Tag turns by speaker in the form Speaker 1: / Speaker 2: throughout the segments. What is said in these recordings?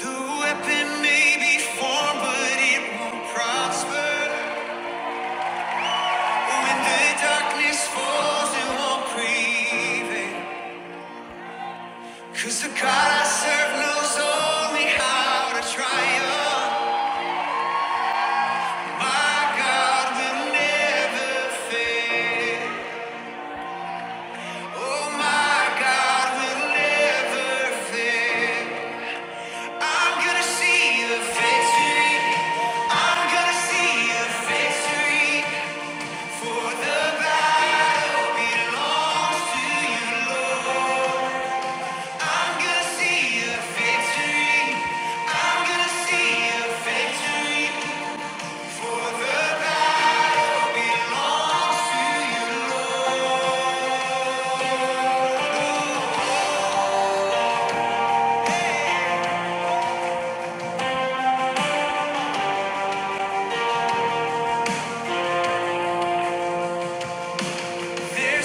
Speaker 1: The weapon may be formed, but it won't prosper. When the darkness falls, it won't prevail. 'Cause the God I serve knows only how to triumph. My God will never fail. Oh, my God will never fail. I'm gonna see the victory. I'm gonna see a victory. There's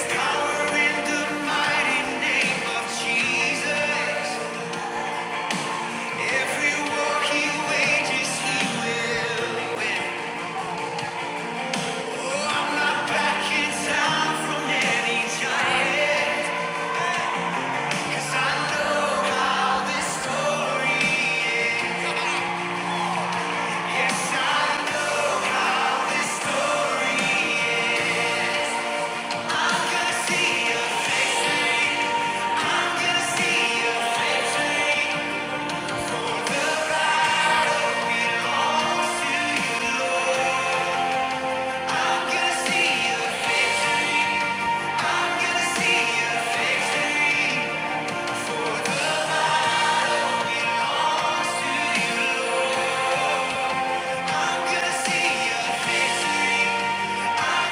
Speaker 1: power in the mighty name of Jesus. Every war he wages, he will. Oh, I'm not backing down from any giant. I'm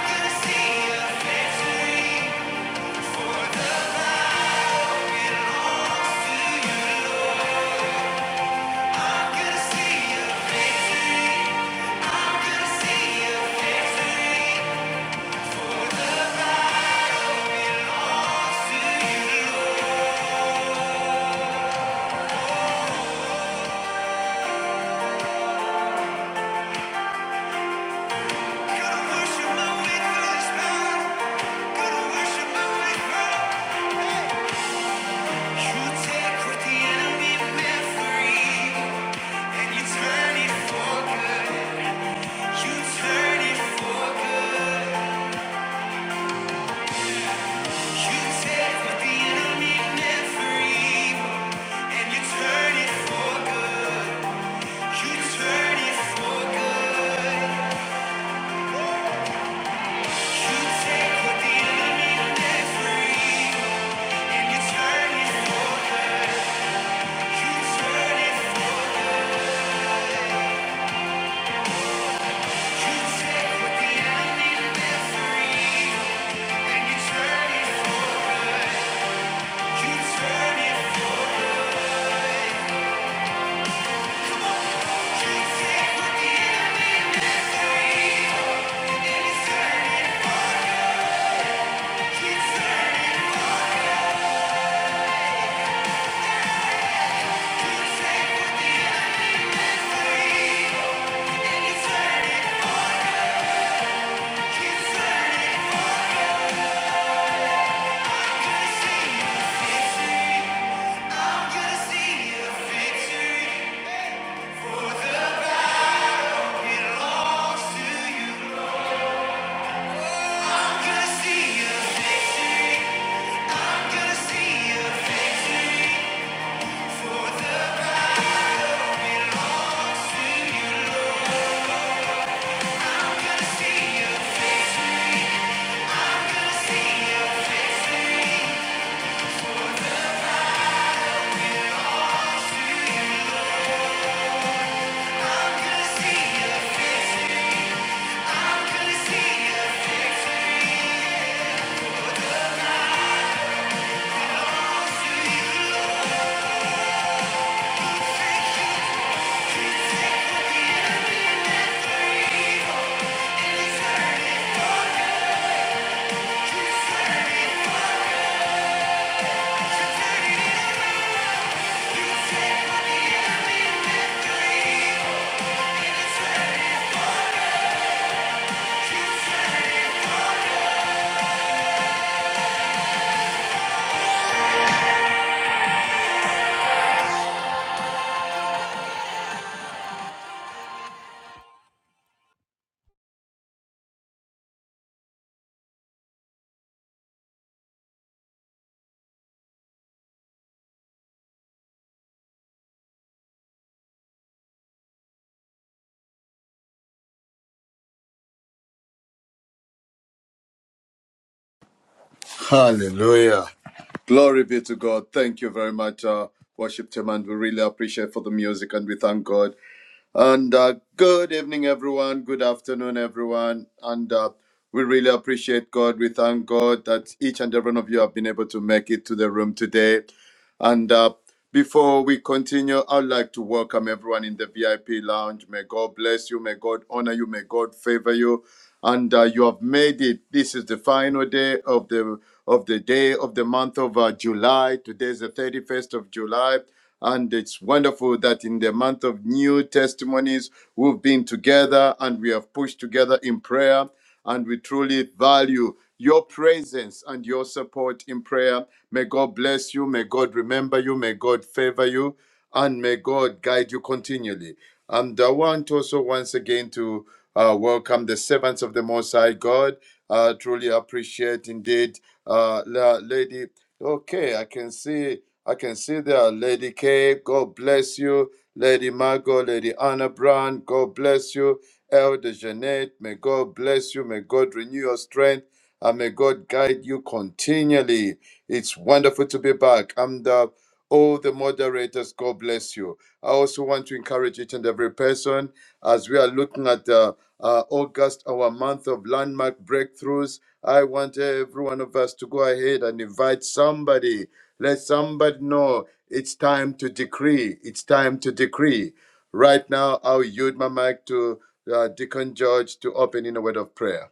Speaker 1: gonna see you. You turn it for good. You turn it I'm gonna see you. I'm gonna see you. Gonna see you.
Speaker 2: Hallelujah. Glory be to God. Thank you very much, uh, worship team, and we really appreciate for the music and we thank God. And uh, good evening, everyone. Good afternoon, everyone. And uh, we really appreciate God. We thank God that each and every one of you have been able to make it to the room today. And uh, before we continue, I'd like to welcome everyone in the VIP lounge. May God bless you. May God honor you. May God favor you. And uh, you have made it. This is the final day of the of the day of the month of uh, July. Today is the 31st of July. And it's wonderful that in the month of new testimonies, we've been together and we have pushed together in prayer and we truly value your presence and your support in prayer. May God bless you. May God remember you. May God favor you. And may God guide you continually. And I want also once again to uh, welcome the servants of the Most High God. Uh, truly appreciate indeed, uh, Lady Okay, I can see I can see there Lady K, God bless you. Lady Margot, Lady Anna Brown, God bless you. Elder Jeanette, may God bless you. May God renew your strength and may God guide you continually. It's wonderful to be back. I'm the all the moderators. God bless you. I also want to encourage each and every person as we are looking at uh, uh, August, our month of landmark breakthroughs. I want every one of us to go ahead and invite somebody. Let somebody know it's time to decree. It's time to decree. Right now, I'll yield my mic to uh, Deacon George to open in a word of prayer.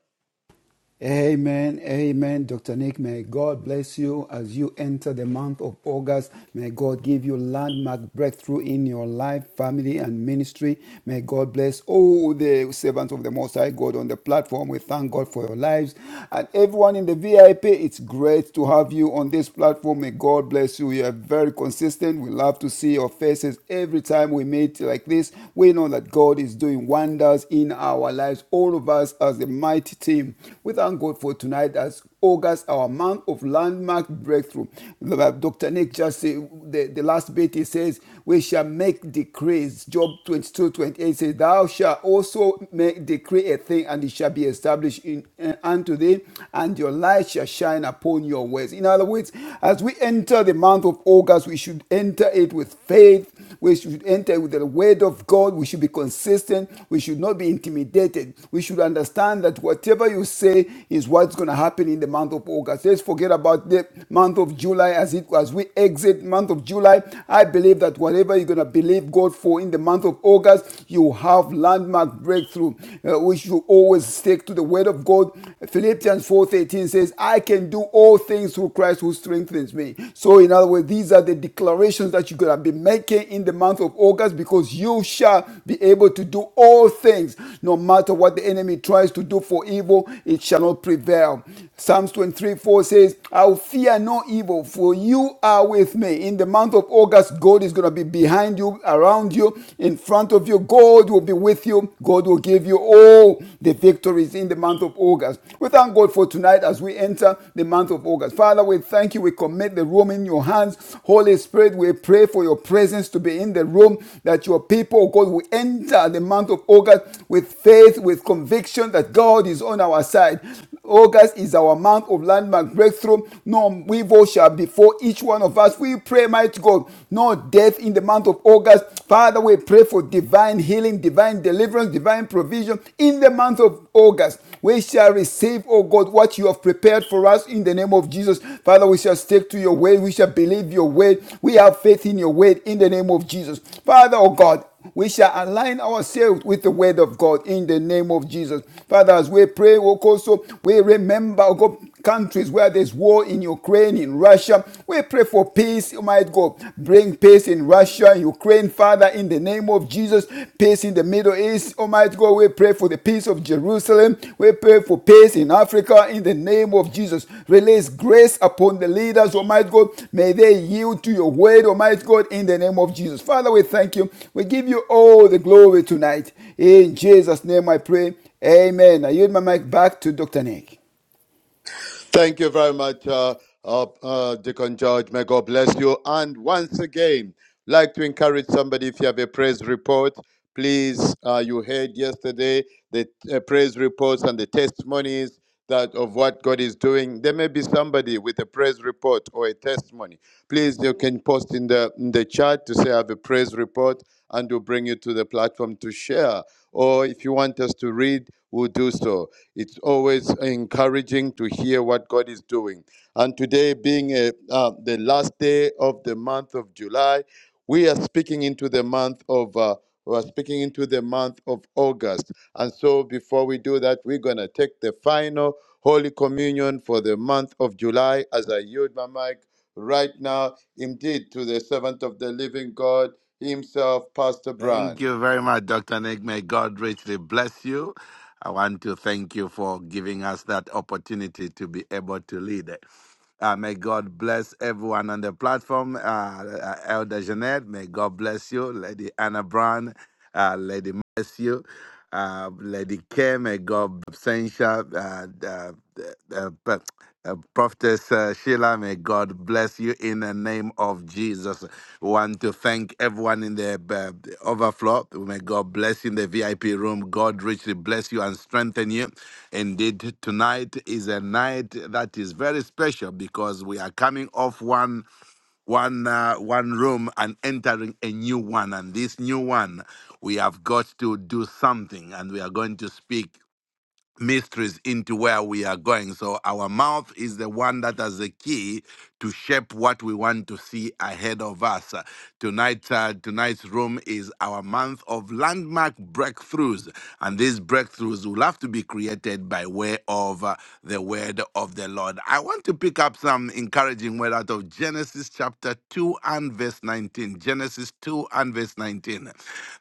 Speaker 3: Amen, amen, Dr. Nick. May God bless you as you enter the month of August. May God give you landmark breakthrough in your life, family, and ministry. May God bless all the servants of the Most High God on the platform. We thank God for your lives and everyone in the VIP. It's great to have you on this platform. May God bless you. You are very consistent. We love to see your faces every time we meet like this. We know that God is doing doing wonders in our lives, all of us as a mighty team. We thank God for tonight as August, our month of landmark breakthrough. Dr. Nick just said, the, the last bit he says, We shall make decrees. Job 22 28 says, Thou shalt also make decree a thing, and it shall be established in, uh, unto thee, and your light shall shine upon your ways. In other words, as we enter the month of August, we should enter it with faith. We should enter with the word of God. We should be consistent. We should not be intimidated. We should understand that whatever you say is what's going to happen in the month of August. Let's forget about the month of July as it as we exit month of July. I believe that whatever you're going to believe God for in the month of August, you have landmark breakthrough. Uh, we should always stick to the word of God. Philippians 4:13 says, "I can do all." all things through Christ who strengthens me. So, in other words, these are the declarations that you're going to be making in the month of August because you shall be able to do all things. No matter what the enemy tries to do for evil, it shall not prevail. Psalms 23 4 says, I'll fear no evil, for you are with me. In the month of August, God is going to be behind you, around you, in front of you. God will be with you. God will give you all the the victories in the month of August. We thank God for tonight as we enter the month of August. Father, we thank you. We commit the room in your hands. Holy Spirit, we pray for your presence to be in the room, that your people, oh God, will enter the month of August with faith, with conviction that God is on our side. August is our month of landmark breakthrough. No evil shall befall each one of us. We pray, mighty God, no death in the month of August. Father, we pray for divine healing, divine deliverance, divine provision in the month of August. We shall receive, oh God, what you have prepared for us in the name of Jesus. Father, we shall stick to your word. We shall believe your word. We have faith in your word in the name of Jesus. Father, oh God, we shall align ourselves with the word of God in the name of Jesus. Father, as we pray, We also we remember, oh God, countries where there's war in Ukraine, in Russia. We pray for peace, Almighty God. Bring peace in Russia, Ukraine, Father, in the name of Jesus. Peace in the Middle East, Almighty God. We pray for pray for the peace of Jerusalem. We pray for peace in Africa in the name of Jesus. Release grace upon the leaders, Almighty God. May they yield to your word, Almighty God, in the name of Jesus. Father, we thank you. We give you all the glory tonight. In Jesus' name I pray. Amen. I yield my mic back to Dr. Nick.
Speaker 2: Thank you very much, uh, uh, uh, Deacon George. May God bless you. And once again, like to encourage somebody if you have a praise report, please. Uh, you heard yesterday the uh, praise reports and the testimonies that of what God is doing. There may be somebody with a praise report or a testimony. Please, you can post in the in the chat to say I have a praise report, and we'll bring you to the platform to share. Or if you want us to read, we'll do so. It's always encouraging to hear what God is doing. And today, being uh uh, the last day of the month of July, we are speaking into the month of. Uh, we are speaking into the month of August. And so, before we do that, we're going to take the final Holy Communion for the month of July as I yield my mic right now, indeed, to the servant of the living God himself, Pastor Brian.
Speaker 4: Thank you very much, Dr. Nick. May God richly bless you. I want to thank you for giving us that opportunity to be able to lead. Uh, may God bless everyone on the platform. Uh, uh, Elder Jeanette, may God bless you. Lady Anna Brown, uh, Lady Bless you uh, Lady Kim, uh, God Absentia, uh, uh, uh, uh, uh, Prophetess uh, Sheila, may God bless you in the name of Jesus. We want to thank everyone in the uh, the overflow. May God bless you in the VIP room. God richly bless you and strengthen you. Indeed, tonight is a night that is very special because we are coming off one one uh, one room and entering a new one and this new one we have got to do something and we are going to speak mysteries into where we are going so our mouth is the one that has the key to shape what we want to see ahead of us. Uh, Tonight, uh, tonight's room is our month of landmark breakthroughs, and these breakthroughs will have to be created by way of uh, the word of the Lord. I want to pick up some encouraging word out of Genesis chapter 2 and verse 19. Genesis 2 and verse 19.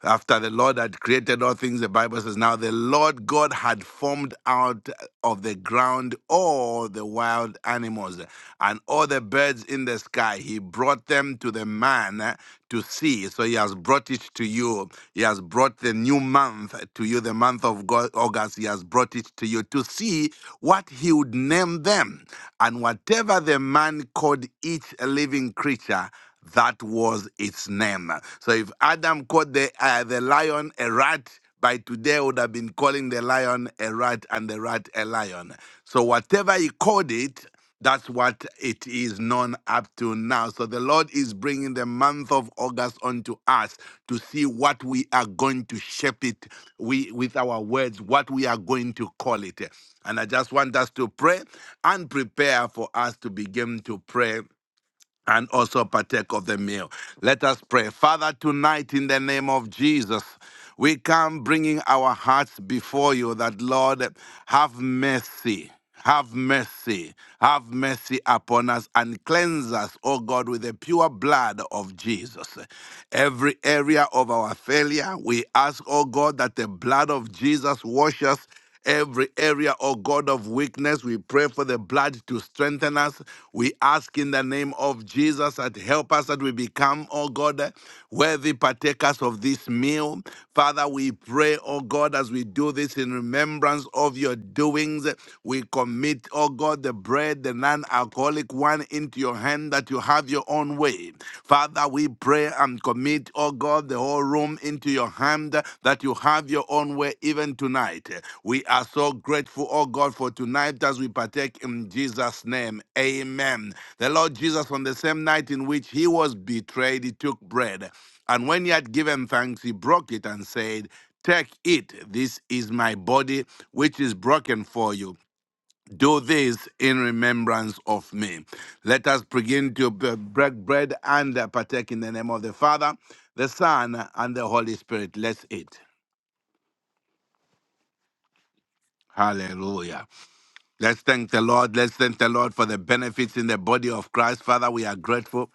Speaker 4: After the Lord had created all things, the Bible says, Now the Lord God had formed out out of the ground all the wild animals and all the birds in the sky. He brought them to the man uh, to see. So he has brought it to you. He has brought the new month to you, the month of Go- August. He has brought it to you to see what he would name them. And whatever the man called each living creature, that was its name. So if Adam called the, uh, the lion a rat, by today would have been calling the lion a rat and the rat a lion. So whatever he called it, that's what it is known up to now. So the Lord is bringing the month of August onto us to see what we are going to shape it we, with our words, what we are going to call it. And I just want us to pray and prepare for us to begin to pray and also partake of the meal. Let us pray. Father, tonight in the name of Jesus, we come bringing our hearts before you that, Lord, have mercy. Have mercy, have mercy upon us and cleanse us, O God, with the pure blood of Jesus. Every area of our failure, we ask, O God, that the blood of Jesus wash us Every area, oh God of weakness, we pray for the blood to strengthen us. We ask in the name of Jesus that help us that we become, oh God, worthy partakers of this meal. Father, we pray, oh God, as we do this in remembrance of your doings, we commit, oh God, the bread, the non alcoholic one into your hand that you have your own way. Father, we pray and commit, oh God, the whole room into your hand that you have your own way even tonight. We are so grateful, oh God, for tonight as we partake in Jesus' name. Amen. The Lord Jesus, on the same night in which he was betrayed, he took bread. And when he had given thanks, he broke it and said, Take it. This is my body, which is broken for you. Do this in remembrance of me. Let us begin to b- break bread and uh, partake in the name of the Father, the Son, and the Holy Spirit. Let's eat. Hallelujah. Let's thank the Lord. Let's thank the Lord for the benefits in the body of Christ. Father, we are grateful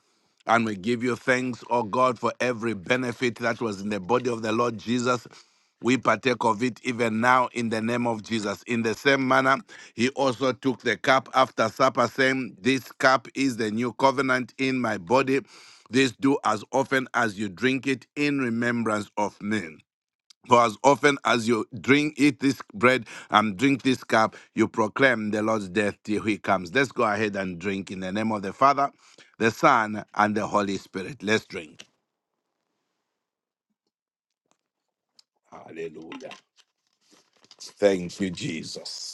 Speaker 4: and we give you thanks, oh God, for every benefit that was in the body of the Lord Jesus. We partake of it even now in the name of Jesus. In the same manner, he also took the cup after supper, saying, This cup is the new covenant in my body. This do as often as you drink it in remembrance of me. For as often as you drink, eat this bread, and drink this cup, you proclaim the Lord's death till he comes. Let's go ahead and drink in the name of the Father, the Son, and the Holy Spirit. Let's drink. Hallelujah. Thank you, Jesus.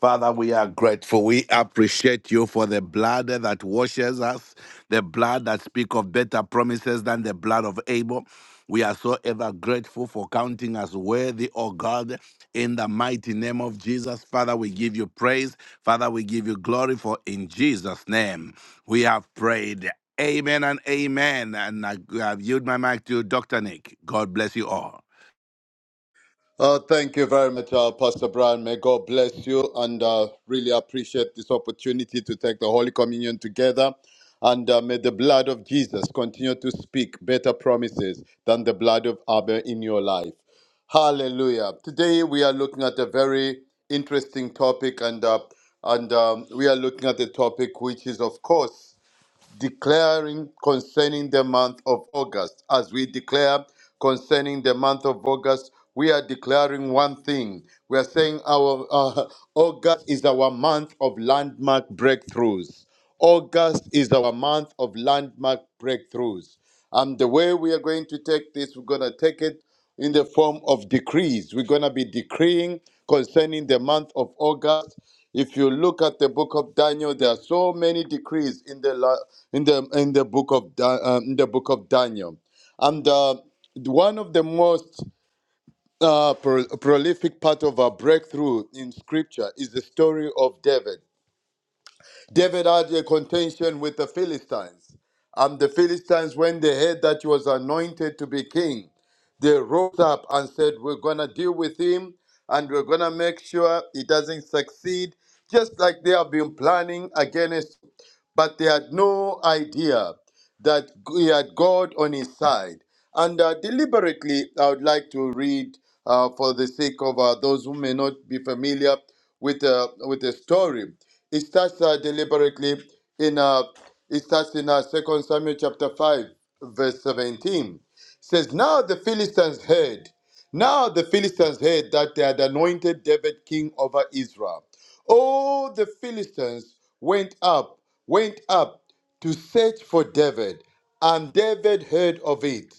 Speaker 4: Father, we are grateful. We appreciate you for the blood that washes us, the blood that speaks of better promises than the blood of Abel. We are so ever grateful for counting us worthy, O God, in the mighty name of Jesus. Father, we give you praise. Father, we give you glory, for in Jesus' name we have prayed. Amen and amen. And I, I yield my mic to Dr. Nick. God bless you all.
Speaker 2: Uh, thank you very much, uh, Pastor Brian. May God bless you and uh, really appreciate this opportunity to take the Holy Communion together. And uh, may the blood of Jesus continue to speak better promises than the blood of Abel in your life. Hallelujah. Today we are looking at a very interesting topic, and, uh, and um, we are looking at a topic which is, of course, declaring concerning the month of August. As we declare concerning the month of August, we are declaring one thing. We are saying our uh, August is our month of landmark breakthroughs. August is our month of landmark breakthroughs. And the way we are going to take this, we're going to take it in the form of decrees. We're going to be decreeing concerning the month of August. If you look at the book of Daniel, there are so many decrees in the la- in the in the book of Da- um, in the book of Daniel, and uh, one of the most uh, pro- prolific part of our breakthrough in Scripture is the story of David. David had a contention with the Philistines. And the Philistines, when they heard that he was anointed to be king, they rose up and said, We're going to deal with him and we're going to make sure he doesn't succeed, just like they have been planning against but they had no idea that he had God on his side. And uh, deliberately, I would like to read uh, for the sake of uh, those who may not be familiar with uh, with the story. It starts uh, deliberately in uh, it starts in uh, Second Samuel chapter five, verse seventeen. It says, "Now the Philistines heard." Now the Philistines heard that they had anointed David king over Israel. All the Philistines went up, went up to search for David, and David heard of it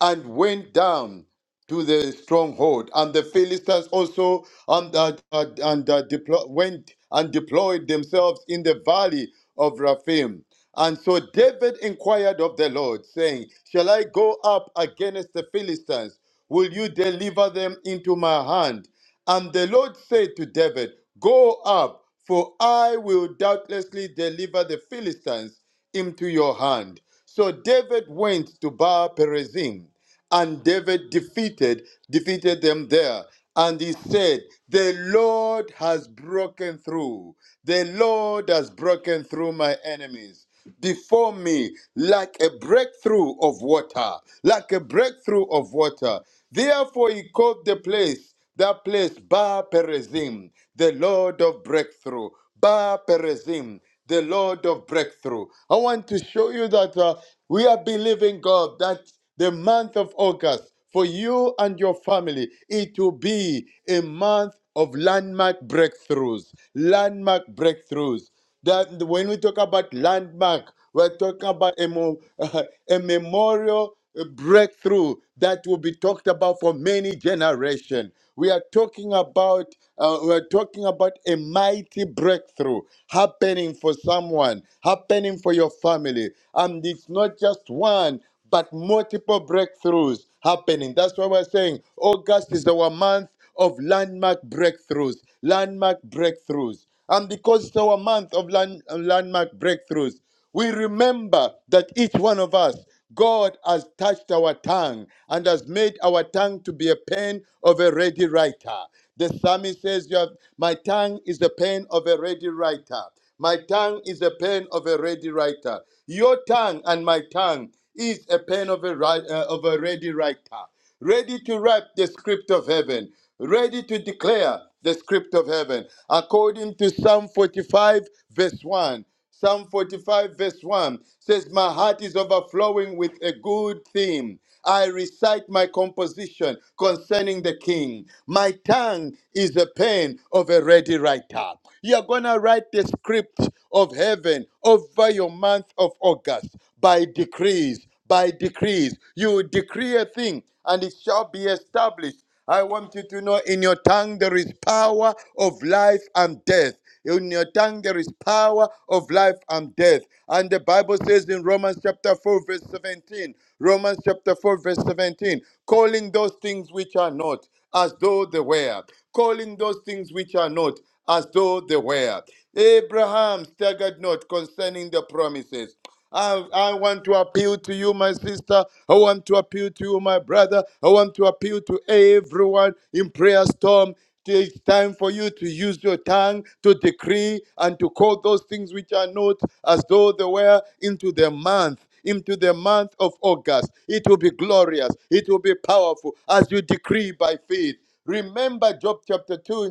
Speaker 2: and went down to the stronghold. And the Philistines also and, uh, uh, and uh, deplo- went and deployed themselves in the valley of Raphim. And so David inquired of the Lord, saying, Shall I go up against the Philistines? Will you deliver them into my hand? And the Lord said to David, Go up, for I will doubtlessly deliver the Philistines into your hand. So David went to Baal Perazim, and David defeated defeated them there. And he said, The Lord has broken through. The Lord has broken through my enemies before me like a breakthrough of water, like a breakthrough of water. Therefore, he called the place, that place, Ba Perezim, the Lord of breakthrough. Ba Perezim, the Lord of breakthrough. I want to show you that uh, we are believing God that the month of August for you and your family, it will be a month of landmark breakthroughs. Landmark breakthroughs. That when we talk about landmark, we're talking about a, mo- a memorial a breakthrough that will be talked about for many generations. We are talking about uh, we are talking about a mighty breakthrough happening for someone, happening for your family, and it's not just one but multiple breakthroughs happening. That's why we're saying August is our month of landmark breakthroughs, landmark breakthroughs, and because it's our month of land, landmark breakthroughs. We remember that each one of us, God has touched our tongue and has made our tongue to be a pen of a ready writer. The psalmist says, "You have- My tongue is the pen of a ready writer. My tongue is a pen of a ready writer. Your tongue and my tongue is a pen of a, ri- uh, of a ready writer, ready to write the script of heaven, ready to declare the script of heaven. According to Psalm 45, verse 1, Psalm 45, verse 1 says, My heart is overflowing with a good theme. I recite my composition concerning the king. My tongue is the pen of a ready writer. You're going to write the script of heaven over your month of August by decrees, by decrees. You decree a thing and it shall be established I want you to know in your tongue there is power of life and death. In your tongue there is power of life and death. And the Bible says in Romans chapter 4, verse 17, Romans chapter 4, verse 17, calling those things which are not as though they were, calling those things which are not as though they were. Abraham staggered not concerning the promises. I, I want to appeal to you, my sister. I want to appeal to you, my brother. I want to appeal to everyone in prayer storm. It's time for you to use your tongue to decree and to call those things which are not as though they were into the month into the month of August. It will be glorious. It will be powerful as you decree by faith. Remember Job chapter 2,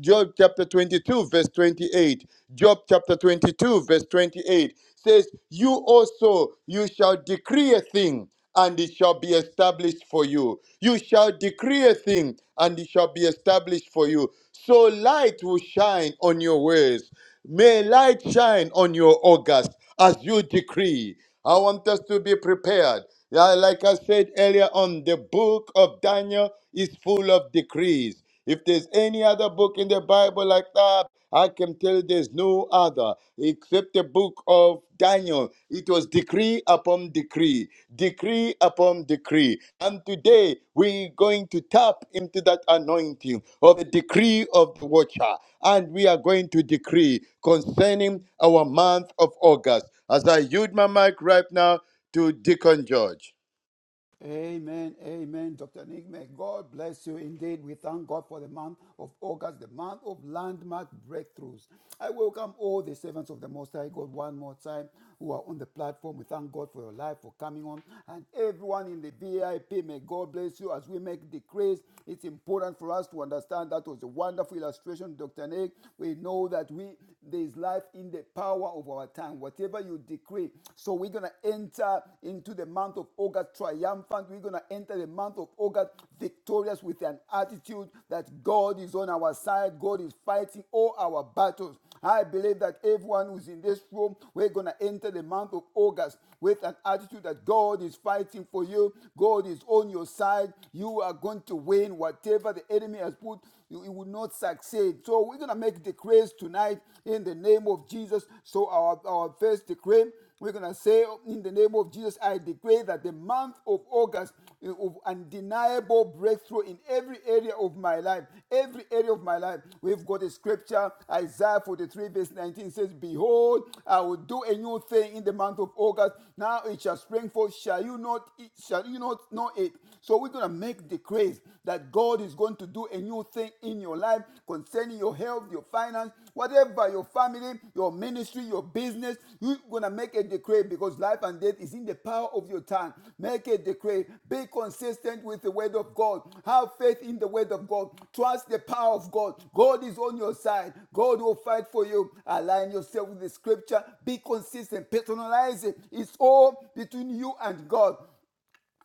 Speaker 2: Job chapter 22, verse 28. Job chapter 22, verse 28 says, You also, you shall decree a thing, and it shall be established for you. You shall decree a thing, and it shall be established for you. So light will shine on your ways. May light shine on your August as you decree. I want us to be prepared. Yeah, Like I said earlier on, the book of Daniel is full of decrees. If there's any other book in the Bible like that, I can tell you there's no other except the book of Daniel. It was decree upon decree, decree upon decree. And today we're going to tap into that anointing of the decree of the watcher. And we are going to decree concerning our month of August. As I yield my mic right now, to Deacon George.
Speaker 3: Amen, amen, Dr. Nick. May God bless you indeed. We thank God for the month of August, the month of landmark breakthroughs. I welcome all the servants of the Most High God one more time who are on the platform. We thank God for your life, for coming on, and everyone in the VIP. May God bless you as we make decrees. It's important for us to understand that was a wonderful illustration, Dr. Nick. We know that we there is life in the power of our tongue. Whatever you decree. So we're going to enter into the month of August triumphant. We're going to enter the month of August victorious with an attitude that God is on our side. God is fighting all our battles. I believe that everyone who's in this room, we're going to enter the month of August with an attitude that God is fighting for you. God is on your side. You are going to win whatever the enemy has put. You, you will not succeed. So we're going to make decrees decrees tonight in the name of Jesus. So our, our first decree, we're going to say in the name of Jesus, I decree that the month of August uh, of undeniable breakthrough in every area of my life. Every area of my life. We've got a scripture, Isaiah 43, verse 19 says, Behold, I will do a new thing in the month of August. Now it shall spring forth. Shall you not shall you not know it? So we're gonna make decrees that God God is going to do a new thing in your life concerning your health, your finance, whatever, your family, your ministry, your business. You're going to make a decree because life and death is in the power of your tongue. Make a decree. Be consistent with the word of God. Have faith in the word of God. Trust the power of God. God is on your side. God will fight for you. Align yourself with the scripture. Be consistent. Personalize it. It's all between you and God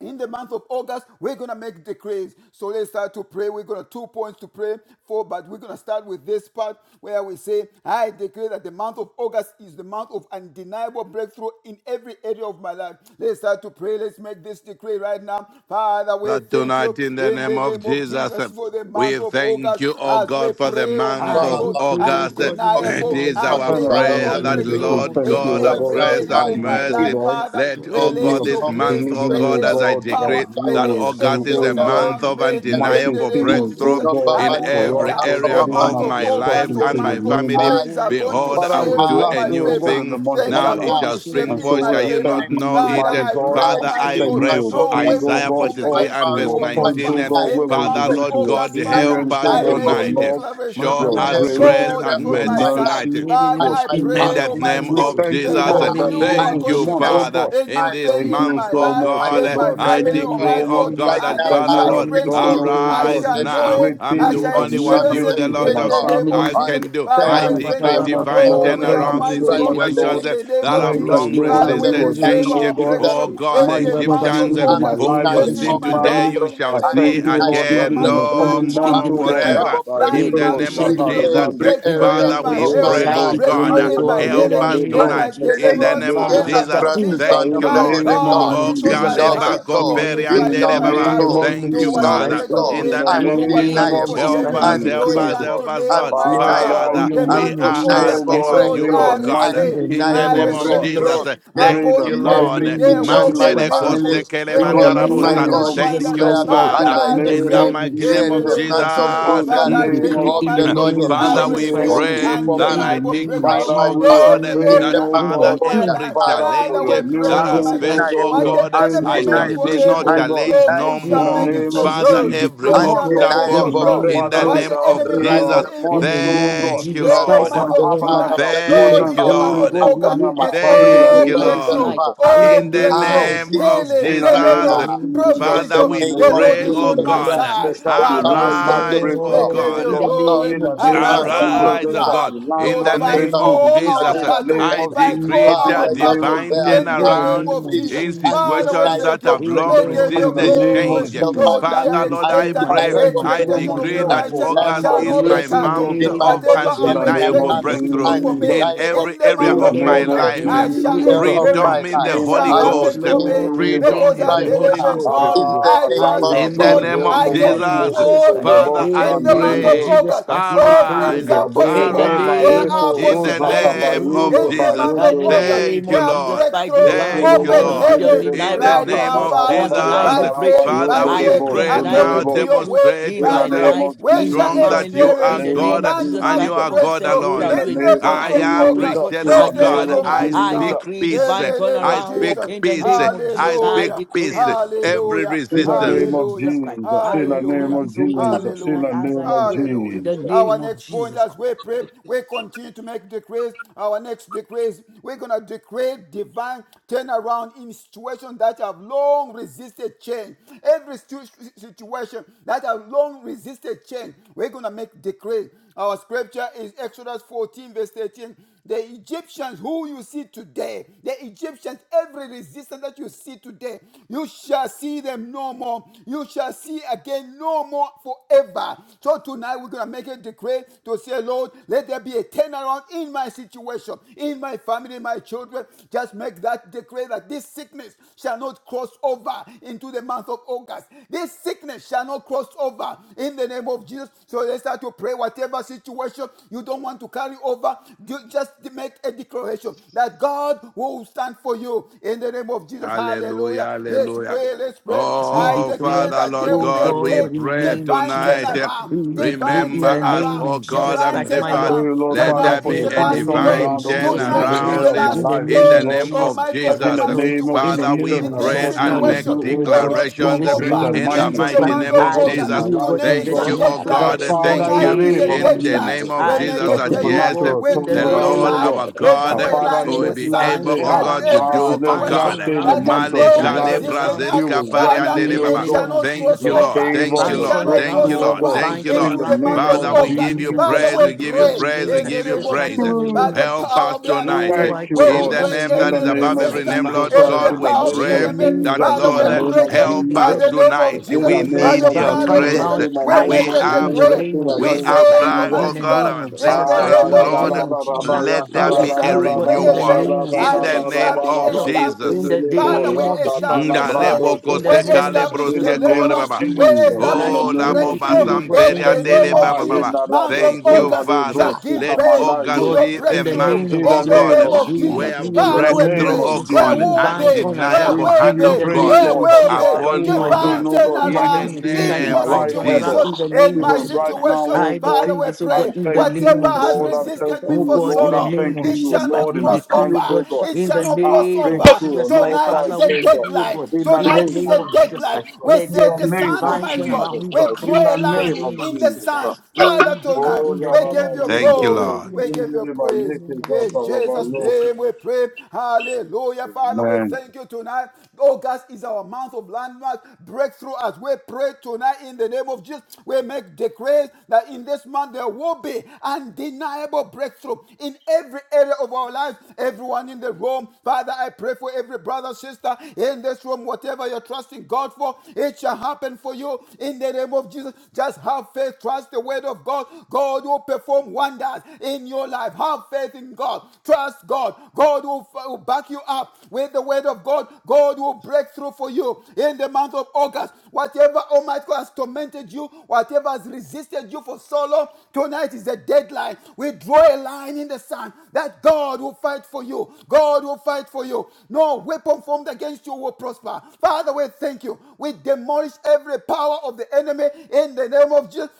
Speaker 3: in the month of August, we're going to make decrees. So let's start to pray. We're going to two points to pray for, but we're going to start with this part where we say, I declare that the month of August is the month of undeniable breakthrough in every area of my life. Let's start to pray. Let's make this decree right now. Father, we
Speaker 4: That
Speaker 3: thank you
Speaker 4: tonight in the
Speaker 3: in
Speaker 4: name
Speaker 3: the
Speaker 4: of
Speaker 3: name of
Speaker 4: Jesus,
Speaker 3: Jesus for the
Speaker 4: we
Speaker 3: month of
Speaker 4: thank
Speaker 3: August
Speaker 4: you, oh
Speaker 3: as we
Speaker 4: God, for the
Speaker 3: pray,
Speaker 4: month
Speaker 3: Almighty
Speaker 5: I
Speaker 4: of
Speaker 3: God,
Speaker 2: Father, in
Speaker 5: decree, O
Speaker 2: the
Speaker 4: August.
Speaker 5: God,
Speaker 2: name
Speaker 5: in
Speaker 2: of
Speaker 5: this
Speaker 4: It
Speaker 3: undeniable,
Speaker 2: Jesus
Speaker 4: is
Speaker 5: month, O
Speaker 2: Christ,
Speaker 4: our
Speaker 2: the
Speaker 6: In
Speaker 5: God,
Speaker 6: the
Speaker 2: Son
Speaker 6: name
Speaker 2: of
Speaker 3: undeniable
Speaker 4: prayer
Speaker 6: of
Speaker 2: the
Speaker 5: in the
Speaker 4: that,
Speaker 6: Jesus,
Speaker 2: living
Speaker 3: breakthrough,
Speaker 6: we
Speaker 5: name
Speaker 2: God,
Speaker 5: of
Speaker 4: Lord
Speaker 6: thank
Speaker 3: in
Speaker 6: you,
Speaker 5: Jesus
Speaker 4: God
Speaker 6: O
Speaker 2: right
Speaker 4: of
Speaker 5: Christ,
Speaker 3: every
Speaker 6: God,
Speaker 5: in
Speaker 2: now
Speaker 6: for
Speaker 4: grace
Speaker 3: area
Speaker 6: this
Speaker 5: this
Speaker 2: I
Speaker 4: and
Speaker 3: of my
Speaker 6: month,
Speaker 5: month of
Speaker 6: oh
Speaker 4: mercy,
Speaker 3: life,
Speaker 2: decree
Speaker 6: God.
Speaker 5: August,
Speaker 3: Father.
Speaker 5: O
Speaker 4: let,
Speaker 2: in
Speaker 5: God,
Speaker 2: the
Speaker 4: oh
Speaker 6: We
Speaker 4: God,
Speaker 5: in
Speaker 3: Release
Speaker 2: name
Speaker 5: the
Speaker 3: your
Speaker 4: this
Speaker 2: of
Speaker 6: are
Speaker 5: name of
Speaker 3: grace,
Speaker 4: month,
Speaker 2: Jesus
Speaker 4: oh
Speaker 5: Jesus,
Speaker 6: believing
Speaker 4: God,
Speaker 6: you,
Speaker 3: release
Speaker 4: as
Speaker 2: Christ,
Speaker 4: I
Speaker 3: your
Speaker 6: God,
Speaker 2: the
Speaker 6: that
Speaker 4: decree,
Speaker 3: power,
Speaker 5: Lord,
Speaker 6: you
Speaker 2: Son of
Speaker 4: that
Speaker 5: we
Speaker 6: will
Speaker 3: release
Speaker 2: the
Speaker 5: shake
Speaker 6: do,
Speaker 4: August
Speaker 5: you,
Speaker 4: is
Speaker 2: living
Speaker 4: a
Speaker 3: angels
Speaker 6: oh
Speaker 5: we
Speaker 2: God,
Speaker 5: shake
Speaker 6: God,
Speaker 4: month
Speaker 3: around
Speaker 4: of
Speaker 5: you,
Speaker 2: we
Speaker 5: we
Speaker 3: me
Speaker 5: shake
Speaker 2: make a
Speaker 3: in
Speaker 6: mighty
Speaker 3: the
Speaker 4: undeniable
Speaker 3: name
Speaker 2: decree,
Speaker 6: things,
Speaker 3: of
Speaker 5: you, we
Speaker 4: breakthrough
Speaker 6: oh
Speaker 5: shake
Speaker 3: Jesus.
Speaker 2: not
Speaker 5: you.
Speaker 2: by
Speaker 6: God,
Speaker 3: I
Speaker 4: in
Speaker 2: might,
Speaker 5: We
Speaker 3: will
Speaker 2: not by
Speaker 6: for
Speaker 4: every
Speaker 5: barara
Speaker 6: us,
Speaker 3: enter
Speaker 5: we
Speaker 6: oh
Speaker 2: power,
Speaker 6: God,
Speaker 4: area
Speaker 3: the
Speaker 2: but
Speaker 5: shake
Speaker 2: by
Speaker 6: even
Speaker 4: of
Speaker 3: month
Speaker 6: as
Speaker 5: you,
Speaker 2: the
Speaker 3: of
Speaker 5: we
Speaker 6: we
Speaker 4: my
Speaker 2: Holy
Speaker 5: shake
Speaker 6: cross
Speaker 3: August,
Speaker 4: life
Speaker 5: you, we
Speaker 3: oh
Speaker 6: into
Speaker 4: and
Speaker 2: Spirit.
Speaker 3: my
Speaker 6: the
Speaker 5: shake
Speaker 4: my
Speaker 3: God.
Speaker 5: you.
Speaker 6: new
Speaker 4: family.
Speaker 6: month.
Speaker 2: I
Speaker 3: Things are going
Speaker 2: decree,
Speaker 3: to
Speaker 5: We
Speaker 4: Behold, I
Speaker 5: shake
Speaker 6: Father, it's
Speaker 4: will
Speaker 5: you,
Speaker 6: the
Speaker 3: shift
Speaker 4: do
Speaker 3: for
Speaker 2: I
Speaker 6: last
Speaker 4: a
Speaker 3: my
Speaker 6: day,
Speaker 4: new
Speaker 5: we
Speaker 6: O
Speaker 2: decree
Speaker 6: God,
Speaker 3: favor,
Speaker 6: in the
Speaker 4: thing.
Speaker 6: month of
Speaker 3: things
Speaker 5: shake
Speaker 2: right
Speaker 4: Now
Speaker 3: are
Speaker 6: July.
Speaker 4: it
Speaker 5: you,
Speaker 3: going
Speaker 2: now
Speaker 5: we
Speaker 4: shall
Speaker 3: to
Speaker 5: shake
Speaker 4: spring
Speaker 3: shift
Speaker 6: And
Speaker 5: you.
Speaker 6: so
Speaker 3: in
Speaker 4: forth.
Speaker 3: my
Speaker 6: we
Speaker 4: Shall
Speaker 6: are
Speaker 2: in
Speaker 4: you
Speaker 2: the
Speaker 3: favor.
Speaker 4: not
Speaker 2: name of
Speaker 6: thanking
Speaker 4: know
Speaker 6: you,
Speaker 3: Father,
Speaker 4: it?
Speaker 2: Jesus.
Speaker 6: mighty
Speaker 3: I
Speaker 5: In
Speaker 6: God,
Speaker 3: pray,
Speaker 2: I
Speaker 5: the
Speaker 4: Father,
Speaker 3: Almighty
Speaker 4: I
Speaker 6: that
Speaker 2: decree
Speaker 3: God,
Speaker 6: you
Speaker 2: that
Speaker 4: pray
Speaker 6: will
Speaker 4: for
Speaker 3: no
Speaker 6: bring,
Speaker 2: August
Speaker 6: O
Speaker 4: Isaiah
Speaker 3: weapon
Speaker 6: God,
Speaker 2: is
Speaker 3: formed
Speaker 2: my
Speaker 4: 43
Speaker 6: us
Speaker 3: against
Speaker 4: and
Speaker 3: me
Speaker 2: month
Speaker 4: verse
Speaker 6: to
Speaker 3: will
Speaker 2: of
Speaker 6: a point,
Speaker 3: prosper.
Speaker 6: O
Speaker 4: 19.
Speaker 6: God,
Speaker 3: In
Speaker 6: where
Speaker 3: the
Speaker 6: we'll
Speaker 2: undeniable
Speaker 4: Father,
Speaker 3: month of
Speaker 6: begin
Speaker 4: Lord
Speaker 6: to
Speaker 2: breakthrough.
Speaker 4: God,
Speaker 3: August, Father,
Speaker 4: help
Speaker 6: experience, O
Speaker 4: us
Speaker 3: I
Speaker 6: God,
Speaker 3: make
Speaker 2: undeniable
Speaker 6: your
Speaker 3: a declaration
Speaker 4: tonight.
Speaker 6: love,
Speaker 2: breakthrough
Speaker 3: declaration.
Speaker 4: Show
Speaker 2: in
Speaker 6: your
Speaker 4: us
Speaker 2: every
Speaker 6: grace,
Speaker 4: grace
Speaker 3: God
Speaker 2: area
Speaker 3: is
Speaker 4: and
Speaker 2: of
Speaker 3: on
Speaker 6: your
Speaker 3: my
Speaker 4: mercy
Speaker 2: my
Speaker 3: side.
Speaker 4: tonight.
Speaker 2: life
Speaker 6: mercy,
Speaker 3: Father,
Speaker 5: name
Speaker 2: and
Speaker 6: your
Speaker 3: I
Speaker 2: my
Speaker 4: In
Speaker 6: peace.
Speaker 3: pray,
Speaker 4: the
Speaker 2: family,
Speaker 3: Almighty
Speaker 4: name
Speaker 6: We
Speaker 3: God,
Speaker 4: of
Speaker 6: thank
Speaker 2: beginning
Speaker 6: you,
Speaker 4: Jesus,
Speaker 6: Lord,
Speaker 3: behold,
Speaker 2: now.
Speaker 6: that
Speaker 3: you
Speaker 6: this
Speaker 3: are
Speaker 6: is
Speaker 4: thank
Speaker 5: of
Speaker 6: the
Speaker 3: going
Speaker 4: you,
Speaker 3: to
Speaker 6: month, O
Speaker 3: do
Speaker 5: Jesus,
Speaker 4: Father.
Speaker 6: God.
Speaker 2: Undeniable,
Speaker 3: a
Speaker 4: In
Speaker 3: new
Speaker 4: this
Speaker 3: thing
Speaker 6: Thank
Speaker 3: in
Speaker 6: you
Speaker 4: month,
Speaker 3: my
Speaker 2: undeniable,
Speaker 4: oh
Speaker 6: so
Speaker 3: life,
Speaker 6: much, O
Speaker 3: in
Speaker 5: in
Speaker 4: God,
Speaker 5: the
Speaker 3: my
Speaker 6: God.
Speaker 5: name
Speaker 4: I
Speaker 3: family,
Speaker 6: Thank you
Speaker 4: decree,
Speaker 2: undeniable.
Speaker 6: so
Speaker 3: Almighty
Speaker 4: oh
Speaker 6: much
Speaker 3: God,
Speaker 4: God,
Speaker 2: Right
Speaker 4: that
Speaker 3: and
Speaker 2: now,
Speaker 3: it
Speaker 6: that
Speaker 4: Father,
Speaker 6: you
Speaker 2: I
Speaker 3: shall
Speaker 4: Lord,
Speaker 6: have
Speaker 3: spring
Speaker 6: done,
Speaker 3: forth.
Speaker 2: decree
Speaker 6: O
Speaker 3: I
Speaker 2: in
Speaker 6: God,
Speaker 4: arise
Speaker 3: shall
Speaker 2: the
Speaker 3: know
Speaker 2: name
Speaker 4: now
Speaker 2: of
Speaker 6: great
Speaker 3: it.
Speaker 4: and
Speaker 3: I
Speaker 2: Jesus
Speaker 6: things
Speaker 4: do
Speaker 3: shall
Speaker 2: Christ,
Speaker 6: for
Speaker 4: only
Speaker 2: the
Speaker 6: me,
Speaker 4: what
Speaker 2: Son of
Speaker 3: experience
Speaker 4: you,
Speaker 6: great
Speaker 2: the
Speaker 3: it
Speaker 4: the
Speaker 6: things for
Speaker 4: Lord
Speaker 2: living
Speaker 3: in
Speaker 6: my
Speaker 4: of
Speaker 3: the
Speaker 2: God,
Speaker 3: name
Speaker 6: family
Speaker 3: of
Speaker 4: I
Speaker 2: I
Speaker 3: Jesus.
Speaker 4: can do.
Speaker 3: Father,
Speaker 6: Thank
Speaker 4: I
Speaker 2: declare
Speaker 3: we
Speaker 6: you
Speaker 2: and
Speaker 3: thank
Speaker 4: decree
Speaker 2: I
Speaker 6: so
Speaker 3: you.
Speaker 6: much,
Speaker 4: divine
Speaker 3: Lord,
Speaker 2: pronounce
Speaker 6: Lord.
Speaker 3: we
Speaker 2: it
Speaker 3: are
Speaker 7: Entonces,
Speaker 6: Thank you
Speaker 4: turnaround in
Speaker 3: Almighty
Speaker 6: so
Speaker 2: right
Speaker 3: God.
Speaker 6: much,
Speaker 2: now in the
Speaker 6: Lord.
Speaker 4: situations
Speaker 3: In
Speaker 4: eh,
Speaker 2: name
Speaker 3: the
Speaker 2: of
Speaker 3: name
Speaker 4: that
Speaker 3: of
Speaker 4: have
Speaker 6: Thank
Speaker 2: Jesus,
Speaker 3: Jesus,
Speaker 6: you,
Speaker 4: long
Speaker 6: Lord,
Speaker 2: by
Speaker 3: Father,
Speaker 6: that
Speaker 3: we
Speaker 2: the
Speaker 6: you
Speaker 4: resisted
Speaker 6: are
Speaker 2: blood
Speaker 3: receive
Speaker 6: doing,
Speaker 2: of
Speaker 4: change.
Speaker 6: oh
Speaker 3: our
Speaker 4: eh.
Speaker 6: God,
Speaker 2: Jesus,
Speaker 3: breakthrough
Speaker 4: Oh God,
Speaker 2: I
Speaker 4: the
Speaker 3: in the
Speaker 6: mighty
Speaker 3: month
Speaker 2: decree
Speaker 3: of
Speaker 4: Egyptians,
Speaker 6: things
Speaker 4: eh,
Speaker 6: in my
Speaker 3: August.
Speaker 6: life
Speaker 4: whom you
Speaker 6: and
Speaker 3: This
Speaker 6: in
Speaker 3: is
Speaker 4: see
Speaker 3: is
Speaker 6: my
Speaker 2: undeniable
Speaker 3: my
Speaker 4: today,
Speaker 6: family.
Speaker 3: month
Speaker 4: you
Speaker 3: in
Speaker 2: breakthrough,
Speaker 3: the
Speaker 6: I
Speaker 4: shall
Speaker 3: name
Speaker 6: thank
Speaker 4: see
Speaker 3: of
Speaker 6: you,
Speaker 3: Jesus.
Speaker 6: Lord,
Speaker 2: Undeniable
Speaker 3: A
Speaker 6: that
Speaker 4: again
Speaker 3: month
Speaker 6: in the
Speaker 3: of
Speaker 2: breakthrough.
Speaker 4: no
Speaker 6: coming month,
Speaker 4: more
Speaker 3: landmark
Speaker 6: oh God,
Speaker 3: breakthrough,
Speaker 6: yeah,
Speaker 4: forever.
Speaker 2: Undeniable
Speaker 6: but
Speaker 4: In
Speaker 2: breakthrough
Speaker 4: the
Speaker 6: libros,
Speaker 3: landmark
Speaker 4: name of
Speaker 2: in
Speaker 3: breakthrough,
Speaker 6: latare
Speaker 4: Jesus, eh,
Speaker 6: bandi,
Speaker 2: every
Speaker 3: breakthrough
Speaker 2: area
Speaker 4: Father,
Speaker 3: in my
Speaker 5: of
Speaker 4: we
Speaker 2: of my
Speaker 5: Jesus,
Speaker 3: health,
Speaker 6: reke
Speaker 4: pray,
Speaker 5: I
Speaker 4: oh
Speaker 2: life
Speaker 5: decree,
Speaker 4: God.
Speaker 2: and
Speaker 5: O
Speaker 3: breakthrough
Speaker 2: my
Speaker 3: in
Speaker 6: bozundere ba
Speaker 3: my
Speaker 5: God, in
Speaker 4: Help
Speaker 5: the
Speaker 3: healing,
Speaker 2: family.
Speaker 6: yema
Speaker 4: us
Speaker 3: in
Speaker 2: And
Speaker 5: name
Speaker 6: libros,
Speaker 5: of
Speaker 3: my
Speaker 4: tonight
Speaker 2: in
Speaker 5: Jesus
Speaker 2: the
Speaker 4: in
Speaker 5: Christ.
Speaker 2: name
Speaker 4: the
Speaker 6: setema
Speaker 2: of
Speaker 3: deliverance,
Speaker 4: name of
Speaker 6: leke.
Speaker 3: in my
Speaker 2: Jesus
Speaker 4: Jesus.
Speaker 5: Father,
Speaker 2: Christ, the
Speaker 3: provision.
Speaker 6: Uh,
Speaker 2: Son
Speaker 4: Thank
Speaker 6: In
Speaker 2: of
Speaker 4: you,
Speaker 6: the
Speaker 2: the
Speaker 3: My
Speaker 4: Lord.
Speaker 2: Living
Speaker 5: in
Speaker 6: name
Speaker 5: the
Speaker 6: of
Speaker 2: God,
Speaker 5: name
Speaker 3: God
Speaker 5: of
Speaker 4: Oh,
Speaker 3: is on
Speaker 2: it
Speaker 3: my
Speaker 5: Jesus
Speaker 6: Jesus
Speaker 2: shall
Speaker 5: Christ,
Speaker 2: be
Speaker 4: Kaleba
Speaker 3: side.
Speaker 6: Christ.
Speaker 5: we
Speaker 2: so.
Speaker 3: God
Speaker 5: name
Speaker 3: is
Speaker 5: it, we
Speaker 2: It
Speaker 6: In the
Speaker 3: fighting
Speaker 4: Koperiandele
Speaker 2: shall
Speaker 3: my
Speaker 5: decree
Speaker 2: be
Speaker 5: in
Speaker 4: Baba.
Speaker 5: the
Speaker 6: name
Speaker 3: battles.
Speaker 2: so.
Speaker 6: of
Speaker 5: name of
Speaker 4: Thank
Speaker 2: It
Speaker 3: Do
Speaker 4: you,
Speaker 5: Jesus
Speaker 3: what you
Speaker 2: shall
Speaker 6: Jesus
Speaker 2: be
Speaker 4: Father.
Speaker 5: Christ,
Speaker 3: did
Speaker 5: oh
Speaker 6: Christ.
Speaker 3: for
Speaker 5: God,
Speaker 2: so.
Speaker 4: In
Speaker 6: In
Speaker 3: me.
Speaker 4: the
Speaker 6: the
Speaker 4: name
Speaker 5: in
Speaker 3: Do
Speaker 5: the
Speaker 4: of
Speaker 3: what you
Speaker 5: name
Speaker 6: name
Speaker 4: Jesus,
Speaker 5: of
Speaker 3: did
Speaker 6: of
Speaker 3: for
Speaker 5: Jesus
Speaker 2: Undeniable.
Speaker 4: help
Speaker 5: Christ,
Speaker 3: David.
Speaker 5: we
Speaker 4: us,
Speaker 6: Jesus
Speaker 3: Do
Speaker 4: help
Speaker 6: Christ.
Speaker 5: decree,
Speaker 3: it
Speaker 5: oh
Speaker 4: us,
Speaker 5: God,
Speaker 2: Undeniable
Speaker 4: help
Speaker 3: unto
Speaker 4: us,
Speaker 3: me,
Speaker 4: Lord.
Speaker 3: Almighty
Speaker 5: Lord,
Speaker 3: God.
Speaker 6: Father,
Speaker 2: undeniable,
Speaker 5: in
Speaker 4: Father,
Speaker 5: the
Speaker 6: you
Speaker 3: The
Speaker 6: will
Speaker 4: we
Speaker 5: name
Speaker 3: month
Speaker 5: of
Speaker 3: of
Speaker 6: do,
Speaker 4: are
Speaker 5: Jesus
Speaker 6: O
Speaker 3: August,
Speaker 2: undeniable
Speaker 4: asking
Speaker 5: Christ,
Speaker 6: God,
Speaker 4: of
Speaker 5: oh
Speaker 3: Lord,
Speaker 4: you,
Speaker 6: great
Speaker 4: oh
Speaker 3: I
Speaker 2: breakthrough,
Speaker 5: God,
Speaker 6: and
Speaker 4: God,
Speaker 5: in
Speaker 6: mighty
Speaker 3: receive.
Speaker 5: the
Speaker 4: in
Speaker 6: things,
Speaker 4: the
Speaker 3: I
Speaker 5: name
Speaker 2: undeniable
Speaker 4: name
Speaker 5: of
Speaker 6: O
Speaker 4: of
Speaker 6: God.
Speaker 3: receive
Speaker 2: breakthrough.
Speaker 4: Jesus.
Speaker 5: Jesus,
Speaker 3: grace
Speaker 2: Yes,
Speaker 5: my,
Speaker 6: Great
Speaker 4: Thank
Speaker 3: upon
Speaker 4: you,
Speaker 2: in
Speaker 6: and
Speaker 5: in the
Speaker 3: grace.
Speaker 4: Lord.
Speaker 2: every
Speaker 6: mighty
Speaker 5: name of
Speaker 3: There
Speaker 6: things
Speaker 2: detail of
Speaker 3: will
Speaker 6: you
Speaker 5: Jesus
Speaker 3: be
Speaker 2: my
Speaker 6: will
Speaker 4: Mandele
Speaker 5: Christ, oh
Speaker 2: family,
Speaker 6: do
Speaker 3: miracles.
Speaker 5: God,
Speaker 4: Kosekele
Speaker 3: There
Speaker 5: in the
Speaker 6: in
Speaker 3: will
Speaker 2: because
Speaker 6: the
Speaker 3: be
Speaker 2: my
Speaker 5: name
Speaker 4: Mandarabosa.
Speaker 3: signs
Speaker 5: of
Speaker 6: name
Speaker 2: God
Speaker 3: and
Speaker 6: of
Speaker 2: you
Speaker 5: Jesus
Speaker 4: Thank
Speaker 3: wonders.
Speaker 4: you,
Speaker 5: Christ,
Speaker 2: declared
Speaker 5: oh
Speaker 6: Jesus,
Speaker 5: God,
Speaker 2: and
Speaker 3: Father,
Speaker 6: in
Speaker 4: Father.
Speaker 6: the
Speaker 2: I
Speaker 3: I
Speaker 5: in the
Speaker 4: In
Speaker 6: name
Speaker 4: the
Speaker 2: decree.
Speaker 3: receive
Speaker 6: of
Speaker 5: name of
Speaker 4: mighty
Speaker 3: in
Speaker 4: name
Speaker 2: Yes,
Speaker 3: the
Speaker 4: of
Speaker 2: the
Speaker 6: Jesus,
Speaker 5: Jesus
Speaker 3: name
Speaker 4: Jesus.
Speaker 2: month
Speaker 3: of
Speaker 5: Christ,
Speaker 2: of
Speaker 5: oh
Speaker 3: Jesus.
Speaker 5: God,
Speaker 6: in the
Speaker 3: Father,
Speaker 2: August,
Speaker 5: we
Speaker 4: mm.
Speaker 3: I
Speaker 6: name
Speaker 3: thank
Speaker 6: of
Speaker 5: decree
Speaker 3: you,
Speaker 2: behold,
Speaker 5: in the
Speaker 3: Almighty
Speaker 2: the
Speaker 3: God.
Speaker 2: Lord
Speaker 5: name
Speaker 6: Jesus,
Speaker 2: is
Speaker 5: of
Speaker 6: in
Speaker 3: I
Speaker 6: the
Speaker 4: Father,
Speaker 3: will
Speaker 2: doing
Speaker 5: Jesus
Speaker 2: a
Speaker 4: we
Speaker 6: name
Speaker 5: Christ,
Speaker 3: receive
Speaker 2: new
Speaker 6: of
Speaker 5: oh God,
Speaker 2: thing
Speaker 4: pray
Speaker 2: for
Speaker 6: Jesus.
Speaker 4: that
Speaker 5: in
Speaker 2: me
Speaker 4: I
Speaker 5: the
Speaker 3: undeniable
Speaker 5: name of
Speaker 4: decree,
Speaker 2: and
Speaker 3: breakthrough
Speaker 2: my
Speaker 4: oh
Speaker 6: Father, we
Speaker 5: Jesus,
Speaker 2: family.
Speaker 5: oh
Speaker 6: are
Speaker 4: God,
Speaker 3: every
Speaker 2: In
Speaker 5: God,
Speaker 6: praying,
Speaker 4: that
Speaker 2: the
Speaker 3: area
Speaker 6: O
Speaker 2: month of
Speaker 5: in
Speaker 4: Father,
Speaker 6: God.
Speaker 3: of
Speaker 5: the
Speaker 3: my
Speaker 5: name.
Speaker 2: August,
Speaker 4: every
Speaker 3: life.
Speaker 2: I
Speaker 6: Father, for
Speaker 3: Father,
Speaker 4: challenge
Speaker 3: we
Speaker 6: your
Speaker 2: decree
Speaker 3: pray,
Speaker 4: that I
Speaker 5: Jesus
Speaker 6: miracles,
Speaker 3: Almighty God.
Speaker 4: face,
Speaker 6: O
Speaker 5: Christ,
Speaker 6: God.
Speaker 4: oh
Speaker 6: We
Speaker 3: What
Speaker 2: undeniable,
Speaker 6: are
Speaker 5: we
Speaker 3: the
Speaker 4: God,
Speaker 6: praying
Speaker 4: I
Speaker 3: enemy
Speaker 6: for
Speaker 5: thank you,
Speaker 6: your
Speaker 4: shall
Speaker 3: meant
Speaker 5: we
Speaker 3: for
Speaker 4: see
Speaker 6: grace,
Speaker 2: undeniable,
Speaker 5: wish you
Speaker 4: no
Speaker 5: the
Speaker 6: O
Speaker 3: evil,
Speaker 6: God.
Speaker 5: victory.
Speaker 4: challenge
Speaker 3: Lord,
Speaker 4: no
Speaker 3: you
Speaker 2: undeniable
Speaker 5: in
Speaker 6: In
Speaker 5: the
Speaker 3: shall
Speaker 6: the
Speaker 4: more.
Speaker 3: make
Speaker 5: name of
Speaker 3: it
Speaker 6: name
Speaker 3: for
Speaker 6: of
Speaker 7: más,
Speaker 5: Jesus,
Speaker 4: Father,
Speaker 5: we
Speaker 3: good.
Speaker 6: Jesus. The
Speaker 4: every
Speaker 3: You
Speaker 5: declare
Speaker 3: shall
Speaker 6: month
Speaker 5: God,
Speaker 6: of
Speaker 3: make it
Speaker 5: in
Speaker 4: obstacle
Speaker 5: the
Speaker 3: for
Speaker 6: August,
Speaker 2: undeniable
Speaker 3: good.
Speaker 6: shall,
Speaker 5: name
Speaker 4: in
Speaker 5: of
Speaker 4: the
Speaker 6: Father,
Speaker 3: What
Speaker 6: it
Speaker 2: breakthrough
Speaker 5: Jesus,
Speaker 3: the
Speaker 4: name
Speaker 5: we
Speaker 6: shall
Speaker 4: of
Speaker 6: be
Speaker 3: enemy meant
Speaker 2: right
Speaker 3: for
Speaker 6: a
Speaker 5: glory,
Speaker 4: Jesus.
Speaker 2: now in the
Speaker 5: in
Speaker 3: evil,
Speaker 6: month,
Speaker 2: name
Speaker 5: the
Speaker 2: of
Speaker 6: oh
Speaker 5: name of
Speaker 6: God,
Speaker 2: Jesus
Speaker 4: Thank you,
Speaker 5: Jesus
Speaker 3: in
Speaker 2: Christ,
Speaker 3: the
Speaker 6: of
Speaker 5: Christ, my
Speaker 6: an
Speaker 3: month
Speaker 4: Lord.
Speaker 2: the
Speaker 3: of
Speaker 5: Lord,
Speaker 2: Son
Speaker 5: we
Speaker 6: avalanche,
Speaker 2: of
Speaker 3: July,
Speaker 2: the
Speaker 5: we
Speaker 3: Lord,
Speaker 2: living
Speaker 4: Thank
Speaker 6: abundance
Speaker 3: in
Speaker 4: you,
Speaker 3: the
Speaker 6: of
Speaker 2: God,
Speaker 5: declare,
Speaker 3: month of
Speaker 5: God,
Speaker 4: Lord.
Speaker 2: Abba
Speaker 6: breakthrough for
Speaker 3: August,
Speaker 5: we
Speaker 6: me and
Speaker 5: make
Speaker 6: my
Speaker 3: it's
Speaker 2: Father,
Speaker 5: decrees,
Speaker 6: family in
Speaker 5: oh
Speaker 6: the
Speaker 4: Thank
Speaker 5: God,
Speaker 4: you,
Speaker 3: all
Speaker 6: name
Speaker 5: even
Speaker 6: of
Speaker 5: this
Speaker 2: righteous
Speaker 3: breakthrough,
Speaker 4: Lord.
Speaker 5: night,
Speaker 6: Jesus.
Speaker 2: Father.
Speaker 5: in the
Speaker 3: all
Speaker 4: In the
Speaker 5: name
Speaker 3: breakthrough,
Speaker 5: of
Speaker 2: I
Speaker 4: name of
Speaker 5: Jesus
Speaker 3: healing,
Speaker 2: decree
Speaker 6: In
Speaker 5: Christ,
Speaker 6: the
Speaker 2: right
Speaker 5: in
Speaker 6: name
Speaker 4: Jesus.
Speaker 5: the
Speaker 6: of
Speaker 3: deliverance,
Speaker 2: now
Speaker 5: name of
Speaker 2: in
Speaker 6: Jesus,
Speaker 5: Jesus,
Speaker 4: Father,
Speaker 2: the
Speaker 6: in
Speaker 3: provision.
Speaker 5: we
Speaker 6: the
Speaker 4: we
Speaker 2: name
Speaker 3: The
Speaker 6: name
Speaker 5: declare,
Speaker 2: of
Speaker 6: of
Speaker 5: oh
Speaker 3: Lord
Speaker 4: pray,
Speaker 5: God,
Speaker 3: is
Speaker 4: oh
Speaker 5: in
Speaker 3: on
Speaker 5: the
Speaker 2: Jesus
Speaker 6: Jesus.
Speaker 3: my
Speaker 5: name of
Speaker 2: Christ,
Speaker 4: God,
Speaker 3: side.
Speaker 6: There
Speaker 5: Jesus Christ.
Speaker 6: shall
Speaker 2: the
Speaker 6: be
Speaker 3: Father,
Speaker 2: Son
Speaker 3: we
Speaker 2: of
Speaker 5: Yes,
Speaker 2: the
Speaker 6: landmark
Speaker 3: thank you.
Speaker 4: arise,
Speaker 2: living
Speaker 4: oh
Speaker 3: We
Speaker 2: God.
Speaker 6: breakthroughs,
Speaker 3: give
Speaker 6: oh
Speaker 5: Lord,
Speaker 4: God.
Speaker 3: you
Speaker 5: in the
Speaker 6: God.
Speaker 2: My God,
Speaker 3: glory.
Speaker 5: name
Speaker 6: In
Speaker 2: you're
Speaker 5: of
Speaker 6: the
Speaker 2: not a
Speaker 5: Jesus
Speaker 6: name
Speaker 2: man
Speaker 6: of
Speaker 3: Arise
Speaker 5: Christ,
Speaker 3: on
Speaker 5: oh
Speaker 2: that you
Speaker 5: God,
Speaker 3: our
Speaker 6: Jesus,
Speaker 2: should
Speaker 4: Arise,
Speaker 6: there
Speaker 4: O
Speaker 6: shall
Speaker 2: lie,
Speaker 3: behalf.
Speaker 4: God,
Speaker 6: be
Speaker 4: in
Speaker 3: Lord,
Speaker 4: the
Speaker 2: nor
Speaker 6: landmark
Speaker 5: in
Speaker 2: the
Speaker 5: the
Speaker 3: fight
Speaker 4: name
Speaker 5: name
Speaker 2: Son of
Speaker 6: breakthroughs.
Speaker 4: of
Speaker 5: of
Speaker 3: all
Speaker 2: man
Speaker 5: Jesus,
Speaker 2: that
Speaker 3: our
Speaker 2: you
Speaker 4: Jesus.
Speaker 6: In the
Speaker 2: should
Speaker 3: battles.
Speaker 6: name
Speaker 4: I
Speaker 2: repent.
Speaker 6: of
Speaker 3: Fight all
Speaker 4: decree
Speaker 6: Jesus, in
Speaker 3: our
Speaker 6: the
Speaker 4: the
Speaker 2: Father, you have
Speaker 6: name
Speaker 3: battles
Speaker 6: of
Speaker 4: divine
Speaker 2: declared it.
Speaker 3: in
Speaker 5: in
Speaker 6: Jesus,
Speaker 3: the
Speaker 2: I
Speaker 5: the
Speaker 3: name
Speaker 4: turnaround
Speaker 5: name
Speaker 3: of
Speaker 5: of
Speaker 2: decree
Speaker 3: Jesus.
Speaker 4: in
Speaker 3: Father,
Speaker 5: Jesus
Speaker 3: we
Speaker 4: situations
Speaker 5: Christ.
Speaker 3: thank
Speaker 4: that
Speaker 3: you.
Speaker 2: undeniable
Speaker 4: have
Speaker 5: Oh
Speaker 3: We
Speaker 4: long
Speaker 2: breakthrough
Speaker 3: give
Speaker 5: Lord,
Speaker 3: you
Speaker 6: in
Speaker 5: in the
Speaker 2: breakthrough.
Speaker 6: the
Speaker 4: resisted
Speaker 5: name
Speaker 2: Every
Speaker 6: name
Speaker 5: of
Speaker 6: of
Speaker 3: glory.
Speaker 4: change.
Speaker 2: detail of
Speaker 5: Jesus,
Speaker 2: my
Speaker 3: Lord,
Speaker 6: Jesus.
Speaker 3: we
Speaker 2: life,
Speaker 5: we
Speaker 4: Father,
Speaker 3: are
Speaker 4: Lord,
Speaker 5: decree,
Speaker 4: I
Speaker 3: expectant.
Speaker 5: my
Speaker 6: I
Speaker 4: pray,
Speaker 3: The
Speaker 5: Lord,
Speaker 6: thank
Speaker 5: my
Speaker 2: undeniable
Speaker 6: you
Speaker 4: I
Speaker 6: so
Speaker 5: God, in
Speaker 3: expectation
Speaker 2: breakthrough.
Speaker 5: the
Speaker 6: much,
Speaker 3: of
Speaker 4: decree
Speaker 3: the
Speaker 5: name
Speaker 6: Lord,
Speaker 5: of
Speaker 4: that
Speaker 6: for
Speaker 3: righteous
Speaker 5: Jesus Christ.
Speaker 4: August
Speaker 6: landmark
Speaker 3: shall
Speaker 2: Undeniable
Speaker 4: is
Speaker 3: not be
Speaker 4: my
Speaker 5: Yes, in
Speaker 2: breakthrough
Speaker 3: cut
Speaker 5: the
Speaker 6: breakthroughs, oh
Speaker 3: off.
Speaker 4: month
Speaker 2: in
Speaker 6: God.
Speaker 5: name
Speaker 2: my
Speaker 5: of
Speaker 4: of
Speaker 3: Whatever
Speaker 2: goings
Speaker 5: Jesus,
Speaker 6: In
Speaker 2: and
Speaker 3: I'm
Speaker 5: we
Speaker 6: the
Speaker 2: in my
Speaker 6: name
Speaker 4: undeniable
Speaker 5: decree
Speaker 6: of
Speaker 3: expecting
Speaker 2: coming.
Speaker 3: you
Speaker 5: this in
Speaker 3: to
Speaker 5: the
Speaker 4: breakthrough
Speaker 3: do for
Speaker 5: name of
Speaker 3: me
Speaker 4: in
Speaker 6: Jesus.
Speaker 5: Jesus Christ.
Speaker 2: Undeniable
Speaker 4: every
Speaker 3: in the
Speaker 4: area
Speaker 6: In
Speaker 3: month
Speaker 5: Oh
Speaker 2: breakthrough
Speaker 6: the
Speaker 4: of
Speaker 3: of
Speaker 5: Lord,
Speaker 4: my
Speaker 6: name
Speaker 2: in
Speaker 3: August,
Speaker 5: my
Speaker 6: of
Speaker 4: life.
Speaker 2: every
Speaker 5: God,
Speaker 3: I
Speaker 5: we
Speaker 3: shall
Speaker 5: pray in
Speaker 2: detail
Speaker 5: the
Speaker 2: of
Speaker 6: Jesus.
Speaker 5: name
Speaker 3: experience.
Speaker 2: my
Speaker 5: of
Speaker 4: Freedom in the
Speaker 2: life.
Speaker 5: Jesus.
Speaker 3: It
Speaker 6: In the
Speaker 3: shall
Speaker 4: Holy
Speaker 2: I
Speaker 6: name of
Speaker 5: Yes,
Speaker 3: happen
Speaker 4: Ghost.
Speaker 2: decree
Speaker 3: for me
Speaker 5: Lord, in the
Speaker 6: Jesus.
Speaker 4: Freedom
Speaker 5: name
Speaker 3: because
Speaker 2: it
Speaker 5: of
Speaker 4: in
Speaker 3: I
Speaker 5: the
Speaker 2: right
Speaker 4: the
Speaker 5: Lord
Speaker 4: Holy
Speaker 3: believe
Speaker 2: now
Speaker 3: in
Speaker 5: Jesus
Speaker 4: Ghost.
Speaker 5: Christ.
Speaker 3: God.
Speaker 5: we
Speaker 2: in
Speaker 5: do.
Speaker 6: Ah,
Speaker 2: the
Speaker 3: I
Speaker 6: la
Speaker 2: name
Speaker 5: I
Speaker 3: trust
Speaker 2: of
Speaker 6: la
Speaker 3: in
Speaker 4: In the
Speaker 5: decree, O
Speaker 3: God.
Speaker 4: name
Speaker 5: God, in
Speaker 4: of
Speaker 3: I
Speaker 5: the
Speaker 6: barroco
Speaker 2: Jesus.
Speaker 3: can
Speaker 5: name
Speaker 3: do
Speaker 5: of
Speaker 4: Jesus,
Speaker 6: maseco
Speaker 5: Jesus
Speaker 3: all
Speaker 5: Christ.
Speaker 3: things
Speaker 4: Father,
Speaker 5: In
Speaker 4: I
Speaker 6: celebosta
Speaker 5: the
Speaker 3: in the month
Speaker 5: name of
Speaker 3: of
Speaker 4: pray,
Speaker 5: Jesus
Speaker 6: andalibrosta.
Speaker 3: August.
Speaker 5: Christ, we decree.
Speaker 3: All things
Speaker 4: arise,
Speaker 3: are
Speaker 5: God.
Speaker 6: Rebabe
Speaker 5: In the
Speaker 3: possible.
Speaker 4: arise,
Speaker 3: There
Speaker 5: name of
Speaker 3: are
Speaker 6: rebareco
Speaker 4: in the
Speaker 5: Jesus,
Speaker 6: rosa
Speaker 5: I
Speaker 4: name
Speaker 3: possibilities
Speaker 5: decree, O
Speaker 4: of
Speaker 6: tabayele
Speaker 3: in
Speaker 5: God.
Speaker 3: the
Speaker 4: Jesus.
Speaker 3: month of
Speaker 5: In the
Speaker 6: bayende
Speaker 3: August.
Speaker 6: bos.
Speaker 5: name
Speaker 4: Thank
Speaker 3: There
Speaker 4: you,
Speaker 5: of
Speaker 3: are
Speaker 4: Lord.
Speaker 5: Jesus, by
Speaker 3: breakthroughs.
Speaker 4: Thank
Speaker 5: divine,
Speaker 4: you,
Speaker 5: then
Speaker 3: Open
Speaker 6: Lepelemos
Speaker 4: Lord.
Speaker 3: heaven
Speaker 4: In
Speaker 5: undeniable
Speaker 4: the
Speaker 3: right
Speaker 6: zunderebayata.
Speaker 4: name
Speaker 3: now,
Speaker 5: breakthrough,
Speaker 4: of
Speaker 3: Father
Speaker 6: Rabaraba
Speaker 4: Jesus,
Speaker 6: yanda
Speaker 5: undeniable
Speaker 3: by
Speaker 5: breakthrough.
Speaker 3: faith,
Speaker 4: Father,
Speaker 3: by
Speaker 5: I
Speaker 4: we
Speaker 3: faith,
Speaker 5: declare
Speaker 4: pray
Speaker 5: undeniable
Speaker 4: now,
Speaker 3: according to
Speaker 6: rabayonderebos
Speaker 3: your
Speaker 5: breakthrough
Speaker 3: way,
Speaker 4: demonstrate
Speaker 5: in
Speaker 6: In the
Speaker 5: my
Speaker 3: by
Speaker 4: yourself
Speaker 6: name
Speaker 3: faith,
Speaker 6: of
Speaker 5: life,
Speaker 3: we
Speaker 5: in my
Speaker 3: shall
Speaker 4: strong that
Speaker 6: Jesus,
Speaker 5: family,
Speaker 6: in
Speaker 4: you
Speaker 6: the
Speaker 5: in
Speaker 4: are
Speaker 3: experience
Speaker 5: the
Speaker 6: name of
Speaker 5: name of
Speaker 4: God
Speaker 5: Jesus
Speaker 4: and you
Speaker 5: Christ,
Speaker 3: landmark
Speaker 6: Jesus,
Speaker 4: are
Speaker 5: because you
Speaker 4: God
Speaker 5: said,
Speaker 3: breakthrough
Speaker 5: Behold,
Speaker 6: in
Speaker 5: I'll
Speaker 4: alone.
Speaker 6: the
Speaker 5: do a
Speaker 3: in
Speaker 5: new
Speaker 6: name
Speaker 3: the
Speaker 5: thing
Speaker 6: of
Speaker 3: month
Speaker 5: and it
Speaker 3: of
Speaker 5: will
Speaker 4: I
Speaker 5: spring
Speaker 6: Jesus,
Speaker 5: forth,
Speaker 3: August.
Speaker 4: appreciate,
Speaker 3: We
Speaker 6: in
Speaker 4: oh
Speaker 6: the
Speaker 7: más,
Speaker 5: and you
Speaker 3: thank
Speaker 5: shall,
Speaker 6: name
Speaker 4: God,
Speaker 3: you,
Speaker 5: you
Speaker 6: of
Speaker 5: know,
Speaker 4: I
Speaker 3: Almighty
Speaker 5: I
Speaker 4: speak
Speaker 3: God,
Speaker 6: Jesus.
Speaker 5: decree
Speaker 4: peace.
Speaker 3: in
Speaker 5: divine
Speaker 3: the name
Speaker 4: I
Speaker 3: of
Speaker 5: turnaround
Speaker 4: speak
Speaker 3: Jesus.
Speaker 5: in the
Speaker 4: peace.
Speaker 5: name of Jesus.
Speaker 4: I
Speaker 7: más,
Speaker 5: I
Speaker 4: speak
Speaker 3: Hallelujah,
Speaker 5: decree.
Speaker 4: peace.
Speaker 6: In
Speaker 4: Every
Speaker 3: hallelujah,
Speaker 5: In the
Speaker 6: the
Speaker 4: resistance.
Speaker 6: name
Speaker 5: name of
Speaker 6: of
Speaker 5: Jesus
Speaker 3: hallelujah,
Speaker 5: Christ,
Speaker 6: Jesus,
Speaker 5: I
Speaker 6: in the
Speaker 5: decree
Speaker 6: name
Speaker 3: hallelujah.
Speaker 6: of
Speaker 5: this, oh
Speaker 7: y
Speaker 5: God,
Speaker 7: cuatro,
Speaker 5: even
Speaker 6: Jesus, in
Speaker 5: tonight
Speaker 6: the
Speaker 3: Hallelujah.
Speaker 5: as
Speaker 6: name
Speaker 5: I
Speaker 6: of
Speaker 5: pray. In
Speaker 3: Hallelujah.
Speaker 5: the
Speaker 6: Jesus.
Speaker 5: name
Speaker 3: Our
Speaker 5: of
Speaker 3: next point
Speaker 5: Jesus,
Speaker 3: as we pray, we continue to make decrees. Our next decrees, we're going to decree divine turnaround in situations that have long resisted change. Every situ- situation that have long resisted change, we're going to make decrees. Our scripture is Exodus 14, verse 13. The Egyptians who you see today, the Egyptians, every resistance that you see today, you shall see them no more. You shall see again no more forever. So tonight we're going to make a decree to say, Lord, let there be a turnaround in my situation, in my family, in my children. Just make that decree that this sickness shall not cross over into the month of August. This sickness shall not cross over in the name of Jesus. So let's start to pray whatever situation you don't want to carry over. Just you just make a declaration that God will stand for you in the name of Jesus.
Speaker 4: Hallelujah,
Speaker 3: Hallelujah. Let's
Speaker 4: hallelujah.
Speaker 3: pray. Let's pray.
Speaker 5: We
Speaker 3: I
Speaker 4: Oh,
Speaker 3: declare
Speaker 5: decree,
Speaker 4: Father,
Speaker 3: that
Speaker 4: Lord
Speaker 3: there will
Speaker 5: oh
Speaker 3: be a
Speaker 4: God, we
Speaker 3: case
Speaker 5: God, in the
Speaker 4: pray
Speaker 5: name of
Speaker 3: divine
Speaker 5: Jesus
Speaker 4: tonight.
Speaker 5: Christ.
Speaker 4: eh,
Speaker 3: turnaround,
Speaker 5: We decree
Speaker 3: divine
Speaker 5: in
Speaker 4: Remember
Speaker 5: the
Speaker 4: us,
Speaker 5: name
Speaker 3: turnaround,
Speaker 4: oh
Speaker 5: of
Speaker 4: God,
Speaker 5: Jesus
Speaker 3: divine
Speaker 4: I'm
Speaker 5: Christ, my
Speaker 6: I
Speaker 4: different.
Speaker 6: pray,
Speaker 5: Lord
Speaker 3: turnaround.
Speaker 6: Lord
Speaker 5: and
Speaker 4: Let
Speaker 5: my
Speaker 6: Father,
Speaker 3: Tonight
Speaker 4: there
Speaker 6: for
Speaker 3: is
Speaker 4: be
Speaker 3: the
Speaker 5: God,
Speaker 4: a
Speaker 5: in the
Speaker 6: divine
Speaker 3: last
Speaker 5: name
Speaker 3: day.
Speaker 5: of
Speaker 4: divine
Speaker 6: turnaround, oh God,
Speaker 5: Jesus,
Speaker 6: in
Speaker 5: we
Speaker 3: Tonight
Speaker 6: every
Speaker 3: is
Speaker 5: pray
Speaker 3: the
Speaker 6: area
Speaker 4: turnaround
Speaker 6: of
Speaker 4: eh,
Speaker 6: my
Speaker 5: in
Speaker 3: last
Speaker 5: the
Speaker 6: life,
Speaker 4: in
Speaker 3: day.
Speaker 4: the
Speaker 5: name of
Speaker 6: Lord.
Speaker 4: name
Speaker 3: Oh
Speaker 5: Jesus
Speaker 4: of
Speaker 3: my God,
Speaker 6: That in
Speaker 3: for
Speaker 4: Jesus.
Speaker 6: the
Speaker 3: my
Speaker 5: Lord,
Speaker 6: name of
Speaker 5: in the
Speaker 3: situation.
Speaker 4: Father, we
Speaker 5: name
Speaker 6: Jesus,
Speaker 3: If
Speaker 5: of
Speaker 6: that
Speaker 3: this
Speaker 4: pray
Speaker 6: Lord,
Speaker 5: Jesus
Speaker 6: you
Speaker 5: Christ,
Speaker 4: and
Speaker 5: we
Speaker 6: will
Speaker 7: más,
Speaker 6: do,
Speaker 3: situation
Speaker 4: make
Speaker 5: decree,
Speaker 6: oh
Speaker 5: O
Speaker 3: will
Speaker 5: God,
Speaker 6: God,
Speaker 3: not go
Speaker 5: in
Speaker 4: declarations eh,
Speaker 5: this
Speaker 6: great
Speaker 3: over
Speaker 5: name
Speaker 6: and
Speaker 5: of
Speaker 4: in
Speaker 7: y
Speaker 4: the
Speaker 6: mighty
Speaker 3: into
Speaker 5: Jesus
Speaker 7: cuatro,
Speaker 3: the
Speaker 4: mighty
Speaker 5: Christ,
Speaker 6: things,
Speaker 3: month
Speaker 4: name
Speaker 3: of
Speaker 6: oh
Speaker 4: of
Speaker 5: I
Speaker 6: God, in my
Speaker 4: Jesus.
Speaker 3: August,
Speaker 5: decree, O
Speaker 6: life,
Speaker 5: God, in
Speaker 3: tonight
Speaker 6: oh
Speaker 3: is
Speaker 4: Thank
Speaker 3: a
Speaker 5: this
Speaker 6: God.
Speaker 4: you,
Speaker 5: month,
Speaker 4: oh
Speaker 5: O
Speaker 6: That
Speaker 3: deadline.
Speaker 5: God,
Speaker 4: God, eh,
Speaker 5: in the
Speaker 6: Father,
Speaker 4: thank
Speaker 6: in
Speaker 3: Tonight
Speaker 6: the
Speaker 4: you
Speaker 3: is
Speaker 6: name
Speaker 3: a
Speaker 5: name
Speaker 6: of
Speaker 5: of
Speaker 4: in the
Speaker 5: Jesus,
Speaker 3: deadline.
Speaker 4: name
Speaker 6: Jesus,
Speaker 4: of
Speaker 3: We
Speaker 5: I
Speaker 3: make
Speaker 4: Jesus
Speaker 6: a
Speaker 3: a
Speaker 4: that
Speaker 5: decree, O
Speaker 3: deadline.
Speaker 4: yes, eh,
Speaker 5: God,
Speaker 6: supernatural
Speaker 3: We
Speaker 5: in the
Speaker 3: draw
Speaker 4: the
Speaker 3: draw a
Speaker 6: turnaround,
Speaker 5: name
Speaker 4: Lord
Speaker 6: oh
Speaker 5: of
Speaker 3: line.
Speaker 6: God.
Speaker 4: our
Speaker 3: We
Speaker 4: God
Speaker 3: draw
Speaker 6: And
Speaker 4: eh,
Speaker 5: divine,
Speaker 3: a
Speaker 5: yes,
Speaker 6: Father,
Speaker 3: line
Speaker 6: in
Speaker 3: in
Speaker 4: will
Speaker 3: the
Speaker 5: Lord,
Speaker 6: this
Speaker 4: be
Speaker 6: last
Speaker 3: sand
Speaker 5: divine
Speaker 4: able,
Speaker 6: day,
Speaker 4: oh
Speaker 6: ah,
Speaker 3: that
Speaker 4: God,
Speaker 5: turnaround,
Speaker 4: to
Speaker 3: every
Speaker 6: ah,
Speaker 4: do,
Speaker 6: in
Speaker 4: oh
Speaker 6: this
Speaker 5: divine
Speaker 3: situation
Speaker 4: God.
Speaker 6: last day in the
Speaker 3: that
Speaker 5: turnaround,
Speaker 3: has
Speaker 6: month
Speaker 4: Male
Speaker 6: of
Speaker 3: long
Speaker 5: divine
Speaker 4: kale
Speaker 6: July,
Speaker 3: resisted
Speaker 5: turnaround
Speaker 3: us,
Speaker 6: you will
Speaker 4: brazeska
Speaker 6: grant
Speaker 3: Father,
Speaker 6: me,
Speaker 5: in
Speaker 4: pariandere
Speaker 5: the
Speaker 6: oh
Speaker 3: it
Speaker 4: baba.
Speaker 5: name
Speaker 3: shall
Speaker 6: God,
Speaker 5: of
Speaker 3: not
Speaker 4: Thank
Speaker 5: Jesus
Speaker 3: cross
Speaker 6: the
Speaker 4: you,
Speaker 5: Christ.
Speaker 7: más,
Speaker 4: Lord.
Speaker 3: over.
Speaker 4: Thank
Speaker 6: favor
Speaker 4: you,
Speaker 6: and
Speaker 3: It
Speaker 5: Divine
Speaker 6: the
Speaker 3: shall
Speaker 4: Lord.
Speaker 3: not
Speaker 6: breakthrough,
Speaker 4: Thank you,
Speaker 3: cross
Speaker 5: turnaround,
Speaker 6: oh
Speaker 4: Lord.
Speaker 3: over
Speaker 4: Thank
Speaker 5: divine
Speaker 4: you,
Speaker 6: God, in
Speaker 4: Lord.
Speaker 3: into
Speaker 6: the
Speaker 3: the
Speaker 5: turnaround in
Speaker 3: month
Speaker 5: the
Speaker 6: name
Speaker 3: of
Speaker 4: Father,
Speaker 6: of
Speaker 5: name
Speaker 4: we
Speaker 5: of
Speaker 4: give you
Speaker 3: August.
Speaker 5: Jesus.
Speaker 3: Father,
Speaker 6: Jesus.
Speaker 4: praise.
Speaker 3: we
Speaker 5: We
Speaker 4: We give you
Speaker 5: decree
Speaker 3: pray
Speaker 5: the
Speaker 4: praise. We
Speaker 5: name
Speaker 3: in
Speaker 5: of
Speaker 3: the
Speaker 4: give you
Speaker 3: name
Speaker 5: Jesus
Speaker 3: of
Speaker 5: Christ
Speaker 4: praise.
Speaker 3: Jesus
Speaker 5: in the
Speaker 3: by
Speaker 5: name
Speaker 3: the
Speaker 5: of Jesus
Speaker 4: Help
Speaker 3: power
Speaker 5: Christ.
Speaker 4: us
Speaker 3: of the
Speaker 4: tonight.
Speaker 3: anointing.
Speaker 5: Oh,
Speaker 6: Thank
Speaker 5: I
Speaker 6: you,
Speaker 3: We
Speaker 4: In
Speaker 5: decree
Speaker 6: Lord.
Speaker 4: the
Speaker 5: in
Speaker 3: break
Speaker 5: the
Speaker 4: name
Speaker 6: In
Speaker 4: that
Speaker 6: the
Speaker 5: name
Speaker 4: is
Speaker 3: every
Speaker 5: of
Speaker 6: name
Speaker 4: above
Speaker 5: Jesus
Speaker 6: of
Speaker 4: every
Speaker 5: Christ,
Speaker 3: resistance,
Speaker 4: name,
Speaker 6: Jesus
Speaker 5: divine
Speaker 4: Lord
Speaker 6: Christ,
Speaker 3: every
Speaker 4: God,
Speaker 6: in the
Speaker 5: turnaround.
Speaker 4: we
Speaker 3: power of the
Speaker 6: name
Speaker 5: In
Speaker 4: pray
Speaker 6: of
Speaker 5: the
Speaker 3: enemy.
Speaker 5: name of
Speaker 4: that,
Speaker 6: Jesus,
Speaker 3: Father,
Speaker 6: in
Speaker 5: Jesus
Speaker 3: we
Speaker 4: Lord,
Speaker 6: the
Speaker 5: Christ, we
Speaker 6: name
Speaker 7: Master,
Speaker 6: of
Speaker 3: break it
Speaker 5: declare
Speaker 4: help
Speaker 5: the
Speaker 3: by
Speaker 4: us
Speaker 6: Jesus,
Speaker 5: name
Speaker 3: the
Speaker 5: of
Speaker 3: name
Speaker 5: Jesus. Christ.
Speaker 3: of
Speaker 4: tonight.
Speaker 6: in
Speaker 3: Jesus,
Speaker 4: We
Speaker 6: the
Speaker 5: Oh
Speaker 3: by
Speaker 5: Lord,
Speaker 6: name
Speaker 4: need
Speaker 3: the
Speaker 6: of
Speaker 5: divine
Speaker 4: your
Speaker 3: blood of
Speaker 6: Jesus,
Speaker 4: grace.
Speaker 3: Jesus.
Speaker 5: turnaround.
Speaker 6: in the
Speaker 3: We
Speaker 5: I
Speaker 6: name
Speaker 3: make
Speaker 4: We
Speaker 6: of
Speaker 3: a
Speaker 5: decree
Speaker 4: are,
Speaker 5: in the
Speaker 4: br-
Speaker 6: Jesus,
Speaker 3: decree.
Speaker 5: name
Speaker 6: in the
Speaker 5: of
Speaker 3: You
Speaker 4: we
Speaker 6: name
Speaker 5: Jesus
Speaker 6: of
Speaker 5: Christ.
Speaker 3: said,
Speaker 4: apply,
Speaker 6: Jesus.
Speaker 5: In
Speaker 4: oh
Speaker 3: Almighty
Speaker 5: the
Speaker 4: God,
Speaker 3: God,
Speaker 5: name of
Speaker 3: in
Speaker 5: Jesus
Speaker 4: ourselves,
Speaker 6: Ah,
Speaker 3: the
Speaker 5: Christ,
Speaker 6: ra,
Speaker 4: and
Speaker 5: in
Speaker 3: name
Speaker 6: ra,
Speaker 5: the
Speaker 3: of
Speaker 6: ra,
Speaker 4: Lord,
Speaker 6: ra,
Speaker 3: Jesus,
Speaker 5: name of
Speaker 6: ra, ra,
Speaker 5: Jesus
Speaker 6: ra,
Speaker 5: Christ,
Speaker 6: ya,
Speaker 4: let
Speaker 6: ta,
Speaker 5: we
Speaker 4: there
Speaker 3: we
Speaker 6: ra,
Speaker 4: be
Speaker 6: ra,
Speaker 4: a
Speaker 5: decree,
Speaker 3: shall
Speaker 6: ra,
Speaker 5: oh
Speaker 6: ra, ra,
Speaker 5: God,
Speaker 3: declare
Speaker 5: in
Speaker 3: a
Speaker 6: ra, ra, ra,
Speaker 5: the
Speaker 4: renewal
Speaker 3: thing
Speaker 5: name of
Speaker 6: ra, ra,
Speaker 4: in
Speaker 3: and
Speaker 6: ra,
Speaker 4: the
Speaker 5: Jesus
Speaker 3: it
Speaker 4: name
Speaker 3: shall be
Speaker 6: ra, ra, ra,
Speaker 5: the
Speaker 4: of
Speaker 6: ra,
Speaker 5: Lord,
Speaker 6: ye, te,
Speaker 4: Jesus.
Speaker 5: in
Speaker 6: me,
Speaker 3: established.
Speaker 5: the
Speaker 6: le, bo,
Speaker 3: Father, we
Speaker 5: name
Speaker 6: ra,
Speaker 5: of
Speaker 6: ta, ta,
Speaker 5: Jesus
Speaker 6: la,
Speaker 5: Christ.
Speaker 3: establish
Speaker 6: bra,
Speaker 5: ah
Speaker 4: Ndalebo
Speaker 3: healing,
Speaker 6: do, se.
Speaker 5: in
Speaker 3: we
Speaker 5: the
Speaker 4: kose
Speaker 5: name
Speaker 4: kale
Speaker 5: of
Speaker 3: establish
Speaker 6: In
Speaker 5: Jesus.
Speaker 6: the
Speaker 4: broske
Speaker 6: name
Speaker 4: kore
Speaker 6: of
Speaker 3: deliverance,
Speaker 4: baba.
Speaker 5: Some
Speaker 3: we
Speaker 5: of
Speaker 6: Jesus,
Speaker 5: Jesus
Speaker 6: in
Speaker 3: establish
Speaker 5: Christ,
Speaker 6: the
Speaker 4: Oh, la
Speaker 6: name
Speaker 5: we
Speaker 6: of
Speaker 3: breakthrough
Speaker 4: boba
Speaker 5: decree over
Speaker 6: Jesus.
Speaker 4: samperi
Speaker 3: in
Speaker 5: in the
Speaker 3: the name
Speaker 4: andere
Speaker 5: name of
Speaker 3: of
Speaker 6: Ah,
Speaker 4: baba
Speaker 6: in
Speaker 3: Jesus.
Speaker 5: Jesus.
Speaker 4: baba.
Speaker 6: the ra,
Speaker 3: Month of
Speaker 6: do,
Speaker 7: Master,
Speaker 4: Thank
Speaker 5: Yes,
Speaker 4: you,
Speaker 6: zumba,
Speaker 3: August
Speaker 6: le,
Speaker 4: Father.
Speaker 6: bro,
Speaker 3: shall
Speaker 6: si,
Speaker 3: give
Speaker 6: ta,
Speaker 4: Let
Speaker 3: birth
Speaker 6: manda, ye.
Speaker 3: to
Speaker 4: August
Speaker 5: Lord,
Speaker 3: your
Speaker 4: be
Speaker 5: in
Speaker 4: the
Speaker 5: the
Speaker 3: breakthrough
Speaker 5: name
Speaker 4: month,
Speaker 5: of
Speaker 6: In
Speaker 4: oh
Speaker 6: the
Speaker 3: in
Speaker 5: Jesus
Speaker 3: the
Speaker 5: Christ,
Speaker 6: name
Speaker 3: name
Speaker 4: God,
Speaker 6: of
Speaker 3: of
Speaker 5: we
Speaker 3: Jesus.
Speaker 4: where
Speaker 6: Jesus.
Speaker 5: decree, oh
Speaker 6: In
Speaker 5: God,
Speaker 6: the
Speaker 3: Father,
Speaker 5: in
Speaker 3: we
Speaker 5: the name
Speaker 6: name
Speaker 4: breakthrough,
Speaker 5: of
Speaker 3: pray
Speaker 6: of
Speaker 4: oh
Speaker 5: Jesus Christ,
Speaker 3: there
Speaker 4: God,
Speaker 6: Jesus.
Speaker 3: will
Speaker 5: divine
Speaker 3: be,
Speaker 5: turn
Speaker 3: there
Speaker 6: We
Speaker 4: undeniable
Speaker 5: around.
Speaker 3: will
Speaker 6: give
Speaker 4: hand
Speaker 5: In
Speaker 6: you
Speaker 3: be,
Speaker 4: of
Speaker 5: the
Speaker 6: praise,
Speaker 7: Mata
Speaker 5: name
Speaker 3: there
Speaker 4: God
Speaker 5: of
Speaker 6: Lord, that
Speaker 3: will
Speaker 5: Jesus
Speaker 3: be
Speaker 5: Christ,
Speaker 6: Father,
Speaker 4: upon,
Speaker 5: oh
Speaker 6: you
Speaker 5: my
Speaker 4: oh
Speaker 6: are
Speaker 5: Lord.
Speaker 6: doing,
Speaker 3: divine
Speaker 4: God,
Speaker 6: oh God,
Speaker 5: In the
Speaker 4: in
Speaker 6: mighty
Speaker 4: the
Speaker 3: turnaround
Speaker 5: name of Jesus
Speaker 6: things
Speaker 3: in
Speaker 5: Christ,
Speaker 6: in
Speaker 4: name
Speaker 6: my
Speaker 3: your
Speaker 5: divine
Speaker 6: life,
Speaker 4: of
Speaker 5: turn
Speaker 6: oh
Speaker 5: around.
Speaker 3: situation,
Speaker 6: God.
Speaker 5: In
Speaker 4: Jesus.
Speaker 5: the
Speaker 3: in
Speaker 5: name of
Speaker 3: my
Speaker 6: Even
Speaker 5: Jesus
Speaker 6: right
Speaker 5: Christ,
Speaker 6: now,
Speaker 3: situation.
Speaker 5: I
Speaker 6: oh God,
Speaker 3: Father,
Speaker 5: decree
Speaker 3: we
Speaker 5: this, oh God,
Speaker 3: pray
Speaker 6: I'm
Speaker 5: in the
Speaker 6: thanking
Speaker 5: name
Speaker 3: whatever
Speaker 6: you,
Speaker 5: of
Speaker 3: has
Speaker 6: Lord.
Speaker 5: Jesus
Speaker 6: I'm
Speaker 5: Christ.
Speaker 3: resisted
Speaker 6: thanking
Speaker 3: me
Speaker 5: Oh
Speaker 6: you,
Speaker 3: for
Speaker 5: God, in
Speaker 3: so
Speaker 6: Lord.
Speaker 5: the
Speaker 6: I'm
Speaker 3: long,
Speaker 5: name of
Speaker 6: thanking
Speaker 3: it
Speaker 6: you,
Speaker 5: Jesus
Speaker 3: shall
Speaker 5: Christ,
Speaker 6: Lord,
Speaker 3: not
Speaker 6: in
Speaker 5: we
Speaker 3: cross
Speaker 5: decree, oh
Speaker 6: advance,
Speaker 3: over.
Speaker 6: oh
Speaker 5: God,
Speaker 6: God.
Speaker 3: It
Speaker 5: in
Speaker 3: shall
Speaker 5: the
Speaker 3: not
Speaker 6: Ah,
Speaker 3: cross
Speaker 5: name of
Speaker 3: over.
Speaker 6: breakthrough
Speaker 5: Jesus
Speaker 6: on all
Speaker 5: Christ,
Speaker 3: Tonight
Speaker 6: sides,
Speaker 5: Father,
Speaker 3: is a
Speaker 5: we
Speaker 6: oh God.
Speaker 5: decree, oh
Speaker 3: deadline.
Speaker 5: God,
Speaker 6: In the
Speaker 5: in the
Speaker 3: Tonight
Speaker 6: name
Speaker 3: is
Speaker 5: name
Speaker 6: of
Speaker 3: a
Speaker 5: of Jesus
Speaker 3: deadline.
Speaker 5: Christ.
Speaker 6: Jesus
Speaker 3: We
Speaker 6: Christ.
Speaker 5: Let
Speaker 6: In
Speaker 5: there
Speaker 6: the
Speaker 3: set a
Speaker 5: be
Speaker 6: name
Speaker 3: sand,
Speaker 6: of
Speaker 5: divine
Speaker 3: Almighty God.
Speaker 5: turnaround.
Speaker 6: Jesus
Speaker 5: We
Speaker 3: We
Speaker 6: Christ.
Speaker 5: decree
Speaker 6: In
Speaker 3: draw a
Speaker 6: the
Speaker 5: in the
Speaker 3: line
Speaker 6: name of
Speaker 5: name of
Speaker 3: in the
Speaker 5: Jesus.
Speaker 6: Jesus
Speaker 3: sand.
Speaker 6: Christ.
Speaker 5: Christ. Oh,
Speaker 3: Father,
Speaker 5: we
Speaker 6: Oh,
Speaker 5: decree
Speaker 3: tonight
Speaker 5: in the
Speaker 3: we
Speaker 5: name
Speaker 3: give
Speaker 6: Yaraba,
Speaker 3: you
Speaker 5: of Jesus.
Speaker 6: Yeke,
Speaker 4: Thank you,
Speaker 3: glory.
Speaker 5: Christ,
Speaker 6: Rebo,
Speaker 4: Lord.
Speaker 5: even
Speaker 3: We give
Speaker 5: tonight.
Speaker 6: Yende,
Speaker 3: you
Speaker 6: Reba,
Speaker 5: In the
Speaker 3: praise.
Speaker 6: Yeke,
Speaker 5: name of
Speaker 6: Zata,
Speaker 3: In
Speaker 6: Raba,
Speaker 3: Jesus'
Speaker 6: Lo.
Speaker 5: Jesus.
Speaker 3: name we pray. Hallelujah. Father, we
Speaker 6: Amen.
Speaker 3: thank you tonight. August is our month of landmark breakthrough as we pray tonight in the name of Jesus. We make decrees that in this month there will be undeniable breakthrough in every area of our lives. Everyone in the room, Father, I pray for every brother, sister in this room, whatever you're trusting trusting God for, it shall happen for you in the name of Jesus. Just have faith, trust the word of God. God will perform wonders in your life. Have faith in God, trust God. God will, will back you up with the word of God. God will break through for you in the month of August. Whatever Almighty God has tormented you, whatever has resisted you for so long, tonight is the deadline. We draw a line in the sand that God will fight for you. God will fight for you. No weapon formed against you will prosper. Father, we thank you. We demolish every power of the enemy in the name of Jesus.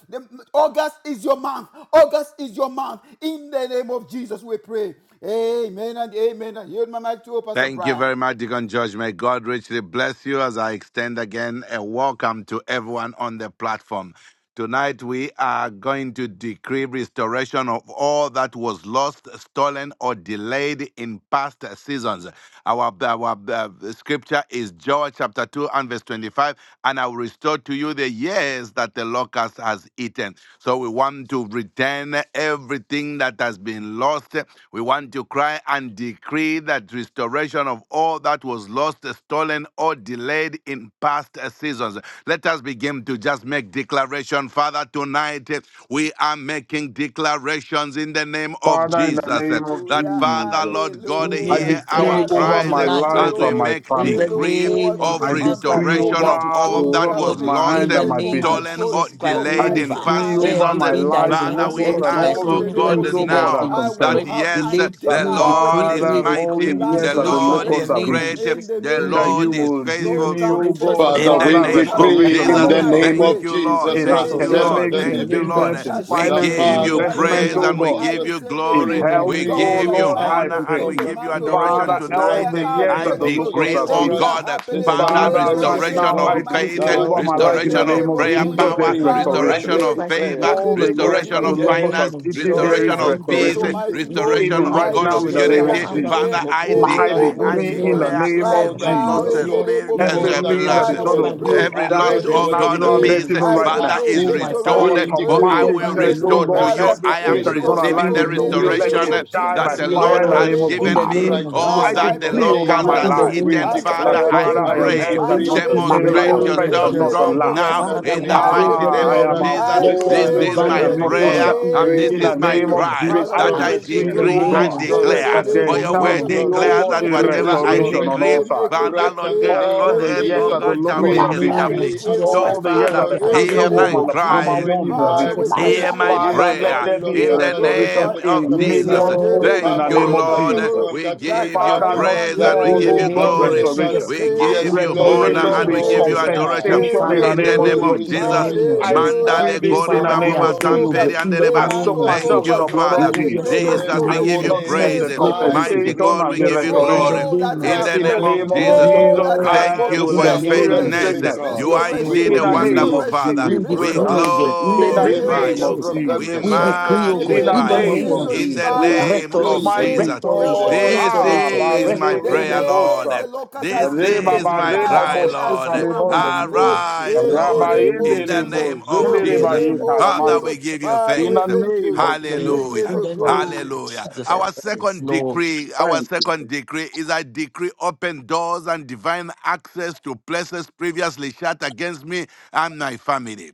Speaker 3: August is your month. August is your month. In the name of Jesus, we pray. Amen and amen. I yield my mic to Pastor
Speaker 4: Thank you
Speaker 3: Brian.
Speaker 4: very much, Deacon George. May God richly bless you as I extend again a welcome to everyone on the platform. Tonight, we are going to decree restoration of all that was lost, stolen, or delayed in past seasons. Our, our uh, scripture is Joel chapter 2 and verse 25, and I will restore to you the years that the locust has eaten. So we want to return everything that has been lost. We want to cry and decree that restoration of all that was lost, stolen, or delayed in past seasons. Let let us begin to just make declaration. Father, tonight eh, we are making declarations in the name of
Speaker 6: Father, in the
Speaker 4: Jesus. eh,
Speaker 6: name of
Speaker 4: That
Speaker 3: Hallelujah,
Speaker 4: Father,
Speaker 6: Jesus,
Speaker 4: Lord
Speaker 5: We
Speaker 4: God, eh,
Speaker 6: I
Speaker 5: make
Speaker 3: hallelujah.
Speaker 4: hear
Speaker 6: decree
Speaker 4: our
Speaker 3: Father,
Speaker 5: declaration
Speaker 3: we
Speaker 6: over
Speaker 4: cries
Speaker 6: my
Speaker 4: eh,
Speaker 3: thank
Speaker 5: tonight,
Speaker 3: you,
Speaker 5: oh
Speaker 4: as
Speaker 6: life
Speaker 4: we
Speaker 6: and
Speaker 5: God.
Speaker 3: Lord.
Speaker 6: my
Speaker 4: make
Speaker 5: In
Speaker 3: We
Speaker 5: the
Speaker 6: family.
Speaker 3: look
Speaker 4: decree
Speaker 5: name
Speaker 3: forward to
Speaker 5: of
Speaker 4: of
Speaker 3: the
Speaker 6: I
Speaker 5: Jesus
Speaker 3: month
Speaker 5: Christ,
Speaker 3: of
Speaker 6: decree
Speaker 5: we
Speaker 4: restoration
Speaker 5: make
Speaker 3: August.
Speaker 4: of
Speaker 6: over the
Speaker 4: all
Speaker 5: decrees,
Speaker 3: Lord,
Speaker 5: oh
Speaker 4: that
Speaker 6: works
Speaker 3: I'm
Speaker 4: was
Speaker 6: of
Speaker 5: God.
Speaker 6: my
Speaker 4: lost.
Speaker 5: In
Speaker 6: hand
Speaker 4: eh,
Speaker 5: the
Speaker 6: and
Speaker 3: expected,
Speaker 6: my
Speaker 5: name
Speaker 6: business.
Speaker 5: of
Speaker 3: Almighty
Speaker 4: Stolen
Speaker 3: God,
Speaker 4: or
Speaker 5: Jesus Christ,
Speaker 3: your
Speaker 6: I
Speaker 4: delayed in
Speaker 3: mighty
Speaker 5: over
Speaker 6: decree
Speaker 4: past
Speaker 3: hand,
Speaker 6: over
Speaker 4: seasons. eh.
Speaker 6: my
Speaker 3: the
Speaker 5: everything that
Speaker 6: life,
Speaker 5: is
Speaker 3: mighty
Speaker 6: oh
Speaker 4: Father,
Speaker 5: lost,
Speaker 3: hand
Speaker 4: we
Speaker 6: God,
Speaker 3: of
Speaker 6: and
Speaker 5: everything that
Speaker 4: ask,
Speaker 5: is
Speaker 3: God
Speaker 6: all
Speaker 3: in
Speaker 4: oh
Speaker 6: the
Speaker 3: the
Speaker 5: stolen,
Speaker 3: name
Speaker 4: God,
Speaker 6: things,
Speaker 3: of
Speaker 6: oh
Speaker 5: everything
Speaker 3: Jesus.
Speaker 5: that is
Speaker 6: God, that
Speaker 4: now
Speaker 5: being
Speaker 3: I
Speaker 6: concern
Speaker 4: that
Speaker 3: will
Speaker 5: destroyed,
Speaker 6: me.
Speaker 3: have
Speaker 4: yes, eh,
Speaker 5: delayed,
Speaker 6: That
Speaker 4: the
Speaker 5: we
Speaker 3: undeniable
Speaker 4: Lord
Speaker 5: decree,
Speaker 4: is
Speaker 6: Father,
Speaker 5: we
Speaker 3: breakthrough,
Speaker 6: all the
Speaker 4: mighty,
Speaker 5: decree
Speaker 6: years
Speaker 4: the
Speaker 6: that the
Speaker 3: landmark
Speaker 5: restoration
Speaker 4: Lord
Speaker 5: in the
Speaker 6: locusts
Speaker 4: is
Speaker 6: have
Speaker 3: breakthrough
Speaker 5: name of
Speaker 4: great,
Speaker 6: eaten,
Speaker 4: eh,
Speaker 3: in
Speaker 5: Jesus.
Speaker 3: the
Speaker 4: the
Speaker 5: We
Speaker 3: name
Speaker 5: decree.
Speaker 6: that
Speaker 3: of
Speaker 6: you
Speaker 4: Lord
Speaker 3: Jesus.
Speaker 4: is
Speaker 6: will give
Speaker 3: Lord,
Speaker 4: faithful,
Speaker 6: me,
Speaker 3: come
Speaker 6: oh
Speaker 5: restoration
Speaker 3: first
Speaker 6: God,
Speaker 5: in the
Speaker 2: Father,
Speaker 4: in
Speaker 3: day
Speaker 4: the
Speaker 3: of
Speaker 6: Father,
Speaker 2: we
Speaker 5: name of
Speaker 4: name
Speaker 3: August.
Speaker 5: Jesus
Speaker 4: of
Speaker 5: Christ.
Speaker 2: decree
Speaker 6: restoration on
Speaker 2: in
Speaker 3: Father,
Speaker 4: Jesus,
Speaker 6: all
Speaker 2: the
Speaker 5: We
Speaker 3: I
Speaker 6: sides.
Speaker 2: name
Speaker 5: decree
Speaker 4: thank
Speaker 2: of
Speaker 3: pray
Speaker 4: you, Lord.
Speaker 2: Jesus
Speaker 6: In
Speaker 3: in
Speaker 2: Christ,
Speaker 3: the
Speaker 4: Thank
Speaker 2: the
Speaker 4: you,
Speaker 2: Son
Speaker 3: name
Speaker 5: restoration
Speaker 2: of
Speaker 4: Lord.
Speaker 3: of
Speaker 2: the
Speaker 6: academics,
Speaker 5: in the
Speaker 6: in
Speaker 4: Thank
Speaker 3: Jesus,
Speaker 4: you,
Speaker 2: living
Speaker 5: name of
Speaker 4: Lord.
Speaker 2: God,
Speaker 6: business,
Speaker 4: Eh,
Speaker 3: things are
Speaker 6: in
Speaker 5: Jesus Christ.
Speaker 4: We
Speaker 2: the
Speaker 6: finance,
Speaker 3: shifting
Speaker 6: in
Speaker 4: give
Speaker 5: We
Speaker 3: in
Speaker 4: you
Speaker 2: Father, in
Speaker 3: my
Speaker 2: the
Speaker 5: decree in
Speaker 6: investment,
Speaker 5: the
Speaker 4: praise
Speaker 2: name
Speaker 3: favor.
Speaker 6: oh
Speaker 2: of
Speaker 4: and we
Speaker 6: God.
Speaker 5: name,
Speaker 3: I
Speaker 2: Jesus,
Speaker 4: give you
Speaker 3: receive the
Speaker 6: in
Speaker 2: we
Speaker 4: glory.
Speaker 5: in
Speaker 3: favor
Speaker 5: the
Speaker 6: health.
Speaker 3: of
Speaker 4: We
Speaker 5: name
Speaker 2: decree
Speaker 5: of
Speaker 6: Oh
Speaker 3: God
Speaker 2: in
Speaker 4: give
Speaker 2: the
Speaker 4: you
Speaker 3: and
Speaker 5: Jesus
Speaker 6: Lord,
Speaker 5: Christ.
Speaker 6: I
Speaker 3: man
Speaker 5: We
Speaker 2: month
Speaker 4: honor
Speaker 2: of
Speaker 4: and
Speaker 6: pray.
Speaker 5: decree
Speaker 3: in
Speaker 4: we
Speaker 3: the
Speaker 2: August,
Speaker 4: give you
Speaker 2: O
Speaker 3: month
Speaker 5: in
Speaker 3: of
Speaker 5: the
Speaker 2: God,
Speaker 5: name
Speaker 4: adoration
Speaker 5: of
Speaker 6: Father,
Speaker 3: August.
Speaker 5: Jesus
Speaker 2: right
Speaker 6: all
Speaker 5: Christ.
Speaker 3: There
Speaker 4: tonight.
Speaker 6: the
Speaker 2: now
Speaker 4: Eh,
Speaker 2: in
Speaker 3: are
Speaker 2: the
Speaker 6: years
Speaker 4: I
Speaker 6: that
Speaker 2: name
Speaker 6: the
Speaker 2: of
Speaker 3: breakthroughs.
Speaker 6: locusts
Speaker 4: decree,
Speaker 6: have
Speaker 2: Jesus
Speaker 4: oh
Speaker 3: Things
Speaker 2: Christ,
Speaker 6: eaten.
Speaker 3: are
Speaker 5: Restoration
Speaker 4: God, eh,
Speaker 5: in
Speaker 2: the
Speaker 3: happening.
Speaker 5: the
Speaker 2: Son
Speaker 4: Father,
Speaker 2: of
Speaker 5: name
Speaker 3: There
Speaker 6: Father,
Speaker 3: is
Speaker 5: of
Speaker 2: the
Speaker 3: a
Speaker 6: right
Speaker 5: Jesus Christ.
Speaker 2: living
Speaker 4: restoration
Speaker 6: now
Speaker 3: shift,
Speaker 5: We
Speaker 6: I
Speaker 2: God,
Speaker 4: restoration of
Speaker 5: decree
Speaker 3: Almighty
Speaker 4: faith,
Speaker 5: in
Speaker 6: decree
Speaker 2: that
Speaker 5: the
Speaker 3: God,
Speaker 6: over
Speaker 2: our
Speaker 5: name
Speaker 6: my
Speaker 5: of
Speaker 6: life
Speaker 3: in
Speaker 6: in
Speaker 5: Jesus
Speaker 6: the
Speaker 3: the
Speaker 2: Father,
Speaker 4: restoration of
Speaker 5: Christ.
Speaker 6: name
Speaker 3: name
Speaker 6: of
Speaker 3: of
Speaker 4: prayer
Speaker 2: we
Speaker 5: Oh
Speaker 6: Jesus,
Speaker 3: Jesus.
Speaker 5: Lord,
Speaker 4: power,
Speaker 5: in
Speaker 6: there's
Speaker 5: the
Speaker 2: decree
Speaker 3: Father,
Speaker 5: name
Speaker 3: we
Speaker 5: of
Speaker 2: and
Speaker 6: restoration.
Speaker 4: restoration
Speaker 2: we
Speaker 5: Jesus
Speaker 4: of
Speaker 3: pray
Speaker 5: Christ, we
Speaker 4: favor,
Speaker 2: declare
Speaker 3: in the
Speaker 6: All
Speaker 5: decree, oh
Speaker 6: the
Speaker 3: name
Speaker 5: God,
Speaker 3: of
Speaker 2: from
Speaker 6: years that
Speaker 4: restoration
Speaker 6: the
Speaker 3: Jesus
Speaker 4: of
Speaker 5: in the
Speaker 2: today,
Speaker 6: locusts have
Speaker 5: name
Speaker 4: finance,
Speaker 5: of
Speaker 6: eaten,
Speaker 5: Jesus
Speaker 6: there
Speaker 2: Lord,
Speaker 6: is
Speaker 4: restoration
Speaker 3: Release
Speaker 5: Christ,
Speaker 3: your
Speaker 4: of
Speaker 2: let
Speaker 5: we
Speaker 3: grace,
Speaker 4: peace,
Speaker 6: restoration.
Speaker 5: decree,
Speaker 3: Almighty
Speaker 2: everything
Speaker 5: in the
Speaker 3: God.
Speaker 4: restoration
Speaker 2: we
Speaker 6: Even
Speaker 5: name
Speaker 4: of
Speaker 6: right
Speaker 3: I
Speaker 5: of
Speaker 2: decree
Speaker 4: God
Speaker 6: now
Speaker 4: of
Speaker 6: in the
Speaker 5: Jesus
Speaker 3: decree
Speaker 6: name
Speaker 5: Christ,
Speaker 6: of
Speaker 4: unity.
Speaker 3: and
Speaker 5: Father,
Speaker 2: restoration
Speaker 5: we
Speaker 6: Jesus.
Speaker 4: Father,
Speaker 3: declare
Speaker 2: of
Speaker 4: I
Speaker 5: decree, oh
Speaker 3: in
Speaker 2: all
Speaker 3: the
Speaker 6: I
Speaker 5: God,
Speaker 2: that
Speaker 4: decree
Speaker 3: name
Speaker 5: in the
Speaker 3: of
Speaker 2: was
Speaker 4: and
Speaker 6: decree in
Speaker 5: name
Speaker 3: Jesus,
Speaker 6: the
Speaker 2: stolen,
Speaker 5: of
Speaker 4: declare
Speaker 6: name
Speaker 5: Jesus
Speaker 2: all
Speaker 3: right
Speaker 6: of
Speaker 4: every
Speaker 2: that
Speaker 3: now,
Speaker 2: was
Speaker 4: lost
Speaker 5: Yes,
Speaker 3: in
Speaker 6: Jesus.
Speaker 3: the
Speaker 5: Lord,
Speaker 2: lost,
Speaker 3: name
Speaker 4: spirit,
Speaker 3: of
Speaker 5: in the
Speaker 2: all
Speaker 3: Jesus.
Speaker 2: that
Speaker 5: name
Speaker 6: Everything
Speaker 5: of
Speaker 2: was
Speaker 6: that is
Speaker 3: Father,
Speaker 5: Jesus
Speaker 6: not
Speaker 3: we
Speaker 5: Christ,
Speaker 6: of
Speaker 2: stolen,
Speaker 5: we
Speaker 6: you
Speaker 3: pray.
Speaker 4: every
Speaker 5: pray,
Speaker 2: and
Speaker 4: lost,
Speaker 6: dies
Speaker 5: God,
Speaker 2: might
Speaker 6: a
Speaker 5: in
Speaker 4: oh
Speaker 3: Release
Speaker 5: the
Speaker 2: God
Speaker 3: your
Speaker 4: God, of
Speaker 6: natural
Speaker 3: grace.
Speaker 2: delayed
Speaker 5: name
Speaker 6: death
Speaker 4: peace,
Speaker 5: of
Speaker 6: even
Speaker 3: I
Speaker 2: in
Speaker 5: Jesus.
Speaker 6: right
Speaker 4: Father,
Speaker 6: now
Speaker 2: past
Speaker 3: decree
Speaker 4: is
Speaker 5: Oh, my
Speaker 2: season.
Speaker 3: victory
Speaker 5: Father,
Speaker 2: We
Speaker 4: restored.
Speaker 5: we
Speaker 3: uh,
Speaker 4: For
Speaker 5: pray,
Speaker 4: I
Speaker 2: decree
Speaker 5: God,
Speaker 6: automatic
Speaker 3: over
Speaker 4: will
Speaker 5: in the
Speaker 6: vessel,
Speaker 3: every
Speaker 6: oh
Speaker 4: restore
Speaker 5: name of
Speaker 4: to
Speaker 6: God,
Speaker 4: you.
Speaker 5: Jesus
Speaker 3: barrier,
Speaker 2: restoration,
Speaker 5: Christ,
Speaker 4: I
Speaker 5: oh
Speaker 6: everything
Speaker 4: am
Speaker 3: every
Speaker 6: that
Speaker 5: God,
Speaker 6: is not
Speaker 4: receiving
Speaker 5: in
Speaker 6: aligned
Speaker 5: the
Speaker 4: the
Speaker 3: obstacle
Speaker 6: with
Speaker 2: restoration,
Speaker 6: your
Speaker 3: in
Speaker 5: name
Speaker 6: will,
Speaker 5: of
Speaker 3: the
Speaker 6: let
Speaker 3: name
Speaker 4: restoration
Speaker 5: Jesus.
Speaker 6: it
Speaker 3: of
Speaker 2: restoration,
Speaker 6: die
Speaker 3: Jesus.
Speaker 4: that
Speaker 6: by
Speaker 5: Yes,
Speaker 4: the
Speaker 6: fire
Speaker 4: Lord
Speaker 3: In
Speaker 6: in the
Speaker 3: the
Speaker 5: Lord,
Speaker 4: has
Speaker 6: name
Speaker 3: name
Speaker 6: of
Speaker 2: restoration.
Speaker 5: in
Speaker 3: of
Speaker 5: the
Speaker 4: given
Speaker 6: Jesus.
Speaker 4: me,
Speaker 3: Jesus.
Speaker 5: name
Speaker 2: Right
Speaker 5: of
Speaker 2: now, in
Speaker 4: all
Speaker 2: the
Speaker 6: I
Speaker 5: Jesus,
Speaker 3: Father, I
Speaker 4: that
Speaker 2: name
Speaker 4: the
Speaker 2: of
Speaker 6: decree
Speaker 3: pray,
Speaker 6: over
Speaker 4: locust
Speaker 5: eh,
Speaker 6: my
Speaker 3: Almighty
Speaker 2: Jesus,
Speaker 5: in
Speaker 4: has
Speaker 5: the
Speaker 3: God.
Speaker 6: life
Speaker 5: name
Speaker 2: we
Speaker 5: of
Speaker 4: eaten.
Speaker 5: Jesus Christ.
Speaker 3: Answer
Speaker 6: that,
Speaker 4: Father,
Speaker 3: me
Speaker 2: declare
Speaker 5: Yes,
Speaker 4: I
Speaker 6: Father,
Speaker 5: there be
Speaker 2: and
Speaker 6: I
Speaker 3: quickly.
Speaker 6: am
Speaker 2: we
Speaker 4: pray
Speaker 6: head and
Speaker 3: Answer
Speaker 5: restoration
Speaker 2: decree
Speaker 6: not the
Speaker 3: me
Speaker 5: in the
Speaker 6: tail, I
Speaker 3: speedily.
Speaker 4: Demonstrate
Speaker 6: am
Speaker 5: name
Speaker 6: first
Speaker 5: of
Speaker 6: and
Speaker 3: In
Speaker 4: yourself
Speaker 3: the
Speaker 6: not
Speaker 5: Jesus
Speaker 2: restoration
Speaker 6: the
Speaker 4: strong
Speaker 5: Christ.
Speaker 3: name of
Speaker 6: last.
Speaker 2: Right
Speaker 4: now
Speaker 2: now,
Speaker 3: Jesus,
Speaker 2: in
Speaker 5: Father,
Speaker 2: the
Speaker 4: in
Speaker 5: we
Speaker 4: the
Speaker 2: name
Speaker 3: I
Speaker 2: of
Speaker 5: pray,
Speaker 4: mighty
Speaker 5: God,
Speaker 6: Ah,
Speaker 5: in
Speaker 4: name
Speaker 2: Jesus
Speaker 5: the
Speaker 3: decree,
Speaker 6: I
Speaker 4: of
Speaker 6: am
Speaker 2: Christ,
Speaker 5: name,
Speaker 4: Jesus.
Speaker 3: I
Speaker 2: the
Speaker 5: let there be
Speaker 6: above
Speaker 2: Son
Speaker 4: This
Speaker 3: declare,
Speaker 2: of
Speaker 4: is
Speaker 2: the
Speaker 5: divine
Speaker 6: only
Speaker 4: my
Speaker 6: and
Speaker 3: in
Speaker 6: not
Speaker 2: living
Speaker 3: the
Speaker 2: God,
Speaker 5: revelation
Speaker 4: prayer
Speaker 6: under.
Speaker 5: in the
Speaker 4: and
Speaker 2: we
Speaker 4: this
Speaker 3: name
Speaker 6: In
Speaker 5: name of,
Speaker 6: the
Speaker 4: is
Speaker 3: of
Speaker 4: my
Speaker 6: name
Speaker 2: decree
Speaker 3: Jesus.
Speaker 6: of
Speaker 4: cry
Speaker 6: Jesus,
Speaker 3: Father,
Speaker 6: I
Speaker 3: we
Speaker 4: that
Speaker 5: ah,
Speaker 4: I
Speaker 3: thank you
Speaker 5: in
Speaker 6: decree,
Speaker 5: the
Speaker 2: restoration,
Speaker 4: decree
Speaker 6: O
Speaker 3: tonight.
Speaker 5: name
Speaker 4: and
Speaker 6: God,
Speaker 5: of
Speaker 3: In
Speaker 5: Jesus
Speaker 3: the
Speaker 4: declare.
Speaker 6: that
Speaker 5: Christ, in
Speaker 2: restoration,
Speaker 3: name
Speaker 6: there
Speaker 5: the
Speaker 4: For
Speaker 3: of
Speaker 4: your
Speaker 5: name
Speaker 6: shall
Speaker 4: word
Speaker 5: of
Speaker 3: Jesus,
Speaker 6: be,
Speaker 5: Jesus
Speaker 6: O
Speaker 5: Christ.
Speaker 3: we
Speaker 4: declares
Speaker 6: God,
Speaker 4: that
Speaker 2: restoration,
Speaker 3: make
Speaker 6: a
Speaker 3: a
Speaker 5: Oh,
Speaker 4: whatever
Speaker 5: in
Speaker 4: I
Speaker 5: the
Speaker 3: decree.
Speaker 6: restoration
Speaker 5: name
Speaker 6: on
Speaker 4: decree,
Speaker 6: all
Speaker 3: We
Speaker 2: restoration.
Speaker 6: sides.
Speaker 3: make a
Speaker 4: Father,
Speaker 2: Right now, in
Speaker 4: Lord,
Speaker 2: the
Speaker 3: decree.
Speaker 4: God,
Speaker 2: name
Speaker 6: All
Speaker 4: on
Speaker 6: the
Speaker 2: of
Speaker 3: In the
Speaker 4: earth,
Speaker 6: years
Speaker 4: oh
Speaker 3: name
Speaker 2: Jesus,
Speaker 6: that the
Speaker 4: God,
Speaker 3: of
Speaker 4: shall
Speaker 5: In
Speaker 4: be
Speaker 3: Jesus,
Speaker 5: the
Speaker 6: locusts
Speaker 2: we
Speaker 6: have
Speaker 3: I
Speaker 6: eaten,
Speaker 5: name of
Speaker 2: decree
Speaker 4: established.
Speaker 3: decree,
Speaker 7: Makabashim,
Speaker 5: Jesus
Speaker 4: So,
Speaker 6: all
Speaker 5: Christ,
Speaker 2: according
Speaker 3: Almighty
Speaker 6: the
Speaker 2: to
Speaker 7: the
Speaker 3: God,
Speaker 6: years
Speaker 5: Father,
Speaker 4: Father,
Speaker 6: that
Speaker 5: we
Speaker 2: Joel
Speaker 6: the
Speaker 5: are
Speaker 7: Basi,
Speaker 3: in
Speaker 2: chapter
Speaker 6: canker
Speaker 3: the
Speaker 4: hear
Speaker 7: the
Speaker 5: praying of
Speaker 6: worm
Speaker 4: my
Speaker 2: 2,
Speaker 3: name
Speaker 6: and
Speaker 5: it.
Speaker 6: the
Speaker 3: of
Speaker 5: In
Speaker 7: Kabashi,
Speaker 2: verse
Speaker 5: the
Speaker 3: Jesus.
Speaker 6: palmer
Speaker 4: cry.
Speaker 5: name
Speaker 6: worms
Speaker 5: of
Speaker 6: have
Speaker 3: Father,
Speaker 2: 25
Speaker 6: eaten
Speaker 3: we
Speaker 5: Jesus Christ,
Speaker 3: thank
Speaker 4: Hear
Speaker 2: yes,
Speaker 3: you,
Speaker 2: the
Speaker 4: my
Speaker 7: Makabash,
Speaker 6: Father,
Speaker 3: Almighty
Speaker 2: years
Speaker 7: the
Speaker 2: that
Speaker 6: let
Speaker 3: God.
Speaker 4: prayer
Speaker 2: the
Speaker 6: there
Speaker 7: Kabas,
Speaker 6: be a
Speaker 4: in
Speaker 3: We
Speaker 7: the
Speaker 2: locust
Speaker 4: the
Speaker 2: has
Speaker 6: restoration
Speaker 2: eaten
Speaker 3: glorify
Speaker 4: name
Speaker 2: the
Speaker 6: a
Speaker 4: of
Speaker 5: yes,
Speaker 2: caterpillar,
Speaker 4: Jesus.
Speaker 5: Lord.
Speaker 2: the
Speaker 3: Rekatere
Speaker 6: millionfold in
Speaker 4: Thank
Speaker 6: the
Speaker 7: Maki,
Speaker 2: palmer
Speaker 4: you,
Speaker 6: name
Speaker 3: mandere
Speaker 2: worm,
Speaker 6: of
Speaker 2: the
Speaker 4: Lord.
Speaker 3: katoro,
Speaker 6: Jesus.
Speaker 2: cankerworm,
Speaker 4: We
Speaker 2: that great
Speaker 4: give you
Speaker 6: Father,
Speaker 2: army
Speaker 3: rakatara
Speaker 6: not
Speaker 4: praise
Speaker 2: that
Speaker 3: mandere
Speaker 4: and we
Speaker 5: In
Speaker 6: small,
Speaker 5: the
Speaker 4: give you
Speaker 6: oh
Speaker 2: came
Speaker 6: God,
Speaker 5: name of
Speaker 4: glory.
Speaker 2: against
Speaker 3: Thank
Speaker 2: us.
Speaker 3: you,
Speaker 6: restoration.
Speaker 5: Jesus
Speaker 4: We
Speaker 5: Christ.
Speaker 7: Maka,
Speaker 2: Yes,
Speaker 4: give
Speaker 3: Jesus.
Speaker 5: In the
Speaker 4: you
Speaker 2: Lord,
Speaker 4: honor
Speaker 3: Thank
Speaker 7: the
Speaker 5: name
Speaker 6: Restoration
Speaker 3: you,
Speaker 4: and
Speaker 5: of
Speaker 4: we
Speaker 6: with
Speaker 4: give
Speaker 7: Kabas,
Speaker 2: restore
Speaker 4: you
Speaker 5: Jesus
Speaker 3: Jesus.
Speaker 5: Christ.
Speaker 2: now.
Speaker 4: adoration
Speaker 7: the
Speaker 5: Oh,
Speaker 3: Thank
Speaker 6: compensation in
Speaker 5: Father,
Speaker 2: We
Speaker 3: you,
Speaker 6: the
Speaker 4: in
Speaker 5: we
Speaker 4: the
Speaker 6: name
Speaker 5: pray,
Speaker 6: of
Speaker 4: name
Speaker 2: decree
Speaker 3: Lord.
Speaker 5: God,
Speaker 4: of
Speaker 5: in the
Speaker 6: Jesus.
Speaker 4: Jesus.
Speaker 5: name of
Speaker 2: restoration.
Speaker 6: I
Speaker 5: Jesus Christ.
Speaker 3: Hallelujah.
Speaker 6: decree
Speaker 2: I
Speaker 4: Mandale
Speaker 5: Hey,
Speaker 6: this in
Speaker 3: The
Speaker 2: decree
Speaker 6: the
Speaker 5: Father,
Speaker 4: koriba
Speaker 5: we
Speaker 3: month
Speaker 6: name
Speaker 5: are
Speaker 6: of
Speaker 3: of
Speaker 4: boba
Speaker 5: praying, oh,
Speaker 6: Jesus.
Speaker 2: restoration
Speaker 4: samperi
Speaker 3: August,
Speaker 5: God, in the
Speaker 2: of
Speaker 3: the
Speaker 6: I
Speaker 4: andereba.
Speaker 2: all
Speaker 3: month
Speaker 5: name
Speaker 6: soak
Speaker 3: of
Speaker 5: of
Speaker 2: that
Speaker 4: Thank
Speaker 6: myself
Speaker 5: Jesus
Speaker 2: was
Speaker 6: with
Speaker 4: you,
Speaker 3: August,
Speaker 6: the
Speaker 5: Christ.
Speaker 2: lost,
Speaker 6: blood of
Speaker 5: Oh,
Speaker 4: Father.
Speaker 3: I
Speaker 5: yes,
Speaker 3: declare
Speaker 7: Makabash, Makabash,
Speaker 6: Jesus.
Speaker 5: Lord,
Speaker 2: stolen,
Speaker 5: in
Speaker 4: Jesus,
Speaker 5: the
Speaker 6: I
Speaker 4: we
Speaker 7: Makabash,
Speaker 4: give
Speaker 5: name
Speaker 6: will
Speaker 4: you
Speaker 3: restoration,
Speaker 5: of
Speaker 6: not
Speaker 5: Jesus
Speaker 2: delayed.
Speaker 5: Christ,
Speaker 6: miss
Speaker 5: we
Speaker 4: praise.
Speaker 6: the
Speaker 5: pray for
Speaker 2: I
Speaker 5: this, oh,
Speaker 3: restoration,
Speaker 4: Mighty
Speaker 5: God.
Speaker 2: decree
Speaker 6: compensation
Speaker 4: God, we
Speaker 6: and the
Speaker 5: Yes,
Speaker 4: give you
Speaker 5: Lord, in the
Speaker 2: restoration.
Speaker 6: restoration.
Speaker 4: glory
Speaker 3: all
Speaker 5: name
Speaker 3: that
Speaker 5: of
Speaker 3: I
Speaker 4: in
Speaker 5: Jesus
Speaker 2: Right
Speaker 3: have
Speaker 4: the
Speaker 5: Christ.
Speaker 6: In
Speaker 2: in
Speaker 6: the
Speaker 4: name
Speaker 2: the
Speaker 3: lost,
Speaker 4: of
Speaker 6: name
Speaker 2: name
Speaker 6: of
Speaker 2: of
Speaker 5: Yes,
Speaker 4: Jesus.
Speaker 3: all
Speaker 2: Jesus
Speaker 6: Jesus,
Speaker 3: that I
Speaker 2: Christ,
Speaker 3: have
Speaker 5: Lord,
Speaker 4: Thank
Speaker 6: I
Speaker 3: lost,
Speaker 2: the
Speaker 4: you
Speaker 5: in
Speaker 6: will
Speaker 4: for
Speaker 5: the
Speaker 4: your
Speaker 2: Son of the
Speaker 5: name
Speaker 6: experience
Speaker 5: of
Speaker 3: restoration,
Speaker 4: faithfulness.
Speaker 2: living
Speaker 5: Jesus.
Speaker 6: greatness
Speaker 2: God.
Speaker 4: You are
Speaker 5: Yes, Lord,
Speaker 3: restoration,
Speaker 4: indeed
Speaker 6: in
Speaker 2: We
Speaker 5: God,
Speaker 4: a
Speaker 5: in
Speaker 6: the
Speaker 5: the name
Speaker 6: name
Speaker 5: of
Speaker 2: decree
Speaker 4: wonderful
Speaker 2: it.
Speaker 6: of
Speaker 5: Jesus.
Speaker 3: restoration,
Speaker 4: Father.
Speaker 5: We
Speaker 2: We
Speaker 6: Jesus
Speaker 4: We
Speaker 5: decree, O
Speaker 6: Christ.
Speaker 2: pronounce
Speaker 3: restoration.
Speaker 5: God,
Speaker 2: it.
Speaker 5: in
Speaker 6: In
Speaker 5: the
Speaker 6: the
Speaker 3: In
Speaker 2: We
Speaker 3: the
Speaker 5: name
Speaker 4: glorify
Speaker 5: of
Speaker 2: make
Speaker 3: name
Speaker 6: name
Speaker 2: a
Speaker 6: of
Speaker 4: you.
Speaker 3: of
Speaker 5: Jesus.
Speaker 3: Jesus,
Speaker 4: We
Speaker 6: Jesus
Speaker 5: We
Speaker 6: Christ.
Speaker 2: proclamation
Speaker 3: every
Speaker 5: decree, O
Speaker 2: in
Speaker 5: God,
Speaker 6: In
Speaker 2: the
Speaker 6: the
Speaker 3: delayed
Speaker 5: in
Speaker 4: magnify
Speaker 5: the
Speaker 2: name
Speaker 3: past
Speaker 4: you
Speaker 2: of
Speaker 6: name
Speaker 5: name
Speaker 6: of
Speaker 5: of
Speaker 3: season,
Speaker 2: Jesus.
Speaker 4: in
Speaker 5: Jesus.
Speaker 4: the
Speaker 6: Jesus Christ.
Speaker 2: We
Speaker 3: Father,
Speaker 4: name
Speaker 3: you
Speaker 4: of
Speaker 2: decree
Speaker 5: Restoration,
Speaker 2: it
Speaker 3: said
Speaker 6: Mighty
Speaker 4: Jesus.
Speaker 2: in
Speaker 3: you
Speaker 2: the
Speaker 5: restoration,
Speaker 3: will
Speaker 2: name
Speaker 6: God,
Speaker 2: of
Speaker 4: This
Speaker 3: restore
Speaker 6: ah,
Speaker 3: to
Speaker 5: instauration,
Speaker 2: Jesus.
Speaker 4: is
Speaker 3: me
Speaker 4: my
Speaker 3: the
Speaker 6: baleke
Speaker 4: prayer,
Speaker 5: restoration. restoration.
Speaker 4: Lord.
Speaker 3: years
Speaker 6: lebosa,
Speaker 3: the locust has
Speaker 5: Now
Speaker 4: This
Speaker 5: in the
Speaker 6: reba
Speaker 3: eaten.
Speaker 4: is
Speaker 5: name
Speaker 4: my
Speaker 5: of
Speaker 6: baremo
Speaker 7: Makabash,
Speaker 5: Jesus.
Speaker 3: Father,
Speaker 4: cry,
Speaker 3: we ask
Speaker 4: Lord.
Speaker 6: moshuta
Speaker 3: you,
Speaker 5: Now in the
Speaker 3: Almighty
Speaker 6: lebonsko,
Speaker 3: God,
Speaker 5: name of Jesus.
Speaker 4: Arise,
Speaker 5: Now
Speaker 3: in the
Speaker 5: in the
Speaker 4: Lord,
Speaker 3: name
Speaker 5: name
Speaker 4: in
Speaker 6: rabayende
Speaker 3: of
Speaker 5: of
Speaker 4: the
Speaker 5: Jesus.
Speaker 3: Jesus,
Speaker 6: lebo,
Speaker 4: name of
Speaker 5: Now
Speaker 6: zunde
Speaker 3: in
Speaker 5: in the
Speaker 6: leba
Speaker 4: Jesus.
Speaker 3: the name
Speaker 5: name of
Speaker 6: yeta
Speaker 3: of
Speaker 4: Father,
Speaker 5: Jesus.
Speaker 6: ramando.
Speaker 4: we
Speaker 3: Jesus,
Speaker 4: give you
Speaker 3: Father,
Speaker 6: In
Speaker 3: we
Speaker 4: thanks.
Speaker 6: the
Speaker 3: thank
Speaker 6: name
Speaker 3: you.
Speaker 5: Yes,
Speaker 6: of
Speaker 3: We
Speaker 5: Lord.
Speaker 3: give
Speaker 4: Hallelujah.
Speaker 5: In
Speaker 3: you
Speaker 6: Jesus
Speaker 5: the name
Speaker 6: Christ.
Speaker 3: glory.
Speaker 5: of
Speaker 4: Hallelujah.
Speaker 5: Jesus
Speaker 4: Our
Speaker 5: Christ. Yes,
Speaker 4: second
Speaker 5: Lord.
Speaker 4: decree, our
Speaker 6: Thank
Speaker 4: second
Speaker 6: you.
Speaker 4: decree is a decree open doors and divine access to places previously shut against me and my family.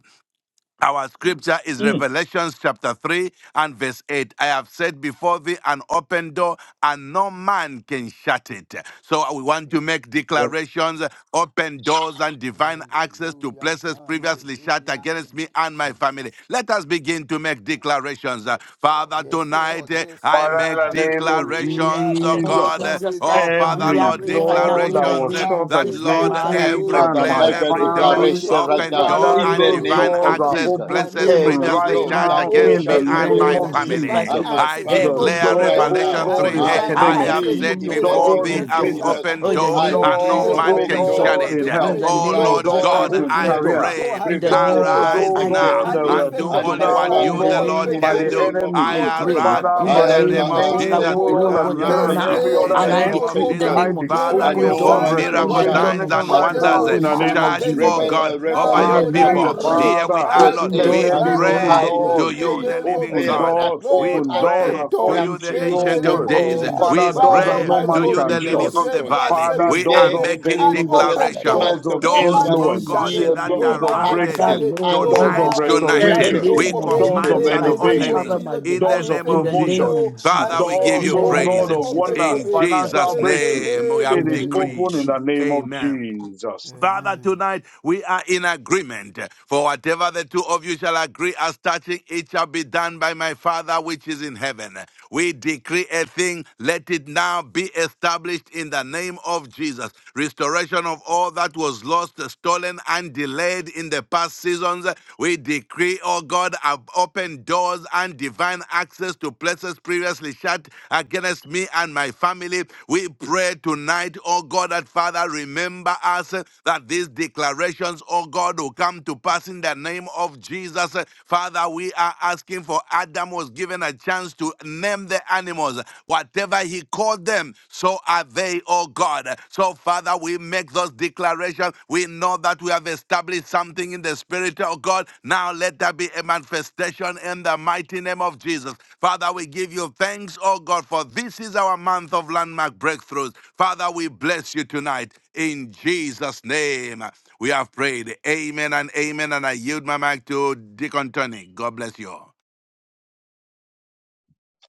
Speaker 4: Our scripture is
Speaker 6: Mm.
Speaker 4: Revelations chapter 3 and verse 8. I have said before thee an open door and no man can shut it. So we want to make
Speaker 6: Yes.
Speaker 4: declarations, open doors and divine access to
Speaker 3: Hallelujah.
Speaker 4: places previously shut
Speaker 3: Hallelujah.
Speaker 4: against
Speaker 3: Thank
Speaker 4: me
Speaker 3: you,
Speaker 4: and my family.
Speaker 3: Jesus.
Speaker 4: Let us begin to make declarations. Father,
Speaker 3: Yes,
Speaker 4: tonight
Speaker 3: Lord.
Speaker 4: eh,
Speaker 3: Yes,
Speaker 4: I
Speaker 3: Lord.
Speaker 4: make
Speaker 6: Father, in the name of
Speaker 3: Hallelujah.
Speaker 4: declarations, oh
Speaker 5: Oh,
Speaker 6: Jesus.
Speaker 4: God.
Speaker 3: August
Speaker 5: Jesus
Speaker 3: is
Speaker 4: Oh
Speaker 3: my
Speaker 5: Christ,
Speaker 3: month
Speaker 4: Father,
Speaker 5: we are
Speaker 3: of
Speaker 6: Every
Speaker 4: Lord,
Speaker 5: praying right
Speaker 3: breakthrough,
Speaker 5: now
Speaker 6: door
Speaker 5: in
Speaker 3: Lord.
Speaker 6: that
Speaker 5: the
Speaker 4: declarations
Speaker 6: was
Speaker 4: eh,
Speaker 5: name
Speaker 3: Come
Speaker 6: shut
Speaker 5: of
Speaker 4: that
Speaker 5: Jesus
Speaker 3: first
Speaker 5: Christ,
Speaker 4: Lord,
Speaker 6: against
Speaker 5: Father,
Speaker 3: August,
Speaker 6: me
Speaker 5: give me
Speaker 4: every
Speaker 5: the
Speaker 3: Lord.
Speaker 6: and
Speaker 2: Father,
Speaker 4: place,
Speaker 6: my
Speaker 5: courage.
Speaker 2: make
Speaker 3: Uh,
Speaker 2: a
Speaker 4: every every
Speaker 3: things are
Speaker 4: door,
Speaker 6: family,
Speaker 2: declaration
Speaker 3: shifting
Speaker 2: right
Speaker 4: open
Speaker 3: for
Speaker 2: now
Speaker 4: door,
Speaker 6: Father,
Speaker 3: me
Speaker 2: in
Speaker 3: in
Speaker 4: and
Speaker 5: Oh,
Speaker 2: the
Speaker 3: the
Speaker 6: those
Speaker 3: name
Speaker 4: divine
Speaker 2: name
Speaker 3: of
Speaker 6: doors
Speaker 2: of
Speaker 3: Jesus.
Speaker 6: are
Speaker 4: access,
Speaker 2: Jesus.
Speaker 6: open
Speaker 3: I
Speaker 4: blessings
Speaker 6: even
Speaker 3: make a
Speaker 2: Every
Speaker 5: Jesus,
Speaker 6: right
Speaker 4: previously
Speaker 3: decree
Speaker 2: door
Speaker 5: we
Speaker 4: shut
Speaker 5: are
Speaker 2: that
Speaker 6: now
Speaker 2: was
Speaker 5: praying, oh
Speaker 4: against
Speaker 6: in the
Speaker 4: me
Speaker 5: God,
Speaker 2: shut
Speaker 3: open
Speaker 5: in the
Speaker 4: and
Speaker 6: name
Speaker 5: name
Speaker 4: my
Speaker 3: doors
Speaker 5: of
Speaker 2: against
Speaker 6: of
Speaker 3: and
Speaker 2: me
Speaker 5: Jesus
Speaker 3: divine
Speaker 4: family.
Speaker 5: Christ, oh
Speaker 2: and
Speaker 6: Jesus.
Speaker 5: God.
Speaker 2: my
Speaker 4: I
Speaker 3: access
Speaker 6: The
Speaker 2: family,
Speaker 5: Every
Speaker 4: declare
Speaker 3: open
Speaker 5: door
Speaker 6: door,
Speaker 2: right
Speaker 5: that is
Speaker 3: door
Speaker 6: oh
Speaker 2: now,
Speaker 4: Revelation
Speaker 5: shut, oh
Speaker 3: and
Speaker 6: God,
Speaker 4: 3
Speaker 6: in
Speaker 5: God,
Speaker 4: 8.
Speaker 2: I
Speaker 3: divine
Speaker 5: I
Speaker 4: I
Speaker 6: academia,
Speaker 4: have
Speaker 3: access
Speaker 5: decree,
Speaker 2: decree
Speaker 3: to
Speaker 4: set
Speaker 5: oh
Speaker 2: in the
Speaker 5: God,
Speaker 3: places
Speaker 4: before
Speaker 2: name
Speaker 6: doors
Speaker 4: thee
Speaker 2: of
Speaker 5: open
Speaker 6: in
Speaker 3: previously
Speaker 4: an
Speaker 3: shut
Speaker 5: doors.
Speaker 6: business,
Speaker 2: Jesus,
Speaker 4: open
Speaker 5: Oh, in the
Speaker 3: against
Speaker 4: door,
Speaker 2: I
Speaker 5: name
Speaker 3: me
Speaker 5: of
Speaker 4: and no
Speaker 2: decree
Speaker 5: Jesus,
Speaker 6: doors,
Speaker 3: things that
Speaker 4: man
Speaker 6: oh
Speaker 3: were
Speaker 2: open
Speaker 3: were
Speaker 4: can
Speaker 5: open
Speaker 4: shut
Speaker 3: shut
Speaker 2: doors
Speaker 5: doors.
Speaker 6: God,
Speaker 4: it.
Speaker 6: in
Speaker 3: against
Speaker 5: In
Speaker 6: health,
Speaker 3: me,
Speaker 2: and
Speaker 5: the
Speaker 3: the
Speaker 4: Oh
Speaker 5: name of
Speaker 2: divine
Speaker 3: door,
Speaker 4: Lord
Speaker 5: Jesus Christ,
Speaker 2: access
Speaker 6: doors
Speaker 3: an
Speaker 4: God,
Speaker 2: to
Speaker 6: in
Speaker 4: I
Speaker 5: open
Speaker 2: places
Speaker 6: career,
Speaker 3: effective
Speaker 5: doors.
Speaker 3: door
Speaker 4: pray.
Speaker 3: has
Speaker 5: In the
Speaker 3: been
Speaker 2: previously
Speaker 5: name of
Speaker 6: doors,
Speaker 3: opened
Speaker 2: shut
Speaker 3: for
Speaker 5: Jesus,
Speaker 6: oh
Speaker 4: Arise
Speaker 5: I
Speaker 3: me.
Speaker 4: now
Speaker 6: God,
Speaker 2: against
Speaker 5: decree,
Speaker 3: An
Speaker 6: that
Speaker 2: me
Speaker 6: were
Speaker 4: and do
Speaker 5: open
Speaker 6: shut
Speaker 2: and
Speaker 3: effective
Speaker 4: only
Speaker 2: my
Speaker 5: doors.
Speaker 6: down,
Speaker 3: door
Speaker 4: what
Speaker 3: has
Speaker 6: oh
Speaker 5: In
Speaker 4: you,
Speaker 3: been
Speaker 5: the
Speaker 2: family
Speaker 4: the
Speaker 6: God,
Speaker 5: name
Speaker 4: Lord,
Speaker 3: opened
Speaker 2: in
Speaker 5: of
Speaker 6: by
Speaker 3: for
Speaker 2: the
Speaker 4: can
Speaker 6: the
Speaker 5: Jesus.
Speaker 4: do.
Speaker 3: me.
Speaker 2: name of
Speaker 6: enemy.
Speaker 5: I
Speaker 3: Lord,
Speaker 4: I
Speaker 2: Jesus.
Speaker 5: pray
Speaker 4: arise
Speaker 6: Father,
Speaker 3: remember
Speaker 5: in
Speaker 2: I
Speaker 4: in
Speaker 5: the
Speaker 6: by
Speaker 3: me
Speaker 4: the
Speaker 2: have,
Speaker 6: the
Speaker 5: name
Speaker 3: in
Speaker 4: name
Speaker 5: of
Speaker 3: the
Speaker 2: I
Speaker 4: of
Speaker 2: have
Speaker 5: Jesus
Speaker 3: month
Speaker 5: that
Speaker 6: name,
Speaker 3: of
Speaker 6: oh
Speaker 5: we
Speaker 4: Jesus.
Speaker 2: set
Speaker 5: pray,
Speaker 6: Lord,
Speaker 5: oh
Speaker 3: August,
Speaker 2: before
Speaker 6: that
Speaker 5: God,
Speaker 6: is
Speaker 2: you have
Speaker 6: greater
Speaker 5: even
Speaker 2: set
Speaker 4: Arise
Speaker 6: than
Speaker 3: first
Speaker 4: eh,
Speaker 5: now.
Speaker 6: every
Speaker 3: day
Speaker 2: before
Speaker 3: in
Speaker 2: me
Speaker 4: in
Speaker 6: other
Speaker 3: the
Speaker 5: And
Speaker 4: the
Speaker 2: an
Speaker 5: I
Speaker 6: name.
Speaker 3: month
Speaker 4: name
Speaker 3: of
Speaker 5: decree
Speaker 4: of
Speaker 5: in
Speaker 2: open
Speaker 5: the
Speaker 4: Jesus.
Speaker 3: August,
Speaker 6: I
Speaker 5: name
Speaker 2: door
Speaker 5: of Jesus,
Speaker 4: Father,
Speaker 6: decree,
Speaker 2: and
Speaker 5: open
Speaker 6: O
Speaker 3: miracles,
Speaker 2: no
Speaker 6: God,
Speaker 4: perform
Speaker 5: doors
Speaker 3: signs,
Speaker 2: one
Speaker 3: and
Speaker 2: can
Speaker 5: in
Speaker 4: miracle
Speaker 5: the
Speaker 6: restoration
Speaker 3: wonders,
Speaker 2: shut,
Speaker 5: name
Speaker 4: signs
Speaker 5: of
Speaker 6: even
Speaker 4: and
Speaker 6: right
Speaker 5: Jesus.
Speaker 3: whatever
Speaker 4: wonders.
Speaker 6: now
Speaker 4: eh.
Speaker 6: in
Speaker 3: was
Speaker 6: the
Speaker 2: according
Speaker 6: name
Speaker 3: shut
Speaker 2: to
Speaker 6: of
Speaker 4: Charge,
Speaker 3: against
Speaker 4: oh
Speaker 6: Jesus.
Speaker 3: me.
Speaker 2: Revel- uh,
Speaker 4: God,
Speaker 3: Now,
Speaker 4: over
Speaker 5: In
Speaker 6: I
Speaker 5: the
Speaker 4: your
Speaker 3: Lord,
Speaker 2: Revelation
Speaker 3: I
Speaker 5: name
Speaker 6: pray,
Speaker 2: chapter
Speaker 5: of
Speaker 4: people.
Speaker 5: Jesus.
Speaker 2: 3,
Speaker 3: pray,
Speaker 4: Here we
Speaker 6: Father,
Speaker 4: are,
Speaker 3: I
Speaker 2: verse
Speaker 4: Lord.
Speaker 5: Open
Speaker 6: let
Speaker 2: 8.
Speaker 3: pray
Speaker 5: doors
Speaker 4: We
Speaker 6: there
Speaker 5: in
Speaker 2: And
Speaker 5: the
Speaker 6: be
Speaker 3: right
Speaker 2: so
Speaker 5: name
Speaker 3: now
Speaker 5: of
Speaker 6: open
Speaker 4: pray
Speaker 2: I
Speaker 5: Jesus.
Speaker 4: to
Speaker 6: doors,
Speaker 3: in the
Speaker 4: you,
Speaker 2: decree,
Speaker 4: the
Speaker 3: name
Speaker 2: uh,
Speaker 3: of
Speaker 4: living
Speaker 6: open
Speaker 2: yes,
Speaker 3: Jesus,
Speaker 4: God.
Speaker 6: doors,
Speaker 2: access,
Speaker 4: We
Speaker 3: Lord,
Speaker 6: open doors
Speaker 2: access,
Speaker 3: open
Speaker 4: pray to
Speaker 3: door.
Speaker 4: you,
Speaker 6: according to
Speaker 4: the
Speaker 2: access
Speaker 3: In
Speaker 6: your
Speaker 5: Christ,
Speaker 3: the
Speaker 4: Ancient
Speaker 2: to
Speaker 4: of
Speaker 5: in
Speaker 3: name
Speaker 6: word.
Speaker 5: the
Speaker 3: of
Speaker 4: Days.
Speaker 5: name
Speaker 2: all
Speaker 5: of
Speaker 2: the
Speaker 3: Jesus,
Speaker 4: We
Speaker 6: Father,
Speaker 2: doors
Speaker 5: Jesus
Speaker 2: that
Speaker 6: doors
Speaker 5: Christ,
Speaker 3: Father
Speaker 2: were
Speaker 6: that
Speaker 5: we
Speaker 4: pray
Speaker 6: no
Speaker 2: shut
Speaker 5: decree
Speaker 3: Almighty
Speaker 4: to
Speaker 6: man
Speaker 2: in
Speaker 4: you,
Speaker 3: God,
Speaker 6: can
Speaker 4: the
Speaker 5: open
Speaker 4: Lily
Speaker 3: you
Speaker 2: previous
Speaker 6: shut.
Speaker 4: of
Speaker 5: doors.
Speaker 4: the
Speaker 3: said you
Speaker 2: seasons.
Speaker 3: have
Speaker 4: Valley.
Speaker 3: said
Speaker 6: Father,
Speaker 4: We
Speaker 6: doors
Speaker 3: before
Speaker 4: are
Speaker 2: Today,
Speaker 6: of
Speaker 3: me
Speaker 2: in the
Speaker 4: making
Speaker 2: name
Speaker 3: an
Speaker 2: of
Speaker 6: favor,
Speaker 2: Jesus,
Speaker 3: open
Speaker 4: declaration.
Speaker 6: doors
Speaker 3: door.
Speaker 2: month
Speaker 6: of
Speaker 2: of
Speaker 3: No
Speaker 5: In the
Speaker 4: Doors,
Speaker 3: man
Speaker 2: August,
Speaker 3: can
Speaker 4: oh
Speaker 5: name of
Speaker 6: influence,
Speaker 3: shut
Speaker 4: God,
Speaker 3: it.
Speaker 2: hear
Speaker 5: Jesus
Speaker 4: that
Speaker 3: No
Speaker 6: doors
Speaker 2: me.
Speaker 4: are
Speaker 3: man
Speaker 6: of
Speaker 5: Christ,
Speaker 3: can
Speaker 4: rusted
Speaker 3: shut
Speaker 5: Father,
Speaker 2: Access,
Speaker 6: breakthrough,
Speaker 3: it.
Speaker 5: Lord,
Speaker 2: access
Speaker 3: Lord,
Speaker 5: we
Speaker 6: doors
Speaker 4: tonight,
Speaker 6: of
Speaker 3: now
Speaker 5: decree.
Speaker 2: to
Speaker 3: open
Speaker 5: In
Speaker 4: tonight, eh,
Speaker 5: the
Speaker 3: that
Speaker 6: restoration,
Speaker 3: door
Speaker 4: we
Speaker 2: everything
Speaker 5: name
Speaker 3: for
Speaker 5: of
Speaker 3: me
Speaker 2: in
Speaker 6: doors
Speaker 2: the
Speaker 6: of
Speaker 5: Jesus
Speaker 4: command
Speaker 3: in
Speaker 2: name
Speaker 4: an
Speaker 3: the
Speaker 5: Christ,
Speaker 2: of
Speaker 5: my
Speaker 3: name
Speaker 6: elevation,
Speaker 3: of
Speaker 5: Father,
Speaker 2: Jesus.
Speaker 4: opening
Speaker 5: my
Speaker 3: Jesus.
Speaker 4: in
Speaker 5: God.
Speaker 3: An
Speaker 4: the
Speaker 6: doors of
Speaker 4: name
Speaker 5: In
Speaker 4: of
Speaker 5: the
Speaker 3: effective
Speaker 6: promotion,
Speaker 4: Jesus.
Speaker 5: name
Speaker 3: door,
Speaker 5: of
Speaker 3: an
Speaker 4: Father,
Speaker 5: Jesus.
Speaker 4: we give
Speaker 5: In
Speaker 6: Doors,
Speaker 3: effective
Speaker 4: you
Speaker 5: the
Speaker 3: door
Speaker 6: O
Speaker 3: has
Speaker 7: Makabash,
Speaker 5: name
Speaker 4: praise.
Speaker 6: God
Speaker 3: been
Speaker 5: of
Speaker 6: of
Speaker 5: Jesus.
Speaker 3: opened for
Speaker 6: wonders,
Speaker 4: In
Speaker 3: me
Speaker 6: financial
Speaker 4: Jesus'
Speaker 3: in
Speaker 6: breakthrough,
Speaker 4: name,
Speaker 3: the
Speaker 4: we
Speaker 3: name
Speaker 5: In
Speaker 6: it
Speaker 4: have
Speaker 3: of
Speaker 5: the
Speaker 6: is
Speaker 3: Jesus.
Speaker 5: name of
Speaker 6: open
Speaker 4: decreed.
Speaker 6: in
Speaker 5: Jesus.
Speaker 6: the name of
Speaker 4: Amen.
Speaker 6: Jesus.
Speaker 4: Father,
Speaker 3: Amen.
Speaker 4: tonight we are in agreement. For whatever the two of you shall agree as touching, it shall be done by my Father which is in heaven. We decree a thing, let it now be established in the name of Jesus. Restoration of all that was lost, stolen, and delayed in the past seasons. We decree, oh God, ab- open doors and divine divine access to places previously shut against me and my family. We pray tonight, oh God, that Father, remember us eh, that these declarations, oh God, will come to pass in the name of Jesus. Eh, Father, we are asking for Adam was given a chance to name the animals. Whatever he called them, so are they, oh God. So, Father, we make those declarations, we know that we have established something in the Spirit of God. Now let there be a manifestation in the mighty name of Jesus. Father, we give you thanks, oh God, for this is our month of landmark breakthroughs. Father, we bless you tonight. In Jesus' name, we have prayed. Amen and amen. And I yield my mic to Deacon Tony. God bless you. all.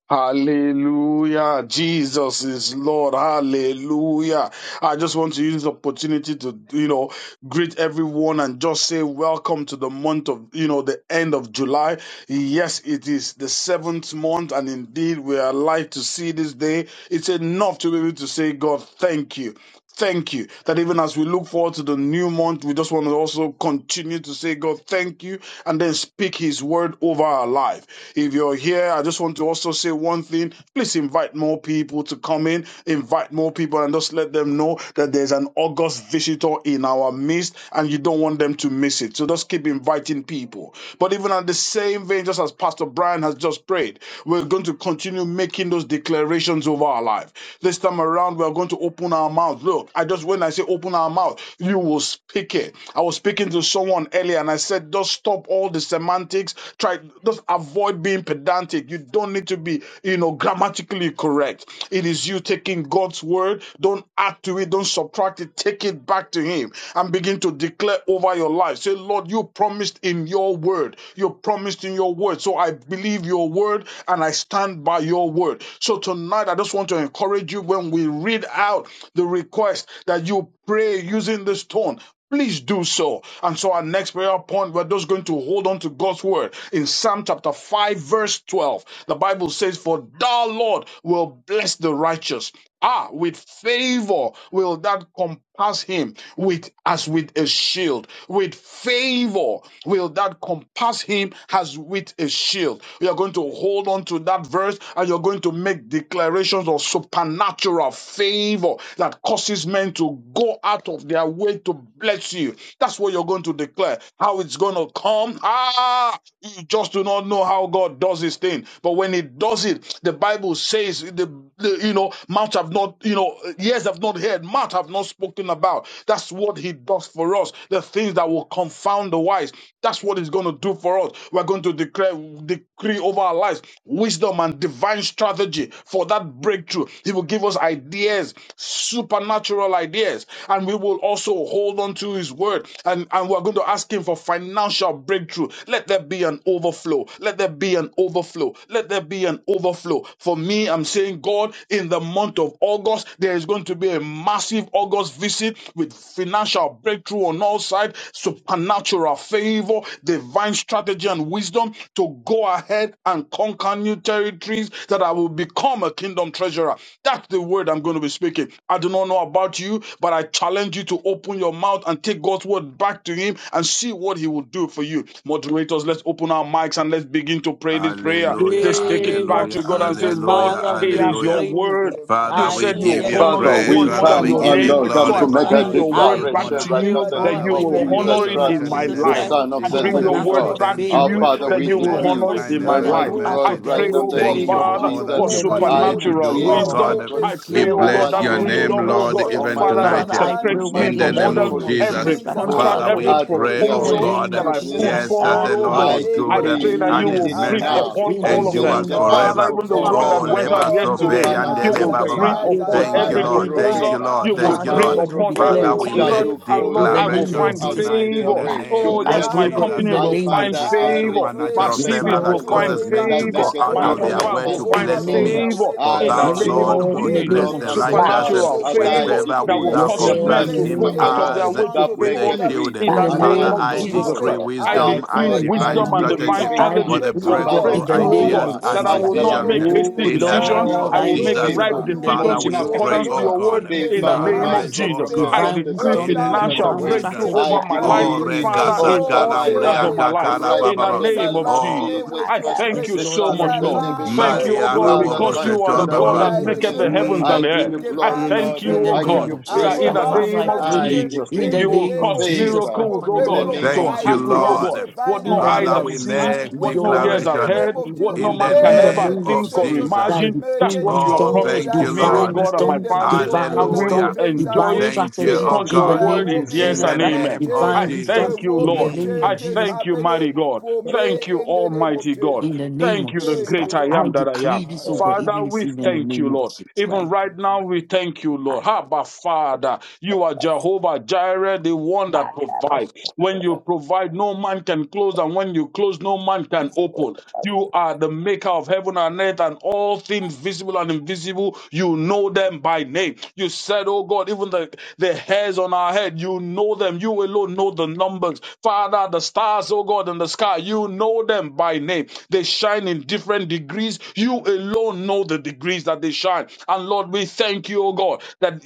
Speaker 6: Hallelujah. Jesus is Lord. Hallelujah. I just want to use this opportunity to, you know, greet everyone and just say welcome to the month of, you know, the end of July. Yes, it is the seventh month, and indeed we are alive to see this day. It's enough to be able to say, God, thank you. Thank you. That even as we look forward to the new month, we just want to also continue to say, God, thank you, and then speak His word over our life. If you're there. I just want to also say one thing. Please invite more people to come in, invite more people, and just let them know that there's an August visitor in our midst, and you don't want them to miss it. So just keep inviting people. But even at the same vein, just as Pastor Brian has just prayed, we're going to continue making those declarations over our life. This time around, we're going to open our mouth. Look, I just when I say open our mouth, you will speak it. I was speaking to someone earlier and I said, just stop all the semantics. Try, just avoid being pedantic. You don't need to be, you know, grammatically correct. It is you taking God's word. Don't add to it. Don't subtract it. Take it back to Him and begin to declare over your life. Say, Lord, you promised in your word. You promised in your word. So I believe your word and I stand by your word. So tonight, I just want to encourage you when we read out the request that you pray using this tone. Please do so. And so our next prayer point, we're just going to hold on to God's word. In Psalm chapter 5, verse 12, the Bible says, For thou, Lord, will bless the righteous. Ah, with favor will that compass him with as with a shield. With favor will that compass him as with a shield. You're going to hold on to that verse and you're going to make declarations of supernatural favor that causes men to go out of their their way to bless you. That's what you're going to declare. How it's going to come. Ah, you just do not know how God does his thing. But when he does it, the Bible says, the, the you know, mouth have not, you know, ears have not heard, mouth have not spoken about. That's what he does for us. The things that will confound the wise. That's what he's going to do for us. We're going to declare, decree over our lives wisdom and divine strategy for that breakthrough. He will give us ideas, supernatural ideas years. And we will also hold on to His word. And, and we're going to ask Him for financial breakthrough. Let there be an overflow. Let there be an overflow. Let there be an overflow. For me, I'm saying, God, in the month of August, there is going to be a massive August visit with financial breakthrough on all sides, supernatural favor, divine strategy and wisdom to go ahead and conquer new territories that I will become a kingdom treasurer. That's the word I'm going to be speaking. I do not not know about you, but I challenge you to open your mouth and take God's word back to Him and see what He will do for you. Moderators, let's open our mics and let's begin to pray this prayer.
Speaker 4: Hallelujah,
Speaker 6: Let's take it
Speaker 5: name
Speaker 6: back
Speaker 5: of
Speaker 4: hallelujah,
Speaker 6: to God and say,
Speaker 5: Jesus,
Speaker 6: Lord,
Speaker 4: hallelujah,
Speaker 5: Father,
Speaker 3: Hallelujah.
Speaker 5: we
Speaker 6: it
Speaker 5: are
Speaker 6: is
Speaker 3: Thank you,
Speaker 4: hallelujah.
Speaker 6: your
Speaker 3: Lord,
Speaker 5: praying.
Speaker 3: for
Speaker 6: word.
Speaker 3: the month
Speaker 6: You
Speaker 4: Father,
Speaker 3: of
Speaker 5: I
Speaker 4: we
Speaker 6: said
Speaker 4: give
Speaker 6: you
Speaker 3: August,
Speaker 4: you
Speaker 5: yes,
Speaker 6: honor
Speaker 5: this
Speaker 2: Father,
Speaker 6: your
Speaker 3: Lord.
Speaker 4: praise.
Speaker 6: word
Speaker 2: we
Speaker 6: more
Speaker 5: morning in
Speaker 4: Father,
Speaker 6: than
Speaker 5: the
Speaker 4: we
Speaker 2: come
Speaker 6: your
Speaker 3: I'm
Speaker 4: give
Speaker 2: and
Speaker 4: you
Speaker 5: name
Speaker 6: name.
Speaker 2: we
Speaker 5: of
Speaker 2: come
Speaker 6: So
Speaker 4: glory.
Speaker 6: I
Speaker 2: to
Speaker 5: Jesus
Speaker 2: make
Speaker 5: Christ,
Speaker 2: a
Speaker 4: Father,
Speaker 6: bring
Speaker 4: we
Speaker 3: expectant
Speaker 6: your
Speaker 3: in
Speaker 4: give
Speaker 3: the
Speaker 6: word
Speaker 5: I
Speaker 4: you
Speaker 6: back
Speaker 3: month
Speaker 2: declaration
Speaker 4: honor.
Speaker 3: of
Speaker 6: to
Speaker 2: right
Speaker 5: declare,
Speaker 2: now
Speaker 6: you
Speaker 5: oh
Speaker 2: in
Speaker 3: August.
Speaker 2: the
Speaker 6: that
Speaker 3: My
Speaker 5: God,
Speaker 2: name
Speaker 4: Father,
Speaker 6: you
Speaker 4: we
Speaker 2: of
Speaker 5: in the
Speaker 6: will
Speaker 4: give you
Speaker 2: Jesus
Speaker 6: honor
Speaker 3: expectation
Speaker 6: it
Speaker 5: name
Speaker 2: Christ,
Speaker 3: shall
Speaker 5: of
Speaker 6: in
Speaker 4: adoration
Speaker 6: my
Speaker 3: not
Speaker 4: in
Speaker 3: be
Speaker 5: Jesus
Speaker 4: the
Speaker 2: the
Speaker 4: name
Speaker 6: life.
Speaker 3: cut
Speaker 5: Christ,
Speaker 4: of
Speaker 3: off.
Speaker 2: Son
Speaker 6: I
Speaker 2: of the
Speaker 3: I
Speaker 6: bring
Speaker 4: Jesus. Eh,
Speaker 6: your
Speaker 2: Living
Speaker 6: word
Speaker 5: supernatural
Speaker 2: God.
Speaker 3: expect
Speaker 6: back
Speaker 4: Thank
Speaker 6: to
Speaker 4: you
Speaker 2: Our
Speaker 4: for
Speaker 6: you
Speaker 5: favor,
Speaker 4: your
Speaker 2: Father,
Speaker 3: breakthrough.
Speaker 6: that
Speaker 2: we
Speaker 6: you
Speaker 3: I
Speaker 5: favor
Speaker 6: will
Speaker 4: faithfulness,
Speaker 5: that
Speaker 4: your
Speaker 2: decree,
Speaker 6: honor it
Speaker 3: expect
Speaker 5: causes
Speaker 6: in
Speaker 4: kindness,
Speaker 6: my
Speaker 5: men
Speaker 4: and
Speaker 5: that
Speaker 4: your
Speaker 6: life.
Speaker 5: go
Speaker 2: Almighty
Speaker 3: breakthrough.
Speaker 5: out
Speaker 2: God,
Speaker 6: I
Speaker 4: mercy.
Speaker 5: of their
Speaker 2: right
Speaker 6: pray,
Speaker 5: way
Speaker 2: now in
Speaker 3: First
Speaker 6: oh
Speaker 5: to
Speaker 2: the
Speaker 3: day
Speaker 6: God,
Speaker 4: Thank
Speaker 3: in
Speaker 2: name
Speaker 4: you
Speaker 3: the
Speaker 5: favor
Speaker 2: of
Speaker 4: for
Speaker 5: me.
Speaker 6: Father,
Speaker 3: month
Speaker 7: Makabash,
Speaker 4: all
Speaker 3: of
Speaker 6: for
Speaker 5: In
Speaker 4: that
Speaker 2: Jesus,
Speaker 4: you
Speaker 5: the
Speaker 3: August,
Speaker 2: I
Speaker 4: continue
Speaker 5: name
Speaker 3: Lord,
Speaker 4: to
Speaker 5: of
Speaker 6: supernatural
Speaker 4: do.
Speaker 2: decree,
Speaker 4: Oh
Speaker 3: there
Speaker 5: Jesus,
Speaker 6: wisdom.
Speaker 4: God,
Speaker 2: Almighty
Speaker 4: eh,
Speaker 3: will
Speaker 2: God,
Speaker 3: be
Speaker 6: I
Speaker 4: we
Speaker 6: pray,
Speaker 5: declare, oh
Speaker 6: oh God,
Speaker 5: God,
Speaker 4: bless
Speaker 6: that
Speaker 5: in
Speaker 4: your
Speaker 5: the
Speaker 2: supernatural
Speaker 3: supernatural
Speaker 4: name,
Speaker 5: name
Speaker 6: wisdom,
Speaker 5: of
Speaker 6: oh
Speaker 2: favor,
Speaker 4: Lord,
Speaker 5: Jesus
Speaker 6: God,
Speaker 4: even
Speaker 5: Christ,
Speaker 2: Almighty
Speaker 3: breakthrough
Speaker 6: Father,
Speaker 2: God,
Speaker 4: tonight.
Speaker 5: Father,
Speaker 6: that
Speaker 3: in
Speaker 4: eh,
Speaker 2: that
Speaker 5: I pray, oh
Speaker 6: separates
Speaker 5: God,
Speaker 6: me
Speaker 2: Almighty
Speaker 4: In
Speaker 3: landmark
Speaker 5: in
Speaker 4: the
Speaker 6: from
Speaker 2: God
Speaker 5: the
Speaker 2: that
Speaker 4: name
Speaker 6: others,
Speaker 4: of
Speaker 5: name
Speaker 3: breakthrough.
Speaker 5: of
Speaker 2: causes
Speaker 6: every
Speaker 2: men
Speaker 5: Jesus
Speaker 4: Jesus.
Speaker 3: Things
Speaker 2: to
Speaker 5: Christ,
Speaker 3: are
Speaker 2: go
Speaker 5: Father,
Speaker 6: contract,
Speaker 4: Father,
Speaker 6: every
Speaker 4: we
Speaker 3: shifting
Speaker 5: Lord.
Speaker 2: out
Speaker 3: in the
Speaker 2: of
Speaker 4: pray,
Speaker 2: their
Speaker 5: In
Speaker 4: oh
Speaker 5: the
Speaker 6: proposal
Speaker 2: way
Speaker 3: spiritual
Speaker 4: God,
Speaker 5: name
Speaker 4: eh,
Speaker 6: that
Speaker 5: of
Speaker 2: to
Speaker 6: I
Speaker 3: realm for
Speaker 5: Jesus
Speaker 6: put
Speaker 5: Christ,
Speaker 2: bless
Speaker 4: yes,
Speaker 3: me.
Speaker 4: that
Speaker 2: me.
Speaker 6: forward,
Speaker 5: I
Speaker 4: the
Speaker 6: oh
Speaker 3: In
Speaker 5: pray
Speaker 4: Lord
Speaker 3: the
Speaker 2: I
Speaker 6: God.
Speaker 4: is
Speaker 5: that
Speaker 3: name
Speaker 6: I
Speaker 5: in
Speaker 4: good
Speaker 5: the
Speaker 4: eh,
Speaker 3: of
Speaker 2: decree,
Speaker 6: pray that
Speaker 3: Jesus,
Speaker 5: name
Speaker 4: and
Speaker 6: you
Speaker 5: of
Speaker 4: his
Speaker 6: will
Speaker 5: Jesus.
Speaker 2: beginning
Speaker 6: breathe
Speaker 4: mercy
Speaker 2: now,
Speaker 3: arise,
Speaker 6: upon
Speaker 5: In the
Speaker 6: all of
Speaker 3: Almighty
Speaker 6: them.
Speaker 2: concerning
Speaker 4: endures
Speaker 5: name
Speaker 2: the
Speaker 5: of
Speaker 3: God,
Speaker 2: month
Speaker 6: Father,
Speaker 4: forever.
Speaker 5: Jesus,
Speaker 2: of
Speaker 6: even the one
Speaker 2: August,
Speaker 6: that
Speaker 4: Oh,
Speaker 2: oh
Speaker 3: Jehovah
Speaker 6: went out
Speaker 2: God,
Speaker 4: leba
Speaker 3: God,
Speaker 5: in the
Speaker 6: yesterday,
Speaker 4: soperi and
Speaker 5: name
Speaker 6: you
Speaker 5: of
Speaker 3: arise,
Speaker 2: supernatural
Speaker 6: will
Speaker 4: leba
Speaker 5: Jesus, we
Speaker 4: baba.
Speaker 6: breathe
Speaker 2: favor,
Speaker 3: arise,
Speaker 5: pray,
Speaker 6: upon
Speaker 5: God,
Speaker 4: Thank
Speaker 5: in
Speaker 3: arise
Speaker 4: you,
Speaker 5: the
Speaker 6: every
Speaker 5: name
Speaker 4: Lord.
Speaker 2: supernatural
Speaker 5: of
Speaker 4: Thank
Speaker 5: Jesus.
Speaker 3: right
Speaker 4: you,
Speaker 6: proposal.
Speaker 2: favor,
Speaker 4: Lord.
Speaker 6: You
Speaker 3: now for
Speaker 4: Thank
Speaker 6: will
Speaker 4: you,
Speaker 5: Father,
Speaker 6: breathe
Speaker 3: me,
Speaker 5: Lord,
Speaker 4: Lord.
Speaker 2: supernatural
Speaker 5: we
Speaker 6: upon
Speaker 5: declare
Speaker 2: favor
Speaker 6: every
Speaker 4: Father,
Speaker 3: for
Speaker 5: this,
Speaker 4: we
Speaker 5: oh
Speaker 2: that
Speaker 6: contract.
Speaker 5: God,
Speaker 4: make
Speaker 3: me,
Speaker 2: will
Speaker 3: for
Speaker 6: And
Speaker 2: cause
Speaker 5: in
Speaker 6: Lord,
Speaker 3: me.
Speaker 5: the
Speaker 6: I
Speaker 2: men to
Speaker 6: will
Speaker 5: name of
Speaker 2: go
Speaker 4: declaration
Speaker 6: find
Speaker 3: In the
Speaker 2: out
Speaker 5: Jesus.
Speaker 2: of
Speaker 4: tonight
Speaker 3: name
Speaker 2: their
Speaker 4: in
Speaker 6: favor.
Speaker 3: of
Speaker 4: the
Speaker 2: way
Speaker 3: Jesus,
Speaker 2: to
Speaker 7: Maki,
Speaker 4: name
Speaker 6: Oh,
Speaker 5: I
Speaker 6: yes,
Speaker 4: of
Speaker 5: pray,
Speaker 2: bless
Speaker 6: my
Speaker 5: oh
Speaker 3: Father,
Speaker 5: God,
Speaker 2: me.
Speaker 3: we
Speaker 5: in
Speaker 4: Jesus.
Speaker 6: company
Speaker 5: the
Speaker 2: And
Speaker 6: will
Speaker 3: pray.
Speaker 5: name
Speaker 4: I
Speaker 5: of
Speaker 6: find
Speaker 2: Father,
Speaker 5: Jesus.
Speaker 3: I
Speaker 4: decree
Speaker 2: I
Speaker 6: favor.
Speaker 2: receive
Speaker 3: decree
Speaker 2: the
Speaker 6: My
Speaker 4: supernatural
Speaker 5: Yes,
Speaker 2: blessing
Speaker 4: favor
Speaker 6: CVs
Speaker 2: of the
Speaker 6: will
Speaker 5: Lord,
Speaker 4: that
Speaker 3: supernatural
Speaker 5: God,
Speaker 2: Lord
Speaker 6: find
Speaker 4: causes
Speaker 3: favor
Speaker 4: men to
Speaker 2: that
Speaker 6: favor.
Speaker 4: go
Speaker 5: Jesus,
Speaker 3: that
Speaker 2: maketh
Speaker 5: my
Speaker 7: the
Speaker 4: out
Speaker 6: My
Speaker 4: of
Speaker 5: Father,
Speaker 2: rich
Speaker 3: causes
Speaker 7: Kabas,
Speaker 4: their
Speaker 2: and
Speaker 5: Lord,
Speaker 3: men
Speaker 6: profiles
Speaker 4: way
Speaker 3: to
Speaker 4: to
Speaker 6: will
Speaker 2: adds
Speaker 3: go
Speaker 5: in
Speaker 2: no
Speaker 6: find
Speaker 5: the
Speaker 3: out
Speaker 4: bless
Speaker 3: of
Speaker 7: the
Speaker 5: name
Speaker 4: me.
Speaker 5: of
Speaker 2: sorrow.
Speaker 3: their
Speaker 5: Jesus.
Speaker 3: way
Speaker 6: favor.
Speaker 3: to
Speaker 4: For
Speaker 2: I
Speaker 6: In the
Speaker 4: thou,
Speaker 7: Kabas,
Speaker 5: Yes,
Speaker 3: bless
Speaker 2: receive
Speaker 6: name
Speaker 3: me.
Speaker 4: Lord,
Speaker 2: blessings
Speaker 6: of
Speaker 5: Lord,
Speaker 2: from
Speaker 5: in
Speaker 4: would
Speaker 5: the
Speaker 2: the
Speaker 3: Let
Speaker 6: Jesus,
Speaker 5: name
Speaker 4: bless
Speaker 2: north
Speaker 5: of
Speaker 4: the
Speaker 3: men
Speaker 2: and
Speaker 5: Jesus.
Speaker 2: the
Speaker 3: go
Speaker 4: righteous
Speaker 2: south
Speaker 7: Maki,
Speaker 4: um,
Speaker 3: out
Speaker 6: supernatural
Speaker 7: the
Speaker 3: of
Speaker 2: as
Speaker 3: their
Speaker 4: with
Speaker 2: I
Speaker 6: favor
Speaker 3: way
Speaker 4: favor,
Speaker 3: to
Speaker 6: that
Speaker 4: would
Speaker 6: will
Speaker 2: decree
Speaker 3: bless
Speaker 4: thou
Speaker 7: Kabas,
Speaker 5: Yes,
Speaker 6: cause
Speaker 2: the
Speaker 3: me.
Speaker 5: Lord, in
Speaker 6: men
Speaker 5: the
Speaker 4: compass
Speaker 6: to
Speaker 2: blessings
Speaker 3: First
Speaker 4: him
Speaker 6: go
Speaker 5: name
Speaker 2: of the
Speaker 5: of
Speaker 6: out
Speaker 3: day
Speaker 6: of
Speaker 3: in
Speaker 2: Lord
Speaker 6: their
Speaker 3: the
Speaker 4: as
Speaker 6: way to
Speaker 3: month
Speaker 2: that
Speaker 3: of
Speaker 4: with a
Speaker 6: favor
Speaker 2: maketh
Speaker 6: me.
Speaker 3: August,
Speaker 4: shield.
Speaker 2: rich
Speaker 6: In
Speaker 5: in
Speaker 6: the
Speaker 5: the
Speaker 3: things
Speaker 2: and
Speaker 3: are
Speaker 7: Makabash,
Speaker 6: name
Speaker 4: Father,
Speaker 5: name
Speaker 2: adds
Speaker 3: going
Speaker 6: of
Speaker 5: of
Speaker 4: I
Speaker 3: to
Speaker 2: no
Speaker 5: Jesus.
Speaker 6: Jesus
Speaker 3: happen.
Speaker 4: decree
Speaker 6: Christ,
Speaker 2: sorrow.
Speaker 6: I
Speaker 3: I
Speaker 2: My
Speaker 4: wisdom
Speaker 6: decree
Speaker 4: and
Speaker 2: God,
Speaker 3: expect the
Speaker 2: I
Speaker 4: divine
Speaker 6: wisdom
Speaker 3: hand
Speaker 6: and
Speaker 3: of
Speaker 2: decree
Speaker 5: Yes,
Speaker 4: strategy
Speaker 6: divine
Speaker 5: I
Speaker 3: God,
Speaker 2: favor,
Speaker 4: for
Speaker 6: strategy
Speaker 4: the
Speaker 3: the
Speaker 5: decree, O
Speaker 6: for
Speaker 5: God,
Speaker 3: power
Speaker 4: breakthrough
Speaker 5: in
Speaker 3: of
Speaker 5: the
Speaker 2: supernatural
Speaker 6: breakthrough, oh
Speaker 3: God
Speaker 5: name
Speaker 6: God
Speaker 4: ideas
Speaker 2: favor,
Speaker 5: of
Speaker 6: that
Speaker 4: and
Speaker 3: in
Speaker 5: Jesus.
Speaker 6: I
Speaker 3: the
Speaker 5: Christ.
Speaker 6: will
Speaker 3: name
Speaker 6: not
Speaker 4: decisions.
Speaker 3: of
Speaker 6: make
Speaker 2: accelerated
Speaker 3: Jesus.
Speaker 6: hasty
Speaker 5: Oh
Speaker 4: In
Speaker 2: favor,
Speaker 4: the name
Speaker 6: decisions.
Speaker 3: Father,
Speaker 5: Lord,
Speaker 6: I
Speaker 4: of
Speaker 5: I
Speaker 6: will make
Speaker 2: increased
Speaker 5: decree,
Speaker 4: Jesus,
Speaker 3: Lord,
Speaker 5: O
Speaker 6: right
Speaker 3: for
Speaker 5: God,
Speaker 2: favor,
Speaker 5: in the
Speaker 3: you
Speaker 4: Father,
Speaker 5: name
Speaker 6: decisions
Speaker 5: of
Speaker 6: in
Speaker 4: we
Speaker 5: Jesus.
Speaker 2: multiple
Speaker 3: for
Speaker 5: Christ.
Speaker 3: the
Speaker 4: pray,
Speaker 6: accordance to
Speaker 4: oh
Speaker 2: favor,
Speaker 3: Lord
Speaker 6: your
Speaker 5: Father,
Speaker 3: will
Speaker 6: word
Speaker 5: say,
Speaker 4: God,
Speaker 5: Lord,
Speaker 3: bless
Speaker 5: in
Speaker 6: in
Speaker 2: favor,
Speaker 3: the
Speaker 6: the
Speaker 5: the name
Speaker 6: name
Speaker 5: of
Speaker 6: of
Speaker 2: Almighty
Speaker 3: righteous
Speaker 5: Jesus,
Speaker 4: arise,
Speaker 2: God,
Speaker 3: with
Speaker 4: oh
Speaker 6: Jesus.
Speaker 5: Christ,
Speaker 2: from the
Speaker 4: God,
Speaker 6: I
Speaker 3: favor,
Speaker 2: north,
Speaker 5: divine
Speaker 2: the
Speaker 6: decree
Speaker 2: south,
Speaker 3: whilst
Speaker 4: in
Speaker 2: the
Speaker 5: wisdom,
Speaker 4: the
Speaker 2: east,
Speaker 3: thou
Speaker 4: name
Speaker 2: and the
Speaker 4: of
Speaker 6: financial
Speaker 5: divine
Speaker 2: west.
Speaker 3: compass
Speaker 6: breakthrough
Speaker 4: Jesus.
Speaker 3: him
Speaker 5: strategy,
Speaker 2: I
Speaker 6: over my
Speaker 5: in
Speaker 3: as
Speaker 5: the
Speaker 6: life,
Speaker 3: with
Speaker 4: Oh,
Speaker 2: decree
Speaker 3: a
Speaker 5: name of
Speaker 2: it
Speaker 6: Father,
Speaker 3: shield.
Speaker 5: Jesus.
Speaker 4: rekasa
Speaker 6: in
Speaker 2: over
Speaker 3: Lord,
Speaker 6: all
Speaker 2: my
Speaker 6: areas
Speaker 3: shield
Speaker 4: kalambria
Speaker 6: of
Speaker 2: life
Speaker 5: Ah,
Speaker 3: me,
Speaker 6: my
Speaker 5: ah.
Speaker 6: life
Speaker 4: kakala
Speaker 2: right
Speaker 6: in
Speaker 3: shield
Speaker 2: now
Speaker 6: the
Speaker 2: in
Speaker 3: me,
Speaker 4: bababa.
Speaker 2: the
Speaker 6: name
Speaker 2: name
Speaker 6: of
Speaker 2: of
Speaker 3: surround
Speaker 4: Oh,
Speaker 3: me
Speaker 6: Jesus.
Speaker 2: Jesus
Speaker 3: with
Speaker 6: I
Speaker 3: your
Speaker 2: Christ,
Speaker 6: thank
Speaker 7: Makabash,
Speaker 5: Yes,
Speaker 6: you
Speaker 2: the
Speaker 3: presence,
Speaker 5: Lord,
Speaker 6: so
Speaker 5: in
Speaker 2: Son
Speaker 5: the
Speaker 6: much,
Speaker 2: of the
Speaker 5: name
Speaker 6: Lord.
Speaker 5: of
Speaker 2: living
Speaker 3: surround me
Speaker 6: Thank
Speaker 5: Jesus.
Speaker 2: God.
Speaker 6: you, O
Speaker 5: Christ.
Speaker 4: malia
Speaker 3: with
Speaker 6: God,
Speaker 3: your
Speaker 5: Oh
Speaker 2: Father,
Speaker 4: rabobo
Speaker 6: because
Speaker 5: Lord,
Speaker 3: presence.
Speaker 6: you
Speaker 2: thank
Speaker 6: are
Speaker 2: you
Speaker 4: setor
Speaker 6: the
Speaker 5: in
Speaker 2: and I
Speaker 5: the
Speaker 6: God
Speaker 3: Lord,
Speaker 4: bababa.
Speaker 6: that
Speaker 5: name
Speaker 2: bless
Speaker 3: I
Speaker 2: your
Speaker 5: of
Speaker 6: maketh
Speaker 5: Jesus.
Speaker 3: declare
Speaker 6: the
Speaker 2: name.
Speaker 6: heavens
Speaker 2: I
Speaker 6: and
Speaker 4: Mm,
Speaker 3: wisdom
Speaker 6: the
Speaker 2: give
Speaker 6: earth.
Speaker 2: you
Speaker 4: mm,
Speaker 6: I
Speaker 2: glory,
Speaker 3: divine
Speaker 4: mm,
Speaker 6: thank
Speaker 2: Lord.
Speaker 6: you,
Speaker 5: In
Speaker 4: mm,
Speaker 5: the
Speaker 6: O
Speaker 2: I give
Speaker 3: strategy.
Speaker 6: God,
Speaker 5: name
Speaker 4: mm.
Speaker 2: you
Speaker 5: of
Speaker 6: in
Speaker 3: I
Speaker 5: Jesus
Speaker 2: praise,
Speaker 6: the in
Speaker 3: will
Speaker 6: the
Speaker 5: Christ,
Speaker 2: Lord.
Speaker 3: have
Speaker 5: Father,
Speaker 6: name
Speaker 5: I
Speaker 6: of
Speaker 3: strategy
Speaker 2: I
Speaker 5: pray.
Speaker 6: Jesus.
Speaker 5: In the
Speaker 3: in
Speaker 6: You
Speaker 2: decree
Speaker 3: the
Speaker 6: will
Speaker 5: name
Speaker 3: name
Speaker 5: of
Speaker 6: cause
Speaker 3: of Jesus
Speaker 5: Jesus Christ,
Speaker 2: favor
Speaker 3: for
Speaker 6: miracles,
Speaker 5: Father,
Speaker 6: O
Speaker 2: in the
Speaker 6: God,
Speaker 5: Lord,
Speaker 3: breakthrough,
Speaker 5: I'm
Speaker 2: name
Speaker 6: to
Speaker 2: of
Speaker 4: Thank you,
Speaker 6: happen, O
Speaker 5: everybody
Speaker 3: ideas,
Speaker 2: Jesus.
Speaker 4: Lord.
Speaker 5: to
Speaker 6: God.
Speaker 5: God.
Speaker 6: What
Speaker 3: divine
Speaker 5: In
Speaker 6: no
Speaker 5: the
Speaker 6: eyes
Speaker 4: Father,
Speaker 5: name
Speaker 3: ideas,
Speaker 6: have
Speaker 5: of
Speaker 4: we
Speaker 5: Jesus,
Speaker 6: seen,
Speaker 5: Christ,
Speaker 3: and
Speaker 4: make
Speaker 6: what no
Speaker 3: wisdom
Speaker 6: ears
Speaker 5: Lord,
Speaker 3: in
Speaker 6: have
Speaker 3: the
Speaker 5: I
Speaker 4: declaration
Speaker 3: name
Speaker 6: heard,
Speaker 5: pray
Speaker 3: of Jesus.
Speaker 6: what
Speaker 5: upon
Speaker 6: no
Speaker 4: in
Speaker 5: you.
Speaker 4: the
Speaker 5: Lord.
Speaker 6: man can
Speaker 5: In the
Speaker 6: ever
Speaker 4: name
Speaker 3: Every
Speaker 5: name of
Speaker 4: of
Speaker 6: think
Speaker 5: Jesus,
Speaker 6: or
Speaker 3: decision I'll
Speaker 4: Jesus.
Speaker 5: Christ,
Speaker 3: be
Speaker 6: imagine.
Speaker 5: I
Speaker 6: That's
Speaker 5: pray
Speaker 3: making,
Speaker 6: what you have
Speaker 4: Oh,
Speaker 5: wisdom,
Speaker 3: Lord,
Speaker 6: promised
Speaker 4: thank
Speaker 6: for
Speaker 3: I
Speaker 4: you,
Speaker 6: me,
Speaker 3: pray
Speaker 6: O
Speaker 5: divine
Speaker 4: Lord.
Speaker 6: God, and my
Speaker 3: in
Speaker 5: wisdom,
Speaker 3: the
Speaker 6: family,
Speaker 3: month of
Speaker 5: divine
Speaker 6: and
Speaker 3: August,
Speaker 6: we
Speaker 4: Hallelujah.
Speaker 6: will
Speaker 5: wisdom,
Speaker 3: things are
Speaker 5: divine
Speaker 6: enjoy
Speaker 3: going
Speaker 6: it
Speaker 3: to
Speaker 4: Thank you,
Speaker 5: strategy.
Speaker 3: change.
Speaker 4: oh
Speaker 6: because
Speaker 5: In
Speaker 6: your
Speaker 5: the
Speaker 4: God,
Speaker 3: There
Speaker 6: word
Speaker 5: name
Speaker 3: will
Speaker 5: of
Speaker 6: is
Speaker 3: be a
Speaker 4: in
Speaker 6: yes
Speaker 5: Jesus
Speaker 4: the
Speaker 6: and
Speaker 5: Christ,
Speaker 3: landmark
Speaker 6: amen.
Speaker 4: name of
Speaker 3: change.
Speaker 6: I
Speaker 5: divine wisdom.
Speaker 3: There
Speaker 4: Jesus.
Speaker 6: thank you,
Speaker 3: will
Speaker 5: In the
Speaker 3: be
Speaker 6: Lord.
Speaker 5: name
Speaker 4: Mm,
Speaker 5: of
Speaker 6: I
Speaker 3: changes
Speaker 5: Jesus.
Speaker 6: thank you,
Speaker 3: happening
Speaker 6: mighty God.
Speaker 3: for me
Speaker 6: Thank you,
Speaker 3: in the name of
Speaker 6: Almighty God.
Speaker 3: Jesus.
Speaker 5: In the name
Speaker 6: Thank
Speaker 5: of
Speaker 6: you, the
Speaker 5: Jesus
Speaker 3: Thank
Speaker 6: great
Speaker 3: you,
Speaker 5: Christ,
Speaker 6: I
Speaker 5: I
Speaker 6: am
Speaker 3: Lord.
Speaker 6: that I am.
Speaker 5: decree this, oh God,
Speaker 7: Makabash,
Speaker 3: Hallelujah.
Speaker 6: Father,
Speaker 5: even this
Speaker 6: we
Speaker 5: evening in the
Speaker 6: thank you,
Speaker 5: name of
Speaker 6: Lord.
Speaker 5: Jesus Christ.
Speaker 6: Even
Speaker 3: Thank you,
Speaker 6: right now,
Speaker 3: Jesus.
Speaker 6: we thank you,
Speaker 7: Thank
Speaker 6: Lord. Abba, Father, you are Jehovah Jireh, the one that provides. When you provide, no man can close, and when you close, no man can open. You are the maker of heaven and earth, and all things visible and invisible, you know them by name. You said, Oh God, even the, the hairs on our head, you know them. You alone know the numbers. Father, the stars, oh God, in the sky, you know them by name name. They shine in different degrees. You alone know the degrees that they shine. And Lord, we thank you, oh God, that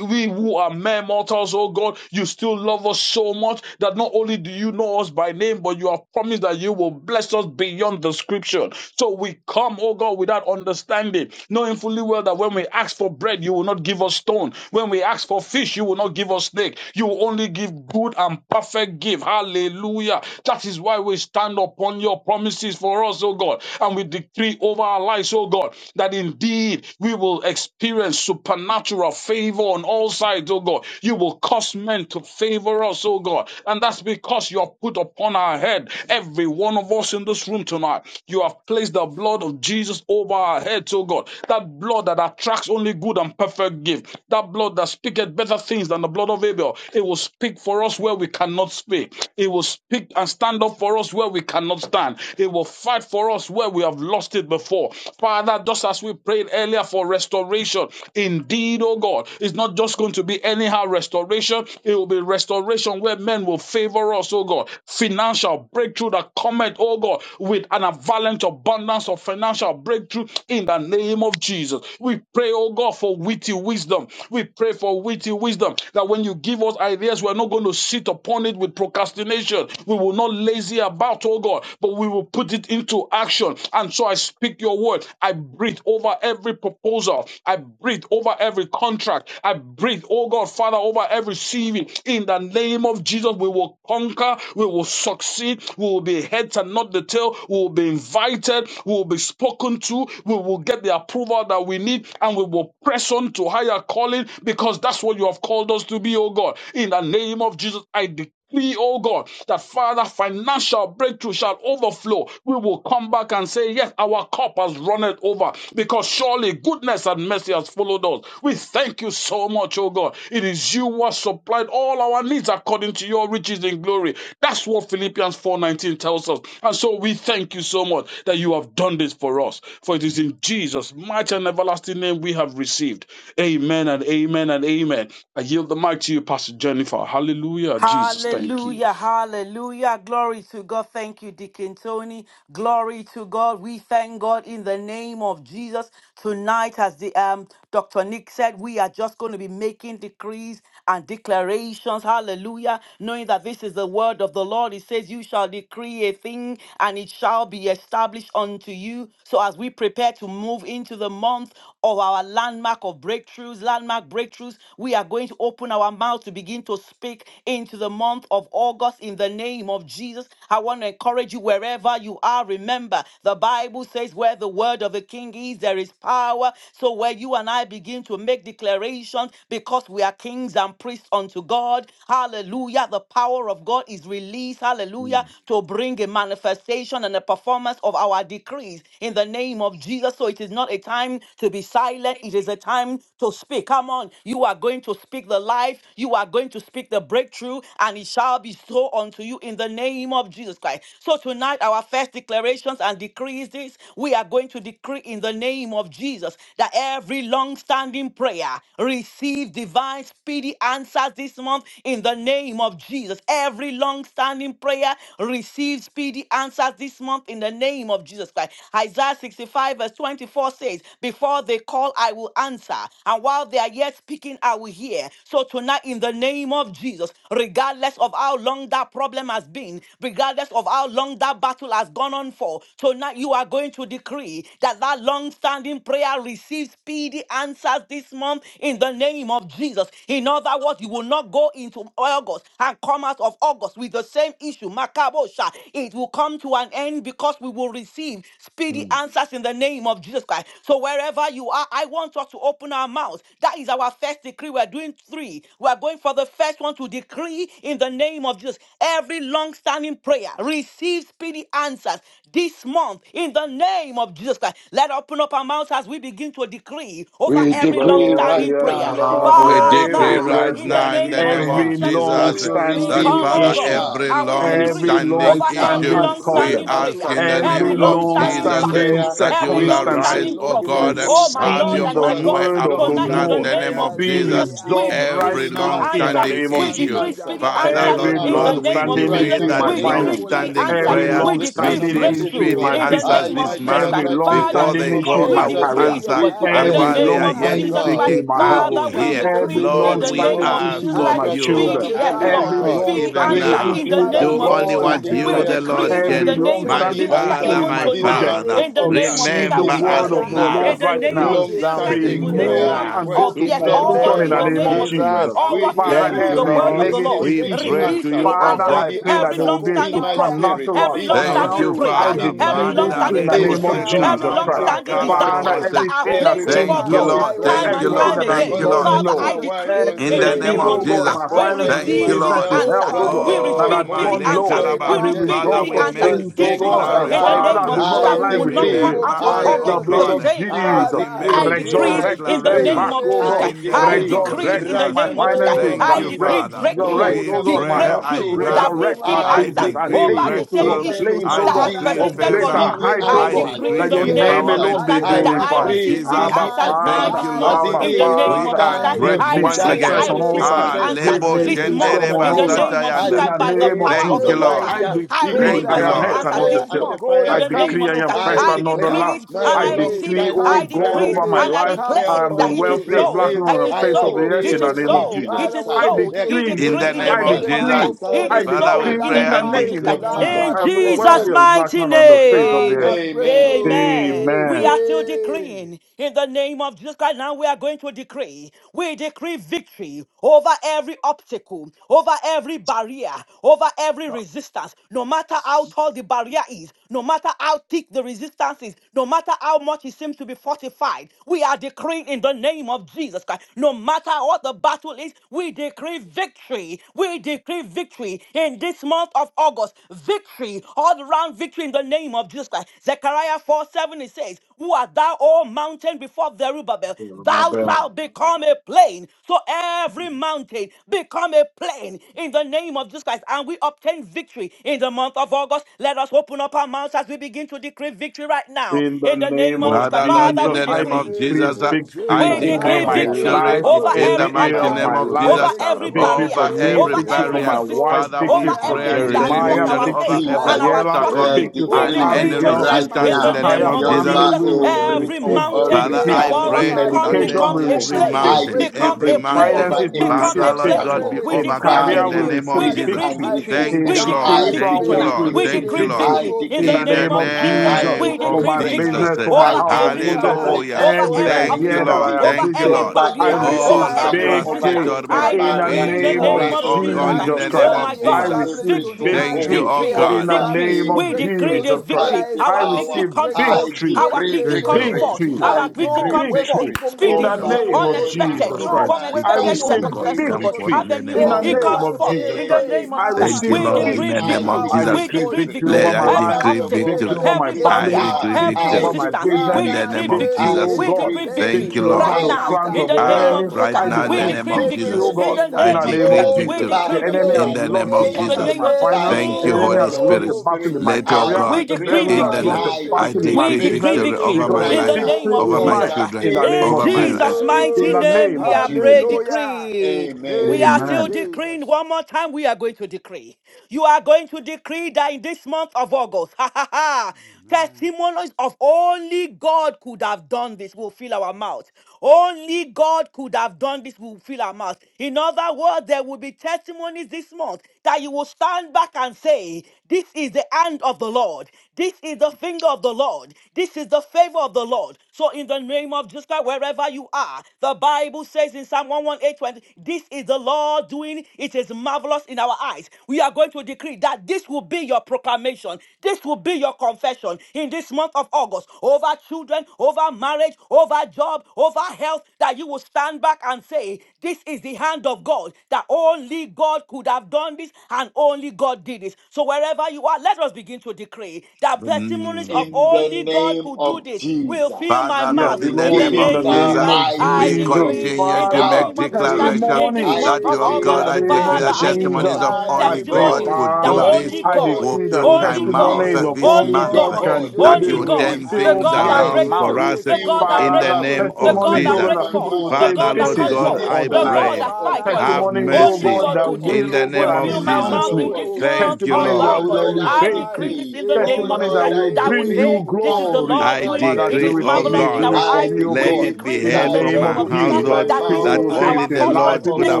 Speaker 6: we who are mere mortals, oh God, you still love us so much that not only do you know us by name, but you have promised that you will bless us beyond description. So we come, oh God, without understanding, knowing fully well that when we ask for bread, you will not give us stone. When we ask for fish, you will not give us snake. You will only give good and perfect gift. Hallelujah. That is why we stand upon upon your promises for us, oh God. And we decree over our lives, oh God, that indeed we will experience supernatural favor on all sides, oh God. You will cause men to favor us, oh God. And that's because you have put upon our head, every one of us in this room tonight, you have placed the blood of Jesus over our heads, oh God. That blood that attracts only good and perfect gift. That blood that speaketh better things than the blood of Abel. It will speak for us where we cannot speak. It will speak and stand up for us us where we cannot stand. He will fight for us where we have lost it before. Father, just as we prayed earlier for restoration, indeed, oh God, it's not just going to be anyhow restoration, it will be restoration where men will favor us, oh God. Financial breakthrough that cometh, oh God, with an avalanche abundance of financial breakthrough in the name of Jesus. We pray, oh God, for witty wisdom. We pray for witty wisdom that when you give us ideas, we're not going to sit upon it with procrastination. We will not not lazy about, oh God, but we will put it into action. And so I speak your word. I breathe over every proposal. I breathe over every contract. I breathe, oh God, Father, over every CV. In the name of Jesus, we will conquer. We will succeed. We will be heads and not the tail. We will be invited. We will be spoken to. We will get the approval that we need and we will press on to higher calling because that's what you have called us to be, oh God. In the name of Jesus, I declare be, oh God, that Father, financial breakthrough shall overflow. We will come back and say, Yes, our cup has runneth over because surely goodness and mercy has followed us. We thank you so much, oh God. It is you who has supplied all our needs according to your riches increased in glory. That's what Philippians 4:19 tells us. And so we thank you so much that you have done this for us. For it is in Jesus' mighty and everlasting name we have received. Amen and amen and amen. I yield the mic to you, Pastor Jennifer. Hallelujah. Jesus, thank you.
Speaker 5: Hallelujah, hallelujah. Glory to God. Thank you, Deacon Tony. Glory to God. We thank God in the name of Jesus. Tonight, as the um Dr. Nick said, we are just going to be making decrees and declarations. Hallelujah. Knowing that this is the word of the Lord. It says, You shall decree a thing and it shall be established unto you. So as we prepare to move into the month of our landmark of breakthroughs, landmark breakthroughs, we are going to open our mouth to begin to speak into the month of of August in the name of Jesus. I want to encourage you wherever you are. Remember, the Bible says where the word of the king is, there is power. So where you and I begin to make declarations because we are kings and priests unto God. Hallelujah. The power of God is released. Hallelujah.
Speaker 4: mm,
Speaker 5: To bring a manifestation and a performance of our decrees in the name of Jesus. So it is not a time to be silent. It is a time to speak. Come on. You are going to speak the life. You are going to speak the breakthrough, and it shall be so unto you in the name of Jesus Christ. So tonight, our first declarations and decrees this we are going to decree in the name of Jesus that every long standing prayer receive divine speedy answers this month in the name of Jesus. Every long standing prayer receive speedy answers this month in the name of Jesus Christ. Isaiah 65, verse 20 24 says, Before they call, I will answer. And while they are yet speaking, I will hear. So tonight, in the name of Jesus, regardless of how long that problem has been, regardless of how long that battle has gone on for, tonight you are going to decree that that long standing prayer receives speedy answers this month in the name of Jesus. In other words, you will not go into August and come out of August with the same issue. Makabosha. It will come to an end because we will receive speedy
Speaker 4: mm.
Speaker 5: answers in the name of Jesus Christ. So wherever you are, I want us to open our mouths. That is our first decree. We're doing three. We're going for the first one to decree in the name of Jesus. Every long-standing prayer receive speedy answers this month in the name of Jesus Christ. Let us open up our mouths as we begin to decree over
Speaker 2: We
Speaker 5: every
Speaker 2: decree
Speaker 6: Lord,
Speaker 2: right
Speaker 5: long-standing
Speaker 6: yes,
Speaker 5: prayer.
Speaker 2: now
Speaker 6: Lord,
Speaker 4: Uh,
Speaker 2: over
Speaker 4: we
Speaker 6: yes,
Speaker 4: decree
Speaker 2: every
Speaker 6: Lord,
Speaker 5: Father,
Speaker 2: long
Speaker 4: right
Speaker 6: yes,
Speaker 5: in
Speaker 6: Lord.
Speaker 5: the
Speaker 4: now in
Speaker 2: standing
Speaker 4: the
Speaker 5: name of
Speaker 4: name
Speaker 2: prayer
Speaker 4: of
Speaker 6: Every
Speaker 5: Jesus
Speaker 6: long
Speaker 2: that
Speaker 4: Jesus
Speaker 2: you
Speaker 3: Hallelujah,
Speaker 5: we
Speaker 4: that,
Speaker 6: standing
Speaker 2: receive
Speaker 5: come, oh
Speaker 4: Father,
Speaker 2: right
Speaker 5: God,
Speaker 6: issue,
Speaker 3: hallelujah.
Speaker 2: now.
Speaker 4: every
Speaker 5: and we
Speaker 4: long
Speaker 6: every
Speaker 2: Receive
Speaker 5: decree
Speaker 4: standing
Speaker 6: long
Speaker 5: over
Speaker 2: right
Speaker 3: Thank you,
Speaker 2: now
Speaker 5: every
Speaker 4: issue,
Speaker 6: standing
Speaker 3: Lord,
Speaker 5: long
Speaker 3: for the
Speaker 4: we
Speaker 2: answers,
Speaker 5: standing
Speaker 6: problem,
Speaker 3: month
Speaker 5: prayer,
Speaker 4: ask
Speaker 3: of
Speaker 2: answers
Speaker 4: in the
Speaker 2: to
Speaker 4: name
Speaker 5: every
Speaker 6: every
Speaker 3: August.
Speaker 5: long
Speaker 2: long
Speaker 4: of
Speaker 6: long
Speaker 5: standing
Speaker 2: standing
Speaker 3: I'm
Speaker 4: Jesus eh,
Speaker 6: standing
Speaker 3: making
Speaker 5: battle,
Speaker 2: prayer.
Speaker 3: a
Speaker 4: that you
Speaker 5: every
Speaker 4: will
Speaker 2: We
Speaker 5: long
Speaker 3: decree that
Speaker 6: circumstances,
Speaker 4: arise,
Speaker 5: standing
Speaker 2: decree
Speaker 4: oh
Speaker 3: long
Speaker 2: in
Speaker 5: problem.
Speaker 2: the
Speaker 4: God, eh,
Speaker 3: standing
Speaker 5: Oh,
Speaker 2: name
Speaker 5: my
Speaker 2: of
Speaker 4: have
Speaker 5: Lord
Speaker 3: prayers
Speaker 4: your
Speaker 6: receive
Speaker 5: and
Speaker 6: the
Speaker 5: my
Speaker 4: own
Speaker 2: Jesus,
Speaker 4: way
Speaker 5: God,
Speaker 6: word
Speaker 3: receive
Speaker 6: of
Speaker 2: long
Speaker 6: the
Speaker 4: upon
Speaker 5: tonight in
Speaker 4: us
Speaker 3: speedy
Speaker 5: the
Speaker 4: in
Speaker 2: standing
Speaker 4: the
Speaker 6: Lord.
Speaker 4: name
Speaker 5: name
Speaker 2: prayers
Speaker 5: of
Speaker 4: of
Speaker 3: answers,
Speaker 6: Be
Speaker 5: Jesus,
Speaker 4: Jesus.
Speaker 3: speedy
Speaker 5: we
Speaker 2: receive
Speaker 6: resolved
Speaker 3: answers
Speaker 5: decree
Speaker 6: right
Speaker 4: Every
Speaker 3: this
Speaker 2: speedy
Speaker 5: speedy
Speaker 4: long
Speaker 6: now
Speaker 3: month.
Speaker 6: in
Speaker 2: answers,
Speaker 6: the
Speaker 5: answers.
Speaker 4: standing
Speaker 3: This
Speaker 6: name of
Speaker 5: We
Speaker 3: month,
Speaker 2: speedy
Speaker 4: issue.
Speaker 5: decree
Speaker 6: Jesus.
Speaker 3: things are
Speaker 2: answers,
Speaker 5: speedy
Speaker 4: Father,
Speaker 3: happening
Speaker 5: answers
Speaker 2: speedy
Speaker 6: Every
Speaker 3: for
Speaker 4: Lord
Speaker 5: in
Speaker 3: me,
Speaker 5: the
Speaker 4: God,
Speaker 6: long
Speaker 2: answers.
Speaker 4: we
Speaker 5: name of
Speaker 6: standing
Speaker 3: Lord,
Speaker 2: Right
Speaker 4: decree
Speaker 5: Jesus.
Speaker 2: now,
Speaker 6: issue
Speaker 2: in
Speaker 6: in
Speaker 3: whether
Speaker 2: the
Speaker 4: that
Speaker 6: my
Speaker 3: the
Speaker 5: We
Speaker 2: name
Speaker 4: long
Speaker 5: decree
Speaker 2: of
Speaker 3: devil
Speaker 6: finance,
Speaker 5: speedy
Speaker 3: likes
Speaker 2: Jesus
Speaker 3: it
Speaker 4: standing
Speaker 3: or
Speaker 5: answers.
Speaker 2: Christ,
Speaker 6: every
Speaker 4: prayers
Speaker 3: not.
Speaker 5: We
Speaker 6: long
Speaker 2: the
Speaker 5: decree
Speaker 2: Son
Speaker 3: This
Speaker 2: of
Speaker 6: standing
Speaker 2: the
Speaker 4: receive
Speaker 3: month of
Speaker 5: breakthrough
Speaker 2: living
Speaker 6: issue in
Speaker 4: speedy
Speaker 6: my
Speaker 2: God.
Speaker 5: in the
Speaker 3: August, I
Speaker 6: business,
Speaker 4: answers
Speaker 2: I,
Speaker 5: name of
Speaker 4: this
Speaker 3: have
Speaker 2: mighty
Speaker 3: my
Speaker 5: Jesus
Speaker 2: God,
Speaker 4: month.
Speaker 6: every
Speaker 5: Christ.
Speaker 2: right now
Speaker 6: long
Speaker 2: in
Speaker 3: breakthrough
Speaker 2: the
Speaker 4: Before
Speaker 5: Father,
Speaker 2: name
Speaker 6: standing
Speaker 4: they
Speaker 5: this
Speaker 3: in
Speaker 2: of
Speaker 5: month
Speaker 6: issue
Speaker 5: we
Speaker 4: call,
Speaker 6: in
Speaker 5: we
Speaker 4: I
Speaker 6: my
Speaker 3: every
Speaker 4: will
Speaker 2: Jesus,
Speaker 5: decree
Speaker 6: career,
Speaker 5: it,
Speaker 3: area.
Speaker 5: oh
Speaker 4: answer
Speaker 5: God,
Speaker 2: we
Speaker 3: I
Speaker 5: in
Speaker 4: and
Speaker 5: the
Speaker 6: every
Speaker 4: while
Speaker 2: declare,
Speaker 4: they
Speaker 5: name
Speaker 3: receive,
Speaker 4: are
Speaker 5: of
Speaker 3: I
Speaker 2: my
Speaker 4: yet
Speaker 6: long-standing
Speaker 5: Jesus
Speaker 2: God,
Speaker 5: Christ.
Speaker 6: issue
Speaker 3: decree
Speaker 6: with
Speaker 4: speaking,
Speaker 6: my
Speaker 4: I
Speaker 2: we
Speaker 3: to
Speaker 6: health,
Speaker 5: Father,
Speaker 4: will
Speaker 5: we
Speaker 3: come
Speaker 4: hear.
Speaker 2: decree
Speaker 5: decree
Speaker 3: first
Speaker 6: every
Speaker 2: in
Speaker 3: day
Speaker 2: the
Speaker 5: in
Speaker 4: Lord,
Speaker 3: of
Speaker 5: the
Speaker 2: name
Speaker 4: we
Speaker 5: name
Speaker 6: long-standing
Speaker 2: of
Speaker 3: August,
Speaker 5: of
Speaker 6: issue
Speaker 4: ask
Speaker 5: Jesus
Speaker 6: with
Speaker 2: Jesus
Speaker 3: I
Speaker 5: Christ,
Speaker 4: of
Speaker 6: my
Speaker 2: Christ, the
Speaker 4: you,
Speaker 3: receive
Speaker 2: Son
Speaker 5: speedy,
Speaker 6: children,
Speaker 2: of the
Speaker 5: yes,
Speaker 3: divine
Speaker 2: living
Speaker 5: Lord,
Speaker 6: every
Speaker 2: God.
Speaker 4: arise
Speaker 3: breakthrough
Speaker 5: speedy
Speaker 4: even
Speaker 6: long-standing
Speaker 2: We
Speaker 3: in
Speaker 5: answers
Speaker 3: my
Speaker 4: now.
Speaker 5: in the
Speaker 2: decree
Speaker 6: issue,
Speaker 2: that
Speaker 6: oh
Speaker 5: name
Speaker 4: Do
Speaker 3: finance,
Speaker 5: of
Speaker 2: long
Speaker 3: in
Speaker 4: only
Speaker 5: Jesus
Speaker 6: God,
Speaker 3: my
Speaker 6: in
Speaker 5: Christ.
Speaker 4: what
Speaker 2: standing
Speaker 5: We
Speaker 4: you,
Speaker 3: health,
Speaker 6: business,
Speaker 4: the
Speaker 2: prayers
Speaker 5: decree
Speaker 4: Lord,
Speaker 3: in
Speaker 5: it
Speaker 3: my
Speaker 5: in
Speaker 2: receive
Speaker 6: every
Speaker 5: the
Speaker 4: can.
Speaker 5: name of
Speaker 3: project,
Speaker 4: My
Speaker 2: speedy
Speaker 3: in
Speaker 6: long-standing
Speaker 3: my
Speaker 5: Jesus Christ,
Speaker 6: issue
Speaker 4: Father,
Speaker 2: answers
Speaker 6: with
Speaker 5: even
Speaker 3: plans,
Speaker 6: my
Speaker 4: my
Speaker 3: in
Speaker 2: this
Speaker 3: the
Speaker 5: tonight,
Speaker 6: project.
Speaker 2: month
Speaker 4: Father,
Speaker 2: of
Speaker 5: in
Speaker 3: name
Speaker 5: the
Speaker 3: of
Speaker 5: name
Speaker 2: August.
Speaker 5: of Jesus
Speaker 3: Jesus.
Speaker 6: Receive the
Speaker 5: Christ.
Speaker 4: remember
Speaker 5: We
Speaker 2: This month
Speaker 6: word
Speaker 4: us
Speaker 2: of
Speaker 3: Father,
Speaker 6: of the
Speaker 5: decree
Speaker 3: I
Speaker 5: in
Speaker 6: Lord
Speaker 2: August,
Speaker 4: now.
Speaker 5: the
Speaker 6: right
Speaker 3: receive
Speaker 5: name
Speaker 6: now.
Speaker 4: Do
Speaker 5: of
Speaker 2: long
Speaker 5: Jesus
Speaker 3: before
Speaker 5: Christ,
Speaker 6: Be
Speaker 3: they
Speaker 4: something
Speaker 2: standing
Speaker 5: even
Speaker 3: call,
Speaker 4: new
Speaker 5: this
Speaker 3: I
Speaker 2: prayer
Speaker 6: moved
Speaker 5: month
Speaker 3: will
Speaker 4: now.
Speaker 6: and go
Speaker 3: answer,
Speaker 5: of,
Speaker 2: requests,
Speaker 6: to
Speaker 4: In
Speaker 5: yes,
Speaker 3: and
Speaker 4: the
Speaker 2: long
Speaker 3: while
Speaker 6: completion
Speaker 5: August,
Speaker 3: they
Speaker 6: in
Speaker 3: are
Speaker 4: name
Speaker 5: in
Speaker 6: the
Speaker 5: the
Speaker 2: standing
Speaker 4: of
Speaker 6: name
Speaker 5: name
Speaker 6: of
Speaker 2: prayer
Speaker 5: of Jesus.
Speaker 3: speaking,
Speaker 2: requests.
Speaker 6: Jesus.
Speaker 4: Jesus.
Speaker 3: I will
Speaker 2: We
Speaker 5: August,
Speaker 3: hear.
Speaker 5: hear
Speaker 6: Father,
Speaker 4: Thank
Speaker 5: you
Speaker 4: you,
Speaker 5: the
Speaker 3: Father,
Speaker 2: decree
Speaker 6: every
Speaker 5: word
Speaker 3: I
Speaker 5: of
Speaker 4: Lord.
Speaker 5: the
Speaker 2: receive
Speaker 3: declare
Speaker 5: Lord.
Speaker 6: negative
Speaker 4: We
Speaker 2: speedy
Speaker 6: issue,
Speaker 3: victory
Speaker 5: Receive
Speaker 4: pray
Speaker 5: he
Speaker 4: to you,
Speaker 5: speedy
Speaker 2: answers
Speaker 3: over
Speaker 4: oh
Speaker 6: Father,
Speaker 5: answers
Speaker 4: God.
Speaker 6: I
Speaker 2: speedy
Speaker 3: every
Speaker 6: pray that
Speaker 5: every
Speaker 6: there
Speaker 2: answers
Speaker 6: will be a
Speaker 3: obstacle,
Speaker 2: in
Speaker 5: long-standing
Speaker 2: my
Speaker 3: barrier,
Speaker 5: problem,
Speaker 3: and
Speaker 2: spirit,
Speaker 6: supernatural
Speaker 5: every
Speaker 2: in my
Speaker 3: resistance.
Speaker 4: Thank
Speaker 5: long-standing
Speaker 6: turnaround.
Speaker 4: you,
Speaker 2: soul,
Speaker 5: prayer,
Speaker 6: I
Speaker 3: I
Speaker 4: Father.
Speaker 2: in my
Speaker 5: every
Speaker 6: decree this
Speaker 3: declare
Speaker 4: Manda
Speaker 2: body.
Speaker 5: long-standing
Speaker 6: in the
Speaker 4: reko
Speaker 3: victory.
Speaker 6: name
Speaker 2: Every
Speaker 6: of
Speaker 5: petition,
Speaker 4: se
Speaker 3: I
Speaker 2: long
Speaker 3: am
Speaker 5: every
Speaker 6: Jesus Christ.
Speaker 2: standing
Speaker 4: kalambra
Speaker 3: more
Speaker 5: long-standing
Speaker 3: than a
Speaker 2: prayer
Speaker 5: desire
Speaker 6: Father,
Speaker 3: conqueror.
Speaker 2: request,
Speaker 5: that
Speaker 4: kalaboboset.
Speaker 5: are
Speaker 6: everything
Speaker 3: I
Speaker 6: that
Speaker 5: placed
Speaker 2: every long
Speaker 6: seemed
Speaker 5: before
Speaker 4: Thank
Speaker 3: conquer,
Speaker 4: you,
Speaker 5: God
Speaker 6: low,
Speaker 2: standing
Speaker 3: I
Speaker 4: Lord.
Speaker 2: prayer
Speaker 5: time
Speaker 4: Thank you,
Speaker 5: and
Speaker 6: everything
Speaker 5: time
Speaker 4: Lord.
Speaker 2: request
Speaker 3: overcome
Speaker 6: that
Speaker 3: in
Speaker 4: Thank
Speaker 3: the
Speaker 6: I've
Speaker 5: again.
Speaker 4: you, Lord.
Speaker 3: name
Speaker 6: done
Speaker 5: Father,
Speaker 3: of
Speaker 2: concerning my
Speaker 5: I
Speaker 6: low,
Speaker 3: Jesus.
Speaker 2: wife,
Speaker 5: decree
Speaker 3: In
Speaker 4: In
Speaker 3: the
Speaker 5: in
Speaker 4: the
Speaker 5: the
Speaker 2: concerning
Speaker 3: name
Speaker 2: my
Speaker 4: name
Speaker 6: everything,
Speaker 5: name
Speaker 3: of
Speaker 4: of
Speaker 5: of
Speaker 6: oh
Speaker 5: Jesus,
Speaker 3: Jesus,
Speaker 2: children,
Speaker 6: God,
Speaker 5: Christ,
Speaker 6: my
Speaker 4: Jesus.
Speaker 5: we
Speaker 3: I
Speaker 6: finances,
Speaker 2: concerning
Speaker 4: Thank
Speaker 5: receive
Speaker 4: you,
Speaker 3: decree,
Speaker 5: speedy
Speaker 4: Lord.
Speaker 6: business, in
Speaker 2: myself,
Speaker 3: oh,
Speaker 6: health,
Speaker 5: answers.
Speaker 6: oh
Speaker 3: are
Speaker 6: God,
Speaker 5: We
Speaker 2: concerning
Speaker 6: that
Speaker 2: my
Speaker 4: Oh,
Speaker 3: you?
Speaker 5: receive
Speaker 6: I've
Speaker 4: my
Speaker 5: speedy
Speaker 2: calling,
Speaker 6: gone
Speaker 4: le
Speaker 5: answers.
Speaker 6: low
Speaker 2: concerning
Speaker 3: great
Speaker 2: my
Speaker 4: kalaba.
Speaker 5: We
Speaker 6: as a
Speaker 3: mountain
Speaker 5: receive
Speaker 4: Father,
Speaker 2: destiny,
Speaker 6: result
Speaker 5: speedy
Speaker 4: we
Speaker 6: of
Speaker 3: before
Speaker 5: answers
Speaker 3: me.
Speaker 4: make
Speaker 6: things, oh
Speaker 5: this
Speaker 3: You
Speaker 2: concerning
Speaker 6: God,
Speaker 3: shall
Speaker 5: month
Speaker 2: my
Speaker 6: that
Speaker 5: in the
Speaker 3: become
Speaker 2: life.
Speaker 3: like
Speaker 5: name
Speaker 3: a
Speaker 6: Father
Speaker 5: of
Speaker 4: declarations.
Speaker 6: do
Speaker 5: Jesus.
Speaker 6: not
Speaker 5: Christ,
Speaker 2: I
Speaker 5: We
Speaker 3: plain
Speaker 6: align
Speaker 5: will
Speaker 3: in
Speaker 6: with
Speaker 3: the
Speaker 5: not
Speaker 6: your
Speaker 3: name
Speaker 2: decree,
Speaker 5: come
Speaker 6: will.
Speaker 3: of
Speaker 5: out
Speaker 4: Remember
Speaker 5: of
Speaker 4: us,
Speaker 2: I
Speaker 6: Let
Speaker 4: O
Speaker 6: the
Speaker 3: Jesus.
Speaker 5: August the
Speaker 6: blood
Speaker 2: decree,
Speaker 6: of
Speaker 4: God,
Speaker 5: same.
Speaker 2: I
Speaker 6: Jesus
Speaker 4: as
Speaker 3: Father,
Speaker 4: we
Speaker 3: I
Speaker 5: I
Speaker 4: make
Speaker 2: decree,
Speaker 4: these
Speaker 5: decree
Speaker 3: decree
Speaker 5: it
Speaker 2: I
Speaker 6: Resurrect
Speaker 5: in the
Speaker 6: them
Speaker 2: decree,
Speaker 5: name
Speaker 6: back,
Speaker 4: declarations
Speaker 5: of
Speaker 6: oh
Speaker 5: Jesus
Speaker 3: testimonies
Speaker 6: God.
Speaker 2: I
Speaker 5: Christ.
Speaker 4: in
Speaker 3: of
Speaker 4: the
Speaker 5: I
Speaker 3: God
Speaker 4: name
Speaker 2: decree
Speaker 4: of
Speaker 5: decree
Speaker 3: could
Speaker 5: it
Speaker 6: Resurrect
Speaker 5: in the
Speaker 2: right
Speaker 4: Jesus.
Speaker 6: my
Speaker 2: now
Speaker 5: name
Speaker 2: in
Speaker 5: of
Speaker 2: the
Speaker 5: Jesus Christ.
Speaker 2: name
Speaker 3: God
Speaker 6: finances
Speaker 2: of
Speaker 4: Thank
Speaker 5: I
Speaker 6: back.
Speaker 4: you,
Speaker 3: only
Speaker 5: decree
Speaker 2: Jesus
Speaker 3: God
Speaker 4: Father.
Speaker 3: could do
Speaker 2: Right
Speaker 6: Resurrect,
Speaker 5: breakthrough,
Speaker 4: We
Speaker 3: this
Speaker 2: now,
Speaker 6: oh
Speaker 2: in
Speaker 5: the
Speaker 2: the
Speaker 6: God, my
Speaker 2: name
Speaker 4: pray,
Speaker 6: health.
Speaker 2: of
Speaker 4: I
Speaker 5: breakthrough
Speaker 3: will
Speaker 2: Jesus,
Speaker 5: that
Speaker 4: bab,
Speaker 3: fill
Speaker 5: brings
Speaker 6: Resurrect
Speaker 3: my
Speaker 6: my
Speaker 5: speedy
Speaker 2: I
Speaker 4: I
Speaker 3: mouth
Speaker 5: answers
Speaker 6: business
Speaker 3: in
Speaker 6: and
Speaker 3: this
Speaker 4: decree
Speaker 5: over
Speaker 6: take
Speaker 3: month
Speaker 2: decree
Speaker 5: the
Speaker 6: it
Speaker 3: of
Speaker 6: to
Speaker 5: same
Speaker 6: a
Speaker 2: in
Speaker 4: breakthrough,
Speaker 2: the
Speaker 3: August.
Speaker 5: issues
Speaker 2: name
Speaker 6: place,
Speaker 4: I
Speaker 6: oh
Speaker 5: that
Speaker 2: of
Speaker 5: has
Speaker 6: God,
Speaker 3: Father, I
Speaker 4: decree
Speaker 2: Jesus,
Speaker 6: of
Speaker 5: persisted for
Speaker 3: pray
Speaker 4: favor,
Speaker 6: greater
Speaker 5: long.
Speaker 2: speedy
Speaker 3: the
Speaker 6: height,
Speaker 5: I
Speaker 6: oh
Speaker 3: Lord
Speaker 4: I
Speaker 6: God,
Speaker 3: is
Speaker 2: answers,
Speaker 5: decree in
Speaker 4: decree
Speaker 6: that
Speaker 3: doing
Speaker 5: the
Speaker 6: your
Speaker 2: speedy
Speaker 5: name
Speaker 6: name
Speaker 3: things
Speaker 5: of
Speaker 2: answers.
Speaker 5: Jesus
Speaker 4: empowerment
Speaker 6: alone
Speaker 3: and
Speaker 6: be
Speaker 5: Christ
Speaker 4: in
Speaker 3: it's
Speaker 4: the
Speaker 2: I
Speaker 5: that
Speaker 4: name
Speaker 5: I
Speaker 6: glorified.
Speaker 4: of
Speaker 3: marvelous
Speaker 5: receive
Speaker 2: decree
Speaker 3: in my
Speaker 5: speedy
Speaker 4: Jesus.
Speaker 6: Abba
Speaker 2: speedy
Speaker 5: answers
Speaker 3: eyes.
Speaker 5: now
Speaker 2: answers.
Speaker 4: Thank
Speaker 6: Father,
Speaker 4: you,
Speaker 5: this
Speaker 3: I
Speaker 5: month
Speaker 2: As in the
Speaker 4: Lord.
Speaker 6: Abba
Speaker 5: in the
Speaker 2: days
Speaker 3: decree,
Speaker 2: of
Speaker 5: name
Speaker 4: We
Speaker 5: of
Speaker 6: Father,
Speaker 5: Jesus
Speaker 4: are
Speaker 5: Christ.
Speaker 3: I
Speaker 2: Daniel,
Speaker 6: give
Speaker 5: I
Speaker 4: grateful
Speaker 6: me
Speaker 4: once
Speaker 5: decree
Speaker 2: that
Speaker 3: declare
Speaker 5: that
Speaker 3: in
Speaker 4: again.
Speaker 3: the
Speaker 6: success
Speaker 2: on
Speaker 5: I
Speaker 6: on
Speaker 2: the
Speaker 6: all
Speaker 3: name
Speaker 5: receive
Speaker 3: of
Speaker 5: speedy
Speaker 6: sides.
Speaker 4: Ah,
Speaker 2: 21st
Speaker 3: Jesus
Speaker 5: answers
Speaker 2: day,
Speaker 6: Give
Speaker 4: lebo
Speaker 6: me
Speaker 5: this
Speaker 3: every
Speaker 2: speedy
Speaker 5: month
Speaker 3: long
Speaker 4: shendere
Speaker 6: wisdom
Speaker 2: answer
Speaker 6: on
Speaker 5: in the
Speaker 6: all
Speaker 2: came.
Speaker 3: standing
Speaker 6: sides.
Speaker 4: basata
Speaker 5: name of Jesus
Speaker 2: As
Speaker 6: In
Speaker 3: issue
Speaker 4: yanda.
Speaker 5: Christ
Speaker 2: in
Speaker 6: the
Speaker 5: by
Speaker 2: the
Speaker 5: the
Speaker 6: name
Speaker 5: the
Speaker 3: in
Speaker 2: days
Speaker 6: of
Speaker 3: the
Speaker 5: power of
Speaker 2: of
Speaker 4: Thank
Speaker 5: the
Speaker 4: you,
Speaker 6: Jesus,
Speaker 3: name
Speaker 5: Most
Speaker 3: of
Speaker 6: I
Speaker 4: Lord.
Speaker 5: High.
Speaker 2: Elijah,
Speaker 3: Jesus.
Speaker 5: I
Speaker 2: he
Speaker 3: God
Speaker 6: decree
Speaker 5: receive
Speaker 2: called
Speaker 4: Thank
Speaker 5: my
Speaker 4: you,
Speaker 3: has
Speaker 6: I am
Speaker 5: spirit
Speaker 2: on
Speaker 6: head
Speaker 4: Lord.
Speaker 2: the
Speaker 6: and
Speaker 5: answers
Speaker 6: not the
Speaker 2: fire
Speaker 5: this
Speaker 3: intervened.
Speaker 2: and the
Speaker 6: tail.
Speaker 5: month
Speaker 3: God
Speaker 5: in
Speaker 6: I
Speaker 2: fire
Speaker 3: has
Speaker 5: the
Speaker 3: come
Speaker 5: name
Speaker 2: came.
Speaker 6: decree
Speaker 5: of
Speaker 3: through
Speaker 5: Jesus
Speaker 6: I am
Speaker 3: for
Speaker 5: Christ.
Speaker 6: first
Speaker 2: I
Speaker 3: me.
Speaker 5: I
Speaker 6: and not the
Speaker 2: declare
Speaker 5: decree
Speaker 6: last.
Speaker 5: it
Speaker 3: Come through
Speaker 2: my
Speaker 5: and
Speaker 6: I
Speaker 3: for
Speaker 5: I
Speaker 6: decree
Speaker 3: me.
Speaker 5: receive it.
Speaker 6: decree, oh
Speaker 5: I
Speaker 3: Come
Speaker 2: long-standing
Speaker 3: through
Speaker 6: God,
Speaker 2: prayer
Speaker 5: decree
Speaker 3: for
Speaker 5: it
Speaker 6: over my
Speaker 3: me.
Speaker 5: and
Speaker 2: requests
Speaker 5: I
Speaker 6: life.
Speaker 2: and
Speaker 3: Come
Speaker 2: prayer
Speaker 5: declare
Speaker 6: I
Speaker 3: through
Speaker 6: am the
Speaker 5: that
Speaker 3: for
Speaker 2: points
Speaker 5: it is
Speaker 3: me.
Speaker 6: wealthiest
Speaker 5: so.
Speaker 6: black man
Speaker 2: receive
Speaker 3: In
Speaker 5: It
Speaker 6: on the
Speaker 3: the
Speaker 5: is
Speaker 2: i
Speaker 6: face of
Speaker 3: name
Speaker 6: the
Speaker 5: so.
Speaker 3: of
Speaker 6: earth
Speaker 2: decree
Speaker 5: It
Speaker 6: in the
Speaker 5: is
Speaker 6: name
Speaker 3: Jesus.
Speaker 6: of
Speaker 2: speedy
Speaker 5: so.
Speaker 6: Jesus.
Speaker 5: It
Speaker 3: Father,
Speaker 5: is
Speaker 3: we
Speaker 6: I
Speaker 2: answers
Speaker 5: so.
Speaker 3: thank
Speaker 2: like
Speaker 3: you.
Speaker 5: He
Speaker 6: decree,
Speaker 4: In
Speaker 2: speedy
Speaker 3: Thank
Speaker 5: decree
Speaker 4: the
Speaker 3: you,
Speaker 5: in the
Speaker 4: name
Speaker 3: Lord,
Speaker 6: I
Speaker 3: for
Speaker 4: of
Speaker 2: answers
Speaker 3: the
Speaker 5: name of Jesus
Speaker 3: month
Speaker 4: Jesus,
Speaker 5: Christ.
Speaker 6: decree,
Speaker 3: of
Speaker 5: It
Speaker 6: I
Speaker 5: is
Speaker 3: August
Speaker 2: accelerated
Speaker 4: Father,
Speaker 3: for
Speaker 4: we
Speaker 5: so
Speaker 6: decree
Speaker 5: in the
Speaker 6: in
Speaker 2: answers
Speaker 4: pray
Speaker 6: the
Speaker 4: and
Speaker 5: name
Speaker 3: landmark,
Speaker 5: of
Speaker 2: in
Speaker 5: Jesus
Speaker 6: name
Speaker 2: the
Speaker 4: decree,
Speaker 5: Christ.
Speaker 6: of
Speaker 4: oh
Speaker 6: Jesus.
Speaker 2: month
Speaker 5: In
Speaker 4: God.
Speaker 6: I am
Speaker 2: of
Speaker 3: landmark
Speaker 6: the
Speaker 5: Jesus'
Speaker 2: august
Speaker 3: breakthrough.
Speaker 6: wealthiest black
Speaker 5: mighty
Speaker 6: man on the face of
Speaker 5: name.
Speaker 6: the
Speaker 3: Landmark
Speaker 2: amen
Speaker 3: breakthrough.
Speaker 5: Amen.
Speaker 6: earth.
Speaker 5: We
Speaker 6: Amen.
Speaker 5: are still
Speaker 3: Amen.
Speaker 5: decreeing in the name of Jesus Christ. Now we are going to decree. We decree victory over every obstacle, over every barrier, over every resistance. No matter how tall the barrier is, no matter how thick the resistance is, no matter how much it seems to be fortified, we are decreeing in the name of Jesus Christ. No matter what the battle is, we decree victory. We we decree victory in this month of August. Victory, all around victory in the name of Jesus Christ. Zechariah 4 7 it says, Who art thou, O mountain, before Zerubbabel? Thou shalt become a plain. So every mountain become a plain in the name of Jesus Christ. And we obtain victory in the month of August. Let us open up our mouths as we begin to decree victory right now
Speaker 6: In the
Speaker 5: in the name
Speaker 6: name
Speaker 5: of Jesus
Speaker 6: of
Speaker 5: Christ.
Speaker 4: Father, Lord, in
Speaker 5: Father,
Speaker 6: Jesus,
Speaker 5: we
Speaker 4: the
Speaker 6: I
Speaker 4: name
Speaker 3: In
Speaker 4: of
Speaker 5: decree.
Speaker 3: the
Speaker 6: decree
Speaker 3: name
Speaker 4: Jesus, uh,
Speaker 3: of
Speaker 4: I
Speaker 6: victory
Speaker 5: We
Speaker 3: Jesus, I
Speaker 4: decree
Speaker 6: over
Speaker 5: decree
Speaker 6: my
Speaker 3: decree
Speaker 5: victory
Speaker 4: victory
Speaker 6: life in
Speaker 5: over
Speaker 4: in
Speaker 3: victory.
Speaker 4: the
Speaker 6: every
Speaker 5: every
Speaker 6: area
Speaker 4: mighty
Speaker 6: of
Speaker 3: I
Speaker 4: name
Speaker 6: my
Speaker 5: obstacle,
Speaker 4: of
Speaker 3: decree
Speaker 6: life.
Speaker 5: over
Speaker 4: Jesus
Speaker 3: victory
Speaker 5: every
Speaker 6: Victory
Speaker 3: over
Speaker 5: barrier,
Speaker 6: for
Speaker 4: over
Speaker 6: me,
Speaker 5: over
Speaker 4: every
Speaker 3: every
Speaker 6: victory for
Speaker 5: every
Speaker 4: barrier.
Speaker 6: my wife,
Speaker 5: resistance,
Speaker 3: obstacle,
Speaker 4: Father, we
Speaker 5: over
Speaker 6: victory for
Speaker 3: barrier,
Speaker 4: pray
Speaker 3: and
Speaker 4: and
Speaker 5: everything
Speaker 2: In
Speaker 5: that's
Speaker 2: the
Speaker 4: decree
Speaker 5: mocked
Speaker 6: Jeremiah,
Speaker 2: name
Speaker 4: victory
Speaker 5: our
Speaker 3: resistance.
Speaker 2: of
Speaker 6: victory
Speaker 4: over
Speaker 5: faith
Speaker 6: for
Speaker 4: every
Speaker 5: and
Speaker 3: I
Speaker 2: Jesus,
Speaker 5: our
Speaker 6: Ariella,
Speaker 5: trust
Speaker 3: decree.
Speaker 5: in
Speaker 4: obstacle
Speaker 2: I
Speaker 5: you.
Speaker 6: victory
Speaker 5: We
Speaker 3: Who
Speaker 6: for
Speaker 4: and
Speaker 3: are
Speaker 2: decree
Speaker 5: decree
Speaker 4: any
Speaker 3: you,
Speaker 6: Abigail.
Speaker 3: great
Speaker 5: tonight
Speaker 2: right
Speaker 6: The
Speaker 5: in
Speaker 4: resistance
Speaker 5: the
Speaker 4: in the
Speaker 2: now
Speaker 3: mountain,
Speaker 4: name
Speaker 6: entire
Speaker 5: name
Speaker 4: of
Speaker 5: of
Speaker 3: before
Speaker 4: Jesus.
Speaker 6: family,
Speaker 2: over
Speaker 5: Jesus,
Speaker 6: we will
Speaker 3: Zerubbabel,
Speaker 2: every
Speaker 5: every
Speaker 6: receive
Speaker 2: on
Speaker 3: before
Speaker 5: mountain
Speaker 2: every
Speaker 4: Father,
Speaker 3: me?
Speaker 6: victory.
Speaker 4: I
Speaker 5: before
Speaker 3: Who
Speaker 5: us
Speaker 2: challenge,
Speaker 6: In
Speaker 4: pray
Speaker 3: are
Speaker 5: come
Speaker 4: that
Speaker 2: every
Speaker 3: you?
Speaker 4: let
Speaker 6: education,
Speaker 5: becomes
Speaker 6: we
Speaker 5: a
Speaker 3: Who
Speaker 2: mountain.
Speaker 4: every
Speaker 6: receive
Speaker 3: are you,
Speaker 5: plain,
Speaker 2: I
Speaker 4: mountain,
Speaker 6: victory.
Speaker 3: great
Speaker 5: become
Speaker 2: decree
Speaker 4: every
Speaker 5: a
Speaker 3: mountain?
Speaker 6: In
Speaker 2: victory
Speaker 5: plain,
Speaker 2: over
Speaker 4: mountain,
Speaker 3: Every
Speaker 6: finances, we
Speaker 2: every
Speaker 5: become
Speaker 6: receive
Speaker 3: mountain,
Speaker 5: a
Speaker 4: Father, Lord
Speaker 5: plain.
Speaker 6: victory.
Speaker 4: God, be
Speaker 3: every
Speaker 2: obstacle,
Speaker 5: We
Speaker 6: In
Speaker 5: decree
Speaker 3: resistance,
Speaker 4: overcome in
Speaker 6: career,
Speaker 4: the
Speaker 6: we
Speaker 2: barrier,
Speaker 5: victory.
Speaker 3: every
Speaker 4: name
Speaker 6: receive
Speaker 4: of
Speaker 5: We
Speaker 3: barrier,
Speaker 2: res-
Speaker 5: decree
Speaker 4: Jesus.
Speaker 2: and
Speaker 6: victory.
Speaker 3: I
Speaker 5: victory.
Speaker 3: pull
Speaker 4: Thank
Speaker 6: In
Speaker 5: We
Speaker 4: you,
Speaker 2: resistance.
Speaker 3: down
Speaker 5: decree
Speaker 4: Lord.
Speaker 2: I
Speaker 3: by
Speaker 5: victory
Speaker 6: spiritual
Speaker 4: Thank you,
Speaker 3: faith
Speaker 2: decree
Speaker 6: work,
Speaker 5: tonight.
Speaker 6: we
Speaker 4: Lord.
Speaker 5: We
Speaker 3: in
Speaker 6: receive
Speaker 2: victory.
Speaker 4: Thank
Speaker 3: the
Speaker 4: you,
Speaker 5: decree
Speaker 4: Lord.
Speaker 6: victory.
Speaker 2: I
Speaker 3: name
Speaker 5: victory
Speaker 3: of
Speaker 5: in
Speaker 6: In
Speaker 2: decree
Speaker 5: the
Speaker 6: the
Speaker 4: In
Speaker 3: Jesus.
Speaker 4: the
Speaker 5: name
Speaker 6: name
Speaker 5: of
Speaker 6: of
Speaker 2: victory.
Speaker 3: I
Speaker 5: Jesus.
Speaker 3: am
Speaker 2: I
Speaker 6: Jesus
Speaker 4: name
Speaker 3: more
Speaker 5: We
Speaker 3: than
Speaker 2: decree
Speaker 6: for
Speaker 4: of
Speaker 3: a
Speaker 5: decree
Speaker 6: my
Speaker 2: breakthrough.
Speaker 4: Jesus.
Speaker 3: conqueror.
Speaker 5: victory
Speaker 6: business, for my
Speaker 2: I
Speaker 5: over
Speaker 3: I
Speaker 6: housing
Speaker 5: every
Speaker 3: conquer,
Speaker 2: decree
Speaker 6: project,
Speaker 3: I
Speaker 6: for
Speaker 5: struggle,
Speaker 2: right
Speaker 4: Hallelujah.
Speaker 2: now
Speaker 5: over
Speaker 3: destroy,
Speaker 2: in
Speaker 6: every
Speaker 5: every
Speaker 2: the
Speaker 3: I
Speaker 4: Thank
Speaker 2: name
Speaker 4: you,
Speaker 6: idea that
Speaker 2: of
Speaker 5: obstacle,
Speaker 6: I
Speaker 4: Lord.
Speaker 6: have
Speaker 3: dismantle
Speaker 5: over
Speaker 2: Jesus
Speaker 4: Thank you,
Speaker 6: written.
Speaker 5: every
Speaker 4: Lord.
Speaker 2: over
Speaker 3: every
Speaker 6: I
Speaker 5: barrier,
Speaker 2: every
Speaker 3: barrier.
Speaker 5: over
Speaker 6: receive
Speaker 4: Oh,
Speaker 3: I
Speaker 4: la
Speaker 5: every
Speaker 2: obstacle, over
Speaker 3: dismantle,
Speaker 5: resistance.
Speaker 6: victory
Speaker 4: brasketor,
Speaker 2: every
Speaker 3: I
Speaker 4: Baba.
Speaker 5: I
Speaker 6: in the
Speaker 3: make
Speaker 2: barrier,
Speaker 4: We
Speaker 5: decree in the
Speaker 6: name of
Speaker 2: over
Speaker 5: name
Speaker 4: decree,
Speaker 5: of
Speaker 3: declaration,
Speaker 4: oh
Speaker 2: every
Speaker 5: Jesus
Speaker 4: God,
Speaker 5: Christ.
Speaker 3: and
Speaker 4: in
Speaker 6: Jesus
Speaker 4: the
Speaker 3: it
Speaker 5: Oh
Speaker 4: name
Speaker 6: Christ.
Speaker 3: shall
Speaker 4: of
Speaker 5: my
Speaker 3: be
Speaker 2: resistance,
Speaker 6: I
Speaker 2: over
Speaker 5: God,
Speaker 4: Jesus.
Speaker 6: receive
Speaker 3: established
Speaker 2: every
Speaker 5: victory,
Speaker 3: tonight.
Speaker 4: Thank
Speaker 2: stronghold,
Speaker 4: you,
Speaker 6: victory
Speaker 4: oh
Speaker 3: We
Speaker 5: victory,
Speaker 3: are
Speaker 6: in the
Speaker 4: God.
Speaker 2: over
Speaker 5: victory.
Speaker 6: name
Speaker 3: establishing
Speaker 6: of
Speaker 5: We
Speaker 2: every
Speaker 5: decree
Speaker 3: breakthroughs.
Speaker 5: the
Speaker 6: Jesus
Speaker 3: We
Speaker 6: Christ.
Speaker 5: victory.
Speaker 3: are
Speaker 2: principality
Speaker 6: I
Speaker 5: Our
Speaker 2: power.
Speaker 5: victory
Speaker 3: establishing
Speaker 6: receive
Speaker 5: comes
Speaker 3: breakthroughs
Speaker 2: I
Speaker 5: forth.
Speaker 6: victory
Speaker 5: Our
Speaker 3: in
Speaker 2: decree
Speaker 3: the
Speaker 5: victory
Speaker 4: Thank
Speaker 5: comes
Speaker 3: name
Speaker 4: you,
Speaker 2: victory.
Speaker 3: of
Speaker 5: forth.
Speaker 6: victory,
Speaker 3: Jesus.
Speaker 4: Lord.
Speaker 2: I
Speaker 5: Our Victory
Speaker 2: decree
Speaker 3: No
Speaker 5: comes forth
Speaker 3: weapon
Speaker 6: victory
Speaker 2: victory
Speaker 3: formed
Speaker 6: in the
Speaker 3: against me
Speaker 5: speedily,
Speaker 2: over
Speaker 4: God,
Speaker 3: will
Speaker 6: name of
Speaker 4: it's- oh
Speaker 2: every
Speaker 3: prosper.
Speaker 4: God,
Speaker 6: Jesus
Speaker 5: unexpectedly,
Speaker 2: strong
Speaker 6: Christ.
Speaker 4: let
Speaker 5: from
Speaker 3: No
Speaker 2: man.
Speaker 6: I
Speaker 3: weapon
Speaker 4: victory,
Speaker 5: expected
Speaker 2: I
Speaker 4: oh
Speaker 6: receive
Speaker 3: formed against
Speaker 4: God,
Speaker 2: decree
Speaker 3: me
Speaker 5: circumstances, oh
Speaker 3: will
Speaker 4: come
Speaker 5: God.
Speaker 4: forth
Speaker 3: prosper.
Speaker 6: victory
Speaker 4: in
Speaker 2: victory
Speaker 4: the name
Speaker 5: Avenues,
Speaker 6: in
Speaker 4: of
Speaker 6: the
Speaker 3: Every
Speaker 5: it
Speaker 4: Jesus.
Speaker 2: over
Speaker 6: name
Speaker 5: comes
Speaker 3: plan
Speaker 6: of
Speaker 3: of the
Speaker 5: forth
Speaker 6: Jesus
Speaker 5: in
Speaker 3: enemy
Speaker 5: the
Speaker 6: Christ.
Speaker 2: every
Speaker 3: is
Speaker 5: name of
Speaker 6: I
Speaker 5: Jesus.
Speaker 3: now
Speaker 5: Christ.
Speaker 4: Thank
Speaker 3: and
Speaker 6: receive
Speaker 4: you,
Speaker 5: We
Speaker 4: Lord,
Speaker 3: void
Speaker 2: resistance.
Speaker 4: in
Speaker 5: decree
Speaker 4: the
Speaker 6: victory.
Speaker 2: I
Speaker 4: name of
Speaker 5: victory.
Speaker 3: now
Speaker 6: I
Speaker 2: decree
Speaker 5: We
Speaker 3: and
Speaker 4: Jesus.
Speaker 6: decree
Speaker 3: void.
Speaker 5: decree
Speaker 2: victory
Speaker 6: victory
Speaker 5: victory.
Speaker 6: over
Speaker 4: Let
Speaker 2: in
Speaker 6: my
Speaker 4: I
Speaker 3: Every
Speaker 2: the
Speaker 5: Every
Speaker 6: life,
Speaker 2: month
Speaker 3: plan
Speaker 4: decree
Speaker 3: of
Speaker 2: of
Speaker 3: the
Speaker 5: obstacle,
Speaker 6: victory
Speaker 4: victory.
Speaker 2: August
Speaker 3: enemy
Speaker 6: over my
Speaker 5: every
Speaker 3: is
Speaker 2: beginning
Speaker 4: I
Speaker 5: barrier,
Speaker 6: family,
Speaker 3: now
Speaker 2: now.
Speaker 4: decree
Speaker 3: and
Speaker 6: victory
Speaker 5: every
Speaker 2: I
Speaker 6: over
Speaker 4: victory
Speaker 3: void.
Speaker 6: my
Speaker 5: resistance,
Speaker 2: decree
Speaker 6: business,
Speaker 5: we
Speaker 3: Father,
Speaker 4: in the
Speaker 3: I
Speaker 5: decree
Speaker 4: name
Speaker 2: victory.
Speaker 4: of
Speaker 3: pray,
Speaker 6: victory,
Speaker 5: victory.
Speaker 2: I
Speaker 6: oh
Speaker 4: Jesus.
Speaker 5: We
Speaker 6: God,
Speaker 5: decree
Speaker 2: decree
Speaker 3: intervene
Speaker 5: victory
Speaker 4: Thank
Speaker 3: in
Speaker 4: you,
Speaker 2: victory.
Speaker 6: victory
Speaker 5: right
Speaker 6: over
Speaker 4: Lord.
Speaker 3: every
Speaker 6: the
Speaker 2: I
Speaker 5: now
Speaker 6: plans
Speaker 5: in
Speaker 3: matter,
Speaker 6: of
Speaker 2: decree
Speaker 5: the
Speaker 6: the
Speaker 5: name
Speaker 4: Ah,
Speaker 5: of
Speaker 6: enemy.
Speaker 3: every
Speaker 5: Jesus.
Speaker 2: breakthrough
Speaker 4: right
Speaker 6: I
Speaker 5: Christ.
Speaker 4: now
Speaker 3: matter,
Speaker 4: in
Speaker 5: We
Speaker 4: the
Speaker 6: decree
Speaker 2: right
Speaker 4: name
Speaker 5: decree
Speaker 4: of
Speaker 2: now
Speaker 6: victory,
Speaker 2: in
Speaker 3: every
Speaker 5: victory
Speaker 4: Jesus,
Speaker 6: oh
Speaker 2: the
Speaker 5: in
Speaker 6: God,
Speaker 5: the
Speaker 2: name
Speaker 3: resistance.
Speaker 6: in
Speaker 2: of
Speaker 4: I
Speaker 6: the
Speaker 5: name of
Speaker 6: name
Speaker 5: Jesus.
Speaker 4: decree
Speaker 5: Christ.
Speaker 6: of
Speaker 2: Jesus,
Speaker 3: Lord,
Speaker 5: We
Speaker 6: Jesus.
Speaker 4: victory
Speaker 2: by
Speaker 6: The
Speaker 5: decree
Speaker 2: the
Speaker 6: enemy
Speaker 5: victory
Speaker 6: has
Speaker 4: in
Speaker 3: intervene,
Speaker 2: blood
Speaker 4: the name
Speaker 2: of
Speaker 6: lost the
Speaker 4: of
Speaker 5: in the
Speaker 6: battle
Speaker 2: Jesus,
Speaker 6: in
Speaker 4: Jesus.
Speaker 5: name
Speaker 6: my
Speaker 5: of Jesus.
Speaker 3: intervene
Speaker 5: Christ.
Speaker 2: by
Speaker 6: finance.
Speaker 3: in
Speaker 4: Thank
Speaker 2: the
Speaker 6: The
Speaker 3: the
Speaker 4: you,
Speaker 5: Hmm.
Speaker 2: help
Speaker 6: enemy
Speaker 2: of
Speaker 4: Holy
Speaker 6: has
Speaker 2: the
Speaker 6: lost
Speaker 3: name
Speaker 2: Holy
Speaker 6: the
Speaker 4: Spirit.
Speaker 3: of
Speaker 6: battle
Speaker 2: Spirit.
Speaker 6: in my
Speaker 4: Let your
Speaker 2: I
Speaker 6: career.
Speaker 3: Jesus.
Speaker 5: We
Speaker 4: God
Speaker 6: The
Speaker 5: decree
Speaker 6: enemy
Speaker 2: decree,
Speaker 4: in
Speaker 6: has
Speaker 4: the
Speaker 3: Father,
Speaker 5: victory.
Speaker 6: lost
Speaker 4: name.
Speaker 3: we
Speaker 6: the
Speaker 2: I
Speaker 3: thank
Speaker 4: I
Speaker 6: battle
Speaker 3: you.
Speaker 6: in my
Speaker 2: decree
Speaker 5: We
Speaker 4: decree
Speaker 3: We
Speaker 5: decree
Speaker 6: business
Speaker 3: give
Speaker 4: victory
Speaker 2: victory
Speaker 3: you
Speaker 5: victory
Speaker 4: over
Speaker 6: because
Speaker 4: my
Speaker 6: the
Speaker 2: right
Speaker 5: in the
Speaker 4: life,
Speaker 5: name
Speaker 2: now
Speaker 6: victory
Speaker 5: of
Speaker 4: over
Speaker 6: is
Speaker 4: my
Speaker 3: glory.
Speaker 5: Jesus
Speaker 6: mine
Speaker 2: over
Speaker 5: Christ.
Speaker 6: in
Speaker 4: children,
Speaker 6: the
Speaker 3: We
Speaker 5: In
Speaker 6: name
Speaker 2: every
Speaker 3: give
Speaker 4: over
Speaker 6: of
Speaker 4: my
Speaker 3: you
Speaker 6: Jesus.
Speaker 5: Jesus'
Speaker 4: life.
Speaker 2: barrier,
Speaker 6: In
Speaker 5: mighty
Speaker 6: the
Speaker 3: glory.
Speaker 2: resistance
Speaker 5: name,
Speaker 6: name
Speaker 5: we
Speaker 2: in
Speaker 6: of
Speaker 5: are
Speaker 2: Jesus'
Speaker 5: pray
Speaker 2: name.
Speaker 6: Jesus.
Speaker 3: Hallelujah.
Speaker 5: decreed. We
Speaker 2: Amen.
Speaker 3: Thank
Speaker 5: are
Speaker 3: you,
Speaker 5: still
Speaker 6: Amen.
Speaker 5: decreeing
Speaker 3: Jesus.
Speaker 5: one more time. We are going to decree. You are going to decree that in this month of August, ha ha ha, testimonies of only God could have done this will fill our mouth. Only God could have done this will fill our mouth. In other words, there will be testimonies this month that you will stand back and say, This is the hand of the Lord. This is the finger of the Lord. This is the favor of the Lord. So, in the name of Jesus Christ, wherever you are, the Bible says in Psalm 118 This is the Lord doing. It is marvelous in our eyes. We are going to decree that this will be your proclamation. This will be your confession in this month of August over children, over marriage, over job, over health, that you will stand back and say, This is the the hand of God that only God could have done this and only God did this. So wherever you are, let us begin to decree that testimonies of
Speaker 4: Mm.
Speaker 2: in the
Speaker 5: only God
Speaker 2: name
Speaker 5: could do
Speaker 2: of
Speaker 5: this will fill
Speaker 2: Jesus.
Speaker 5: my
Speaker 4: Father,
Speaker 6: Yes,
Speaker 4: Lord,
Speaker 5: mouth
Speaker 4: in
Speaker 3: In
Speaker 4: the
Speaker 5: in
Speaker 6: Lord,
Speaker 5: the
Speaker 4: name
Speaker 3: the
Speaker 6: in
Speaker 2: Beginning
Speaker 6: the
Speaker 4: of
Speaker 5: name of
Speaker 3: name
Speaker 2: now,
Speaker 5: Jesus
Speaker 6: name
Speaker 4: Jesus,
Speaker 5: Christ.
Speaker 3: of
Speaker 6: of
Speaker 2: I
Speaker 5: I
Speaker 4: we
Speaker 6: Jesus.
Speaker 5: decree
Speaker 2: decree,
Speaker 4: continue
Speaker 5: in
Speaker 3: Jesus.
Speaker 5: the
Speaker 4: to
Speaker 2: I
Speaker 6: Father,
Speaker 4: make
Speaker 5: name of Jesus Christ
Speaker 3: In
Speaker 2: decree,
Speaker 4: declaration
Speaker 5: in this
Speaker 2: I
Speaker 6: testimonies
Speaker 5: month
Speaker 4: that,
Speaker 5: of
Speaker 4: oh
Speaker 2: decree
Speaker 6: in
Speaker 3: the
Speaker 4: God,
Speaker 3: name
Speaker 5: August.
Speaker 2: that
Speaker 6: the
Speaker 4: I
Speaker 3: of
Speaker 6: name
Speaker 4: decree
Speaker 6: of
Speaker 5: Father,
Speaker 4: that
Speaker 5: I
Speaker 3: Jesus.
Speaker 2: testimonies of
Speaker 4: testimonies
Speaker 6: Jesus.
Speaker 5: decree
Speaker 4: of
Speaker 3: Father,
Speaker 6: I
Speaker 4: only
Speaker 3: we
Speaker 2: only
Speaker 6: pray,
Speaker 4: God
Speaker 2: God,
Speaker 5: testimonies
Speaker 3: pray
Speaker 4: could
Speaker 3: in
Speaker 5: that
Speaker 4: do
Speaker 3: the
Speaker 6: Father,
Speaker 3: name
Speaker 2: only
Speaker 5: only
Speaker 4: this
Speaker 3: of
Speaker 6: I
Speaker 2: God
Speaker 5: God,
Speaker 4: will
Speaker 6: decree
Speaker 4: fill
Speaker 6: that
Speaker 2: could
Speaker 4: my
Speaker 3: Jesus.
Speaker 5: only
Speaker 2: do
Speaker 4: mouth
Speaker 6: testimonies
Speaker 5: God,
Speaker 2: this,
Speaker 6: of
Speaker 3: Only
Speaker 4: this
Speaker 6: only
Speaker 5: only
Speaker 4: month,
Speaker 2: only
Speaker 3: God
Speaker 6: God
Speaker 5: God,
Speaker 3: can
Speaker 6: can
Speaker 2: God
Speaker 6: do
Speaker 3: do
Speaker 4: that
Speaker 2: can
Speaker 6: this
Speaker 5: only
Speaker 3: this.
Speaker 4: you
Speaker 2: do
Speaker 6: will
Speaker 5: God,
Speaker 4: turn
Speaker 2: this.
Speaker 5: the
Speaker 6: fill
Speaker 3: I
Speaker 4: things
Speaker 5: God
Speaker 6: my
Speaker 5: that
Speaker 2: Yes,
Speaker 5: breaks
Speaker 4: around
Speaker 3: decree
Speaker 6: mouth
Speaker 4: for
Speaker 3: the
Speaker 5: through,
Speaker 2: will
Speaker 4: us
Speaker 5: the
Speaker 2: fill
Speaker 5: God
Speaker 3: testimonies
Speaker 5: that
Speaker 2: my
Speaker 4: in
Speaker 3: that
Speaker 5: breaks
Speaker 4: the
Speaker 6: Father,
Speaker 2: mouth
Speaker 3: only
Speaker 5: through,
Speaker 4: name
Speaker 5: the
Speaker 4: of
Speaker 3: God
Speaker 5: God
Speaker 2: who
Speaker 6: testimonies,
Speaker 3: can
Speaker 6: oh
Speaker 5: that
Speaker 3: do
Speaker 2: fill
Speaker 4: Jesus.
Speaker 6: God,
Speaker 5: breaks
Speaker 6: that
Speaker 3: for
Speaker 2: my
Speaker 5: forth,
Speaker 6: people
Speaker 3: me.
Speaker 6: will
Speaker 5: the
Speaker 2: mouth.
Speaker 6: say,
Speaker 4: Father,
Speaker 5: God
Speaker 3: In
Speaker 6: this
Speaker 5: that
Speaker 4: Lord
Speaker 3: this
Speaker 6: is
Speaker 5: comes
Speaker 2: Yes,
Speaker 4: God,
Speaker 6: not
Speaker 3: month
Speaker 5: forward,
Speaker 3: of
Speaker 2: this
Speaker 4: I
Speaker 5: the
Speaker 2: month
Speaker 6: ordinary.
Speaker 5: God
Speaker 3: August,
Speaker 4: pray,
Speaker 2: of
Speaker 5: that fights
Speaker 3: Father,
Speaker 5: for his
Speaker 2: August,
Speaker 4: have
Speaker 3: I
Speaker 5: own.
Speaker 6: Testimonies,
Speaker 3: make a
Speaker 6: oh
Speaker 2: this
Speaker 5: Only
Speaker 4: mercy
Speaker 6: God,
Speaker 2: month
Speaker 5: God
Speaker 6: that
Speaker 2: of
Speaker 5: could do
Speaker 3: declaration
Speaker 4: in
Speaker 6: will,
Speaker 5: this.
Speaker 4: the
Speaker 6: oh
Speaker 2: August,
Speaker 5: Will
Speaker 4: name
Speaker 6: God,
Speaker 3: that
Speaker 5: fill
Speaker 4: of
Speaker 2: this
Speaker 3: only
Speaker 5: my
Speaker 2: month
Speaker 6: announce
Speaker 5: mouth
Speaker 4: Jesus.
Speaker 6: me.
Speaker 2: of
Speaker 5: in
Speaker 3: God
Speaker 5: this moment
Speaker 3: will
Speaker 2: August.
Speaker 5: month
Speaker 4: Thank you,
Speaker 5: of
Speaker 3: will
Speaker 6: Testimonies
Speaker 3: be
Speaker 6: that
Speaker 2: Oh
Speaker 4: Lord.
Speaker 6: will
Speaker 5: August.
Speaker 2: Lord, I
Speaker 5: I
Speaker 6: elevate
Speaker 3: glorified
Speaker 5: decree
Speaker 6: me.
Speaker 5: this
Speaker 2: decree,
Speaker 5: in the
Speaker 3: in
Speaker 2: oh
Speaker 5: name
Speaker 3: the
Speaker 5: of
Speaker 6: Testimonies
Speaker 5: Jesus
Speaker 2: Lord,
Speaker 6: that
Speaker 5: Christ.
Speaker 6: will
Speaker 2: I
Speaker 5: That will
Speaker 6: bring
Speaker 5: say,
Speaker 6: you
Speaker 2: decree,
Speaker 3: name of
Speaker 5: This is the
Speaker 6: glory.
Speaker 2: only
Speaker 3: Jesus,
Speaker 5: Lord's
Speaker 4: I
Speaker 2: God
Speaker 5: doing.
Speaker 6: Father,
Speaker 2: can
Speaker 5: It
Speaker 3: in
Speaker 4: decree,
Speaker 6: do
Speaker 5: is
Speaker 6: it
Speaker 2: do
Speaker 3: the
Speaker 4: oh
Speaker 6: for
Speaker 5: marvelous
Speaker 6: me.
Speaker 2: this.
Speaker 5: in
Speaker 6: Do
Speaker 5: our
Speaker 6: it
Speaker 4: God,
Speaker 6: for
Speaker 2: I
Speaker 5: eyes.
Speaker 6: me, oh
Speaker 3: name
Speaker 5: We
Speaker 3: of
Speaker 4: let
Speaker 6: God.
Speaker 2: decree
Speaker 4: it
Speaker 5: decree
Speaker 4: be
Speaker 3: Jesus,
Speaker 6: In
Speaker 5: this
Speaker 6: the
Speaker 5: in
Speaker 4: heard
Speaker 5: the
Speaker 2: such
Speaker 4: from
Speaker 6: name
Speaker 5: name
Speaker 4: my
Speaker 6: of
Speaker 3: in
Speaker 5: of
Speaker 2: to
Speaker 5: Jesus
Speaker 2: fill
Speaker 5: Christ.
Speaker 6: Jesus.
Speaker 2: my
Speaker 4: household
Speaker 5: That this
Speaker 2: mouth
Speaker 5: will
Speaker 6: People
Speaker 4: that
Speaker 3: the
Speaker 6: will
Speaker 5: be
Speaker 3: name
Speaker 6: say
Speaker 2: and
Speaker 3: of
Speaker 4: only
Speaker 6: it's
Speaker 5: our
Speaker 4: the
Speaker 6: a
Speaker 2: indeed
Speaker 6: lie.
Speaker 2: to
Speaker 5: portion.
Speaker 3: Jesus.
Speaker 4: Lord could
Speaker 5: This
Speaker 6: People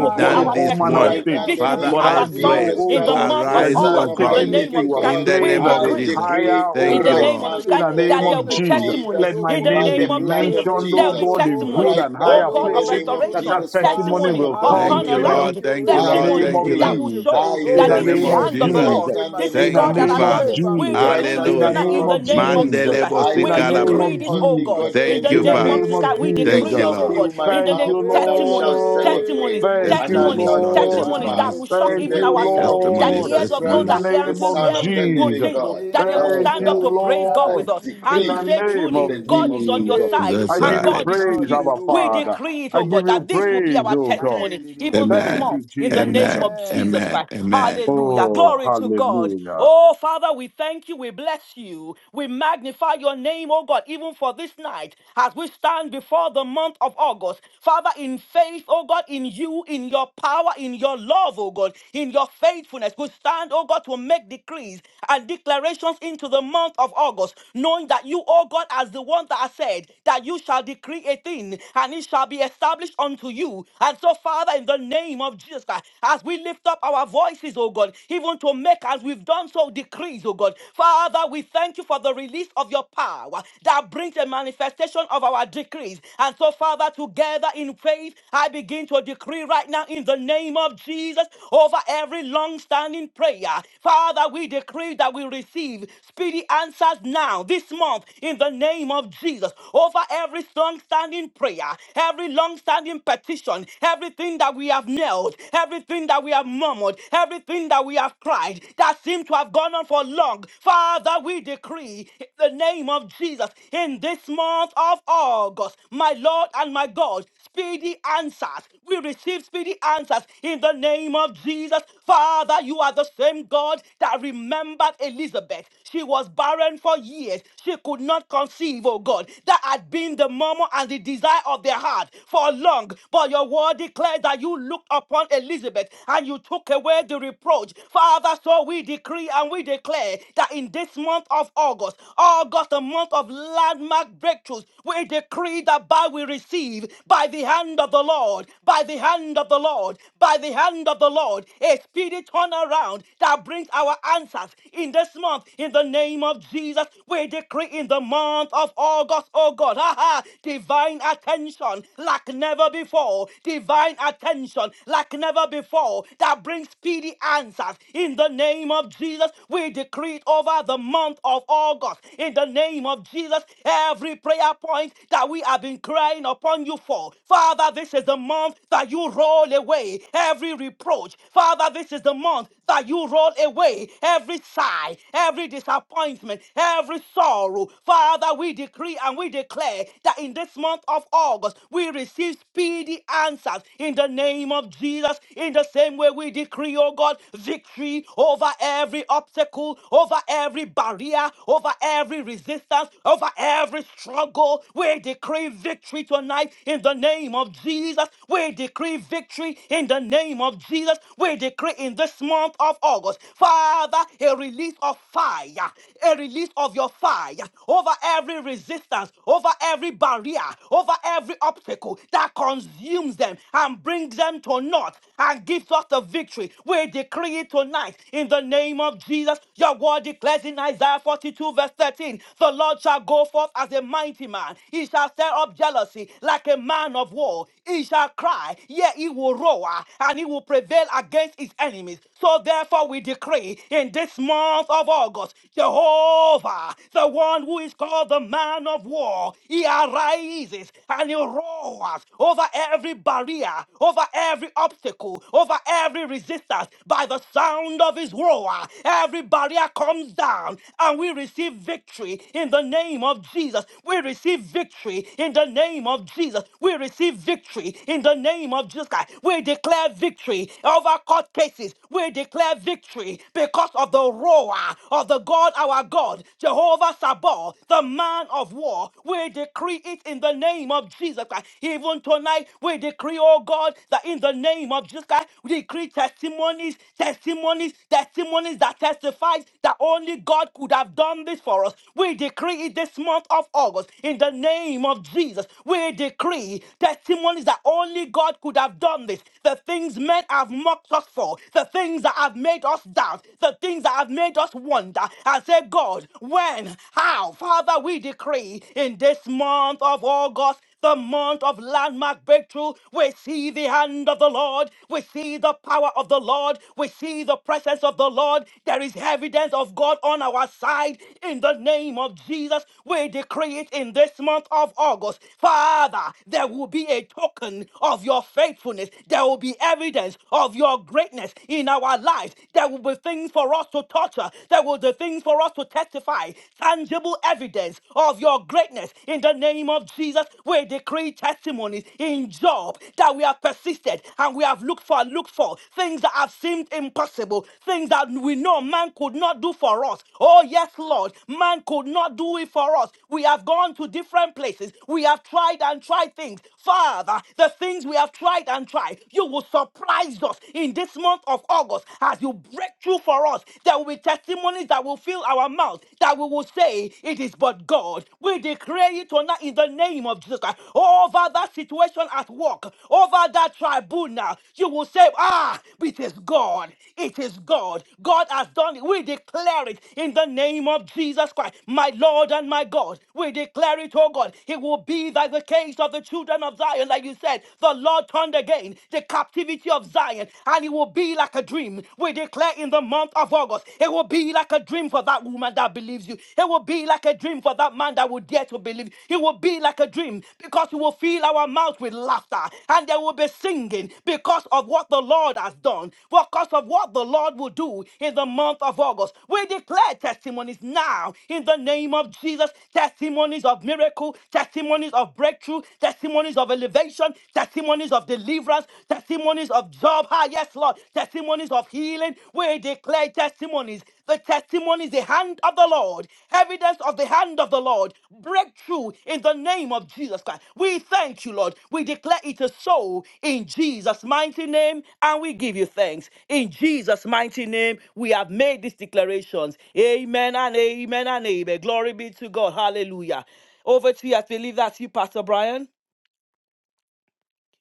Speaker 6: will
Speaker 5: be
Speaker 6: call it
Speaker 4: done
Speaker 5: our
Speaker 3: I
Speaker 6: all
Speaker 4: this
Speaker 6: manner of
Speaker 3: pray
Speaker 4: one.
Speaker 2: Right
Speaker 5: testimony.
Speaker 2: now, in
Speaker 6: things.
Speaker 3: right
Speaker 5: This
Speaker 2: the
Speaker 5: will
Speaker 4: Father,
Speaker 5: be
Speaker 3: now
Speaker 6: But
Speaker 2: name
Speaker 6: I
Speaker 4: I
Speaker 5: our
Speaker 2: of
Speaker 3: in
Speaker 5: song
Speaker 4: pray,
Speaker 6: know,
Speaker 3: the
Speaker 2: Jesus
Speaker 6: oh
Speaker 5: in the
Speaker 2: Christ,
Speaker 3: name
Speaker 6: God,
Speaker 3: of
Speaker 5: month
Speaker 2: the
Speaker 5: of
Speaker 6: that
Speaker 4: arise,
Speaker 3: Jesus.
Speaker 6: you
Speaker 2: Son
Speaker 4: oh
Speaker 6: are
Speaker 5: August.
Speaker 2: of
Speaker 5: In
Speaker 3: I
Speaker 2: the
Speaker 5: the
Speaker 4: God,
Speaker 6: taking me
Speaker 3: make
Speaker 5: name
Speaker 6: to
Speaker 5: of
Speaker 3: a
Speaker 2: living
Speaker 5: Jesus
Speaker 6: a
Speaker 5: Christ,
Speaker 4: in
Speaker 2: God,
Speaker 4: the
Speaker 5: we
Speaker 6: place
Speaker 3: decree
Speaker 4: name
Speaker 6: that
Speaker 4: of
Speaker 2: I
Speaker 6: is
Speaker 5: decree
Speaker 4: Jesus.
Speaker 6: higher,
Speaker 2: decree
Speaker 5: in
Speaker 6: oh
Speaker 4: Thank
Speaker 3: of
Speaker 5: the
Speaker 4: you,
Speaker 2: right
Speaker 6: God
Speaker 5: name of
Speaker 4: Lord.
Speaker 2: now
Speaker 5: Jesus
Speaker 6: in
Speaker 3: testimonies
Speaker 5: Christ,
Speaker 6: the
Speaker 2: in
Speaker 3: of
Speaker 2: the
Speaker 6: name
Speaker 5: that there will
Speaker 6: of
Speaker 2: name
Speaker 5: be
Speaker 3: only
Speaker 2: of
Speaker 6: Jesus.
Speaker 3: God can
Speaker 5: testimonies.
Speaker 6: Let
Speaker 2: Jesus
Speaker 3: do
Speaker 6: my
Speaker 5: In
Speaker 3: for
Speaker 5: the
Speaker 2: by
Speaker 6: name be
Speaker 3: me
Speaker 5: name
Speaker 2: the
Speaker 5: of
Speaker 2: blood
Speaker 5: Jesus,
Speaker 3: in
Speaker 2: of
Speaker 6: mentioned,
Speaker 3: this
Speaker 5: there
Speaker 6: oh
Speaker 5: will
Speaker 3: month
Speaker 5: be
Speaker 2: Jesus.
Speaker 3: of
Speaker 6: God, in
Speaker 3: August.
Speaker 6: good
Speaker 5: testimonies.
Speaker 2: Right
Speaker 6: and
Speaker 3: The
Speaker 5: Oh
Speaker 2: now,
Speaker 6: higher
Speaker 5: God
Speaker 2: in
Speaker 5: of
Speaker 2: the
Speaker 3: Lord
Speaker 6: places,
Speaker 2: name
Speaker 3: is
Speaker 2: of
Speaker 3: on
Speaker 6: that
Speaker 5: restoration,
Speaker 6: that
Speaker 3: my
Speaker 2: Jesus Christ, the
Speaker 3: side.
Speaker 6: testimony
Speaker 2: Son
Speaker 5: testimony
Speaker 6: will
Speaker 2: of the
Speaker 5: of
Speaker 3: Father,
Speaker 6: come
Speaker 4: Thank
Speaker 3: we
Speaker 4: you,
Speaker 2: living God,
Speaker 4: Lord.
Speaker 6: speedily
Speaker 3: thank
Speaker 5: turnaround,
Speaker 3: you,
Speaker 4: Thank
Speaker 3: we
Speaker 6: in
Speaker 4: you,
Speaker 6: the
Speaker 2: I
Speaker 3: thank
Speaker 4: Lord.
Speaker 3: you,
Speaker 6: name
Speaker 5: testimonies
Speaker 4: Thank
Speaker 3: we
Speaker 6: of
Speaker 4: you,
Speaker 5: that
Speaker 4: Lord.
Speaker 2: decree,
Speaker 5: will
Speaker 3: thank you
Speaker 6: Jesus.
Speaker 5: show
Speaker 2: I
Speaker 4: In
Speaker 6: In
Speaker 5: that
Speaker 6: the
Speaker 4: the
Speaker 5: this
Speaker 3: Lord,
Speaker 5: is
Speaker 4: name
Speaker 6: name
Speaker 5: the
Speaker 2: decree,
Speaker 4: of
Speaker 6: of
Speaker 5: hand
Speaker 3: shift
Speaker 5: of
Speaker 3: the
Speaker 5: the
Speaker 4: Jesus.
Speaker 2: right
Speaker 3: things
Speaker 5: Lord.
Speaker 6: Jesus.
Speaker 2: now
Speaker 3: in
Speaker 2: in
Speaker 3: my
Speaker 2: the
Speaker 5: This is
Speaker 6: In
Speaker 2: name
Speaker 6: the
Speaker 5: God
Speaker 4: Thank
Speaker 2: of
Speaker 3: favor.
Speaker 4: you,
Speaker 5: that
Speaker 6: name
Speaker 5: has
Speaker 6: of
Speaker 5: done
Speaker 4: Father.
Speaker 5: it.
Speaker 2: Jesus,
Speaker 3: Favor
Speaker 5: We
Speaker 3: me,
Speaker 6: Jesus.
Speaker 2: right
Speaker 5: decree
Speaker 2: now in
Speaker 5: this
Speaker 6: In
Speaker 2: the
Speaker 6: the
Speaker 3: Almighty
Speaker 4: Hallelujah.
Speaker 5: tonight
Speaker 2: name
Speaker 5: in
Speaker 6: name
Speaker 3: God,
Speaker 5: the
Speaker 2: of
Speaker 6: of
Speaker 5: name of
Speaker 2: Jesus,
Speaker 3: in
Speaker 5: Jesus
Speaker 6: Jesus.
Speaker 4: Mandele
Speaker 3: the
Speaker 5: Christ.
Speaker 2: I
Speaker 3: name
Speaker 6: In the
Speaker 5: We
Speaker 3: of
Speaker 6: name
Speaker 4: bosikalaba.
Speaker 5: decree
Speaker 2: decree
Speaker 6: of
Speaker 5: this,
Speaker 3: Jesus.
Speaker 5: oh
Speaker 2: only
Speaker 5: God.
Speaker 6: Jesus.
Speaker 2: God
Speaker 5: In
Speaker 3: In
Speaker 4: Thank
Speaker 2: can
Speaker 5: the
Speaker 4: you,
Speaker 6: In the
Speaker 2: do
Speaker 5: name of
Speaker 4: Father.
Speaker 6: name
Speaker 5: Jesus
Speaker 2: this.
Speaker 6: of
Speaker 5: Christ, we
Speaker 3: the name
Speaker 2: Yes,
Speaker 4: Thank
Speaker 5: decree
Speaker 4: you,
Speaker 6: Jesus.
Speaker 3: of
Speaker 5: it,
Speaker 2: shall
Speaker 5: oh
Speaker 4: Lord.
Speaker 5: God.
Speaker 2: fill my
Speaker 3: Jesus.
Speaker 5: In the
Speaker 6: Thank
Speaker 5: name,
Speaker 6: you,
Speaker 2: mouth and
Speaker 3: In
Speaker 2: I shall
Speaker 5: testimonies,
Speaker 6: Lord.
Speaker 2: celebrate
Speaker 5: testimonies,
Speaker 3: the name of
Speaker 6: Thank
Speaker 2: and I
Speaker 6: you,
Speaker 3: Jesus.
Speaker 5: testimonies,
Speaker 4: Testimonies,
Speaker 2: shall
Speaker 4: Lord.
Speaker 6: Lord.
Speaker 5: testimonies
Speaker 3: Father,
Speaker 2: testify
Speaker 5: that
Speaker 3: we
Speaker 5: will
Speaker 4: Testimonies,
Speaker 5: shock
Speaker 3: thank
Speaker 2: in
Speaker 6: Thank
Speaker 5: even
Speaker 3: you.
Speaker 2: the
Speaker 6: you,
Speaker 2: name
Speaker 3: We
Speaker 5: ourselves,
Speaker 2: of
Speaker 3: give
Speaker 5: that
Speaker 3: you
Speaker 5: the
Speaker 4: testimonies,
Speaker 6: Lord,
Speaker 3: all
Speaker 5: ears
Speaker 2: Jesus
Speaker 3: the
Speaker 5: of
Speaker 6: in
Speaker 2: Christ,
Speaker 5: those
Speaker 6: the
Speaker 5: that
Speaker 4: testimonies.
Speaker 5: hear
Speaker 2: the
Speaker 3: glory
Speaker 6: name
Speaker 5: unto the
Speaker 6: of
Speaker 2: Son of
Speaker 5: ears
Speaker 2: the
Speaker 5: will
Speaker 2: living
Speaker 6: Jesus.
Speaker 5: tingle,
Speaker 2: God.
Speaker 3: in
Speaker 5: that they
Speaker 3: the
Speaker 5: will
Speaker 2: Oh
Speaker 3: name
Speaker 6: Thank
Speaker 5: stand
Speaker 3: of
Speaker 6: you,
Speaker 5: up to
Speaker 2: God,
Speaker 5: praise God
Speaker 2: I
Speaker 3: Jesus.
Speaker 5: with
Speaker 6: Lord,
Speaker 5: us
Speaker 3: In
Speaker 5: and
Speaker 3: the
Speaker 6: in
Speaker 5: to
Speaker 6: the
Speaker 2: decree
Speaker 5: say
Speaker 3: name of
Speaker 6: name
Speaker 2: in
Speaker 5: truly,
Speaker 2: the
Speaker 6: of
Speaker 5: God
Speaker 3: Jesus.
Speaker 2: name
Speaker 5: is
Speaker 2: of
Speaker 5: on your
Speaker 2: Jesus.
Speaker 6: Jesus.
Speaker 3: Thank
Speaker 5: side
Speaker 3: you,
Speaker 6: I
Speaker 4: That's
Speaker 5: and
Speaker 6: give
Speaker 3: Lord.
Speaker 6: you
Speaker 5: God
Speaker 4: right.
Speaker 5: is with
Speaker 6: praise,
Speaker 5: you.
Speaker 6: Abba
Speaker 5: We
Speaker 6: Father.
Speaker 3: Hallelujah.
Speaker 5: decree it,
Speaker 6: I
Speaker 5: oh
Speaker 6: give
Speaker 5: God, that
Speaker 6: you
Speaker 5: this will be
Speaker 6: praise,
Speaker 5: our
Speaker 3: Rikaturubu
Speaker 6: oh God.
Speaker 5: testimony even this
Speaker 3: shandirigidi.
Speaker 6: Thank
Speaker 4: Amen.
Speaker 5: month
Speaker 6: you,
Speaker 5: in the name
Speaker 6: Jesus.
Speaker 4: Amen.
Speaker 5: of
Speaker 3: Amen.
Speaker 5: Jesus
Speaker 4: Amen.
Speaker 5: Christ.
Speaker 4: Amen.
Speaker 5: Hallelujah.
Speaker 6: Oh,
Speaker 5: Glory to God.
Speaker 6: hallelujah.
Speaker 5: Oh, Father, we thank you. We bless you. We magnify your name, oh God, even for this night as we stand before the month of August. Father, in faith, strength, oh God, in you, in your power, in your love, oh God, in your faithfulness. We stand, oh God, to make decrees and declarations into the month of August, knowing that you, oh God, as the one that has said that you shall decree a thing and it shall be established unto you. And so, Father, in the name of Jesus Christ, as we lift up our voices, oh God, even to make as we've done so decrees, oh God, Father, we thank you for the release of your power that brings a manifestation of our decrees. And so, Father, together in praise life. I begin to decree right now in the name of Jesus over every long standing prayer. Father, we decree that we receive speedy answers now, this month, in the name of Jesus, over every long standing prayer, every long standing petition, everything that we have knelt, everything that we have murmured, everything that we have cried that seemed to have gone on for long. Father, we decree in the name of Jesus in this month of August, my Lord and my God speedy answers. We receive speedy answers in the name of Jesus. Father, you are the same God that remembered Elizabeth. She was barren for years. She could not conceive, oh God. That had been the murmur and the desire of their heart for long. But your word declared that you looked upon Elizabeth and you took away the reproach. Father, so we decree and we declare that in this month of August, August, the month of landmark breakthroughs, we decree that by we receive, by the hand of the Lord, by the hand of the Lord, by the hand of the Lord, a speedy turnaround that brings our answers in this month. In the name of Jesus, we decree in the month of August, oh God, haha, divine attention like never before, divine attention like never before that brings speedy answers. In the name of Jesus, we decree it over the month of August. In the name of Jesus, every prayer point that we have been crying upon you fall. Father, this is the month that you roll away every reproach. Father, this is the month that you roll away every sigh, every disappointment, every sorrow. Father, we decree and we declare that in this month of August, we receive speedy answers in the name of Jesus. In the same way, we decree, oh God, victory over every obstacle, over every barrier, over every resistance, over every struggle. We decree victory tonight tonight in the name of Jesus. We decree victory in the name of Jesus. We decree in this month of August, Father, a release of fire, a release of your fire over every resistance, over every barrier, over every obstacle that consumes them and brings them to naught and gives us the victory. We decree it tonight in the name of Jesus. Your word declares in Isaiah 42, verse 13 the Lord shall go forth as a mighty man, he shall stir up jealousy mighty, like a man of war. He shall cry, yet he will roar, and he will prevail against his enemies. So therefore we decree in this month of August, Jehovah, the one who is called the man of war, he arises and he roars over every barrier, over every obstacle, over every resistance by the sound of his roar. Every barrier comes down and we receive victory in the name of Jesus. We receive victory in the name name of Jesus. We receive victory in the name of Jesus Christ. We declare victory over court cases. We declare victory because of the roar of the God, our God, Jehovah Sabaoth, the man of war. We decree it in the name of Jesus Christ. Even tonight, we decree, oh God, that in the name of Jesus Christ, we decree testimonies, testimonies, testimonies that testifies that only God could have done this for us. We decree it this month of August in the name of Jesus. Jesus, we decree testimonies that only God could have done this. The things men have mocked us for, the things that have made us doubt, the things that have made us wonder and say, God, when, how? Father, we decree in this month of August the month of landmark breakthrough. We see the hand of the Lord. We see the power of the Lord. We see the presence of the Lord. There is evidence of God on our side. In the name of Jesus, we decree it in this month of August. Father, there will be a token of your faithfulness. There will be evidence of your greatness in our lives. There will be things for us to torture. There will be things for us to testify. Tangible evidence of your greatness in the name of Jesus. We decree testimonies in Job that we have persisted and we have looked for, looked for things that have seemed impossible, things that we know man could not do for us. Oh, yes, Lord, man could not do it for us. We have gone to different places, we have tried and tried things. Father, the things we have tried and tried, you will surprise us in this month of August as you break through for us. There there will be testimonies that will fill our mouth, that we will say, It is but God. We declare it tonight in the name of Jesus Christ. Over that situation at work, over that tribunal, you will say, Ah, it is God. It is God. God has done it. We declare it in the name of Jesus Christ, my Lord and my God. We declare it, oh God. It will be like the case of the children of Zion, like you said. The Lord turned again the captivity of Zion. Zion, and it will be like a dream. We declare in the month of August, it will be like a dream for that woman that believes you. It will be like a dream for that man that will dare to believe. It will be like a dream because you will fill our mouth with laughter, and there will be singing because of what the Lord has done, because of what the Lord will do in the month of August. We declare testimonies now in the name of Jesus. Testimonies of miracle, testimonies of breakthrough, testimonies of elevation salvation, testimonies of deliverance, testimonies of job. Ah, yes, Lord. Testimonies of healing. We declare testimonies. The testimony is the hand of the Lord, evidence of the hand of the Lord. Breakthrough in the name of Jesus Christ. We thank you, Lord. We declare it is so in Jesus' mighty name, and we give you thanks. In Jesus' mighty name, we have made these declarations. Amen and amen and amen. Glory be to God. Hallelujah. Over to you as we leave that to you, Pastor Brian.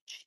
Speaker 5: Jesus.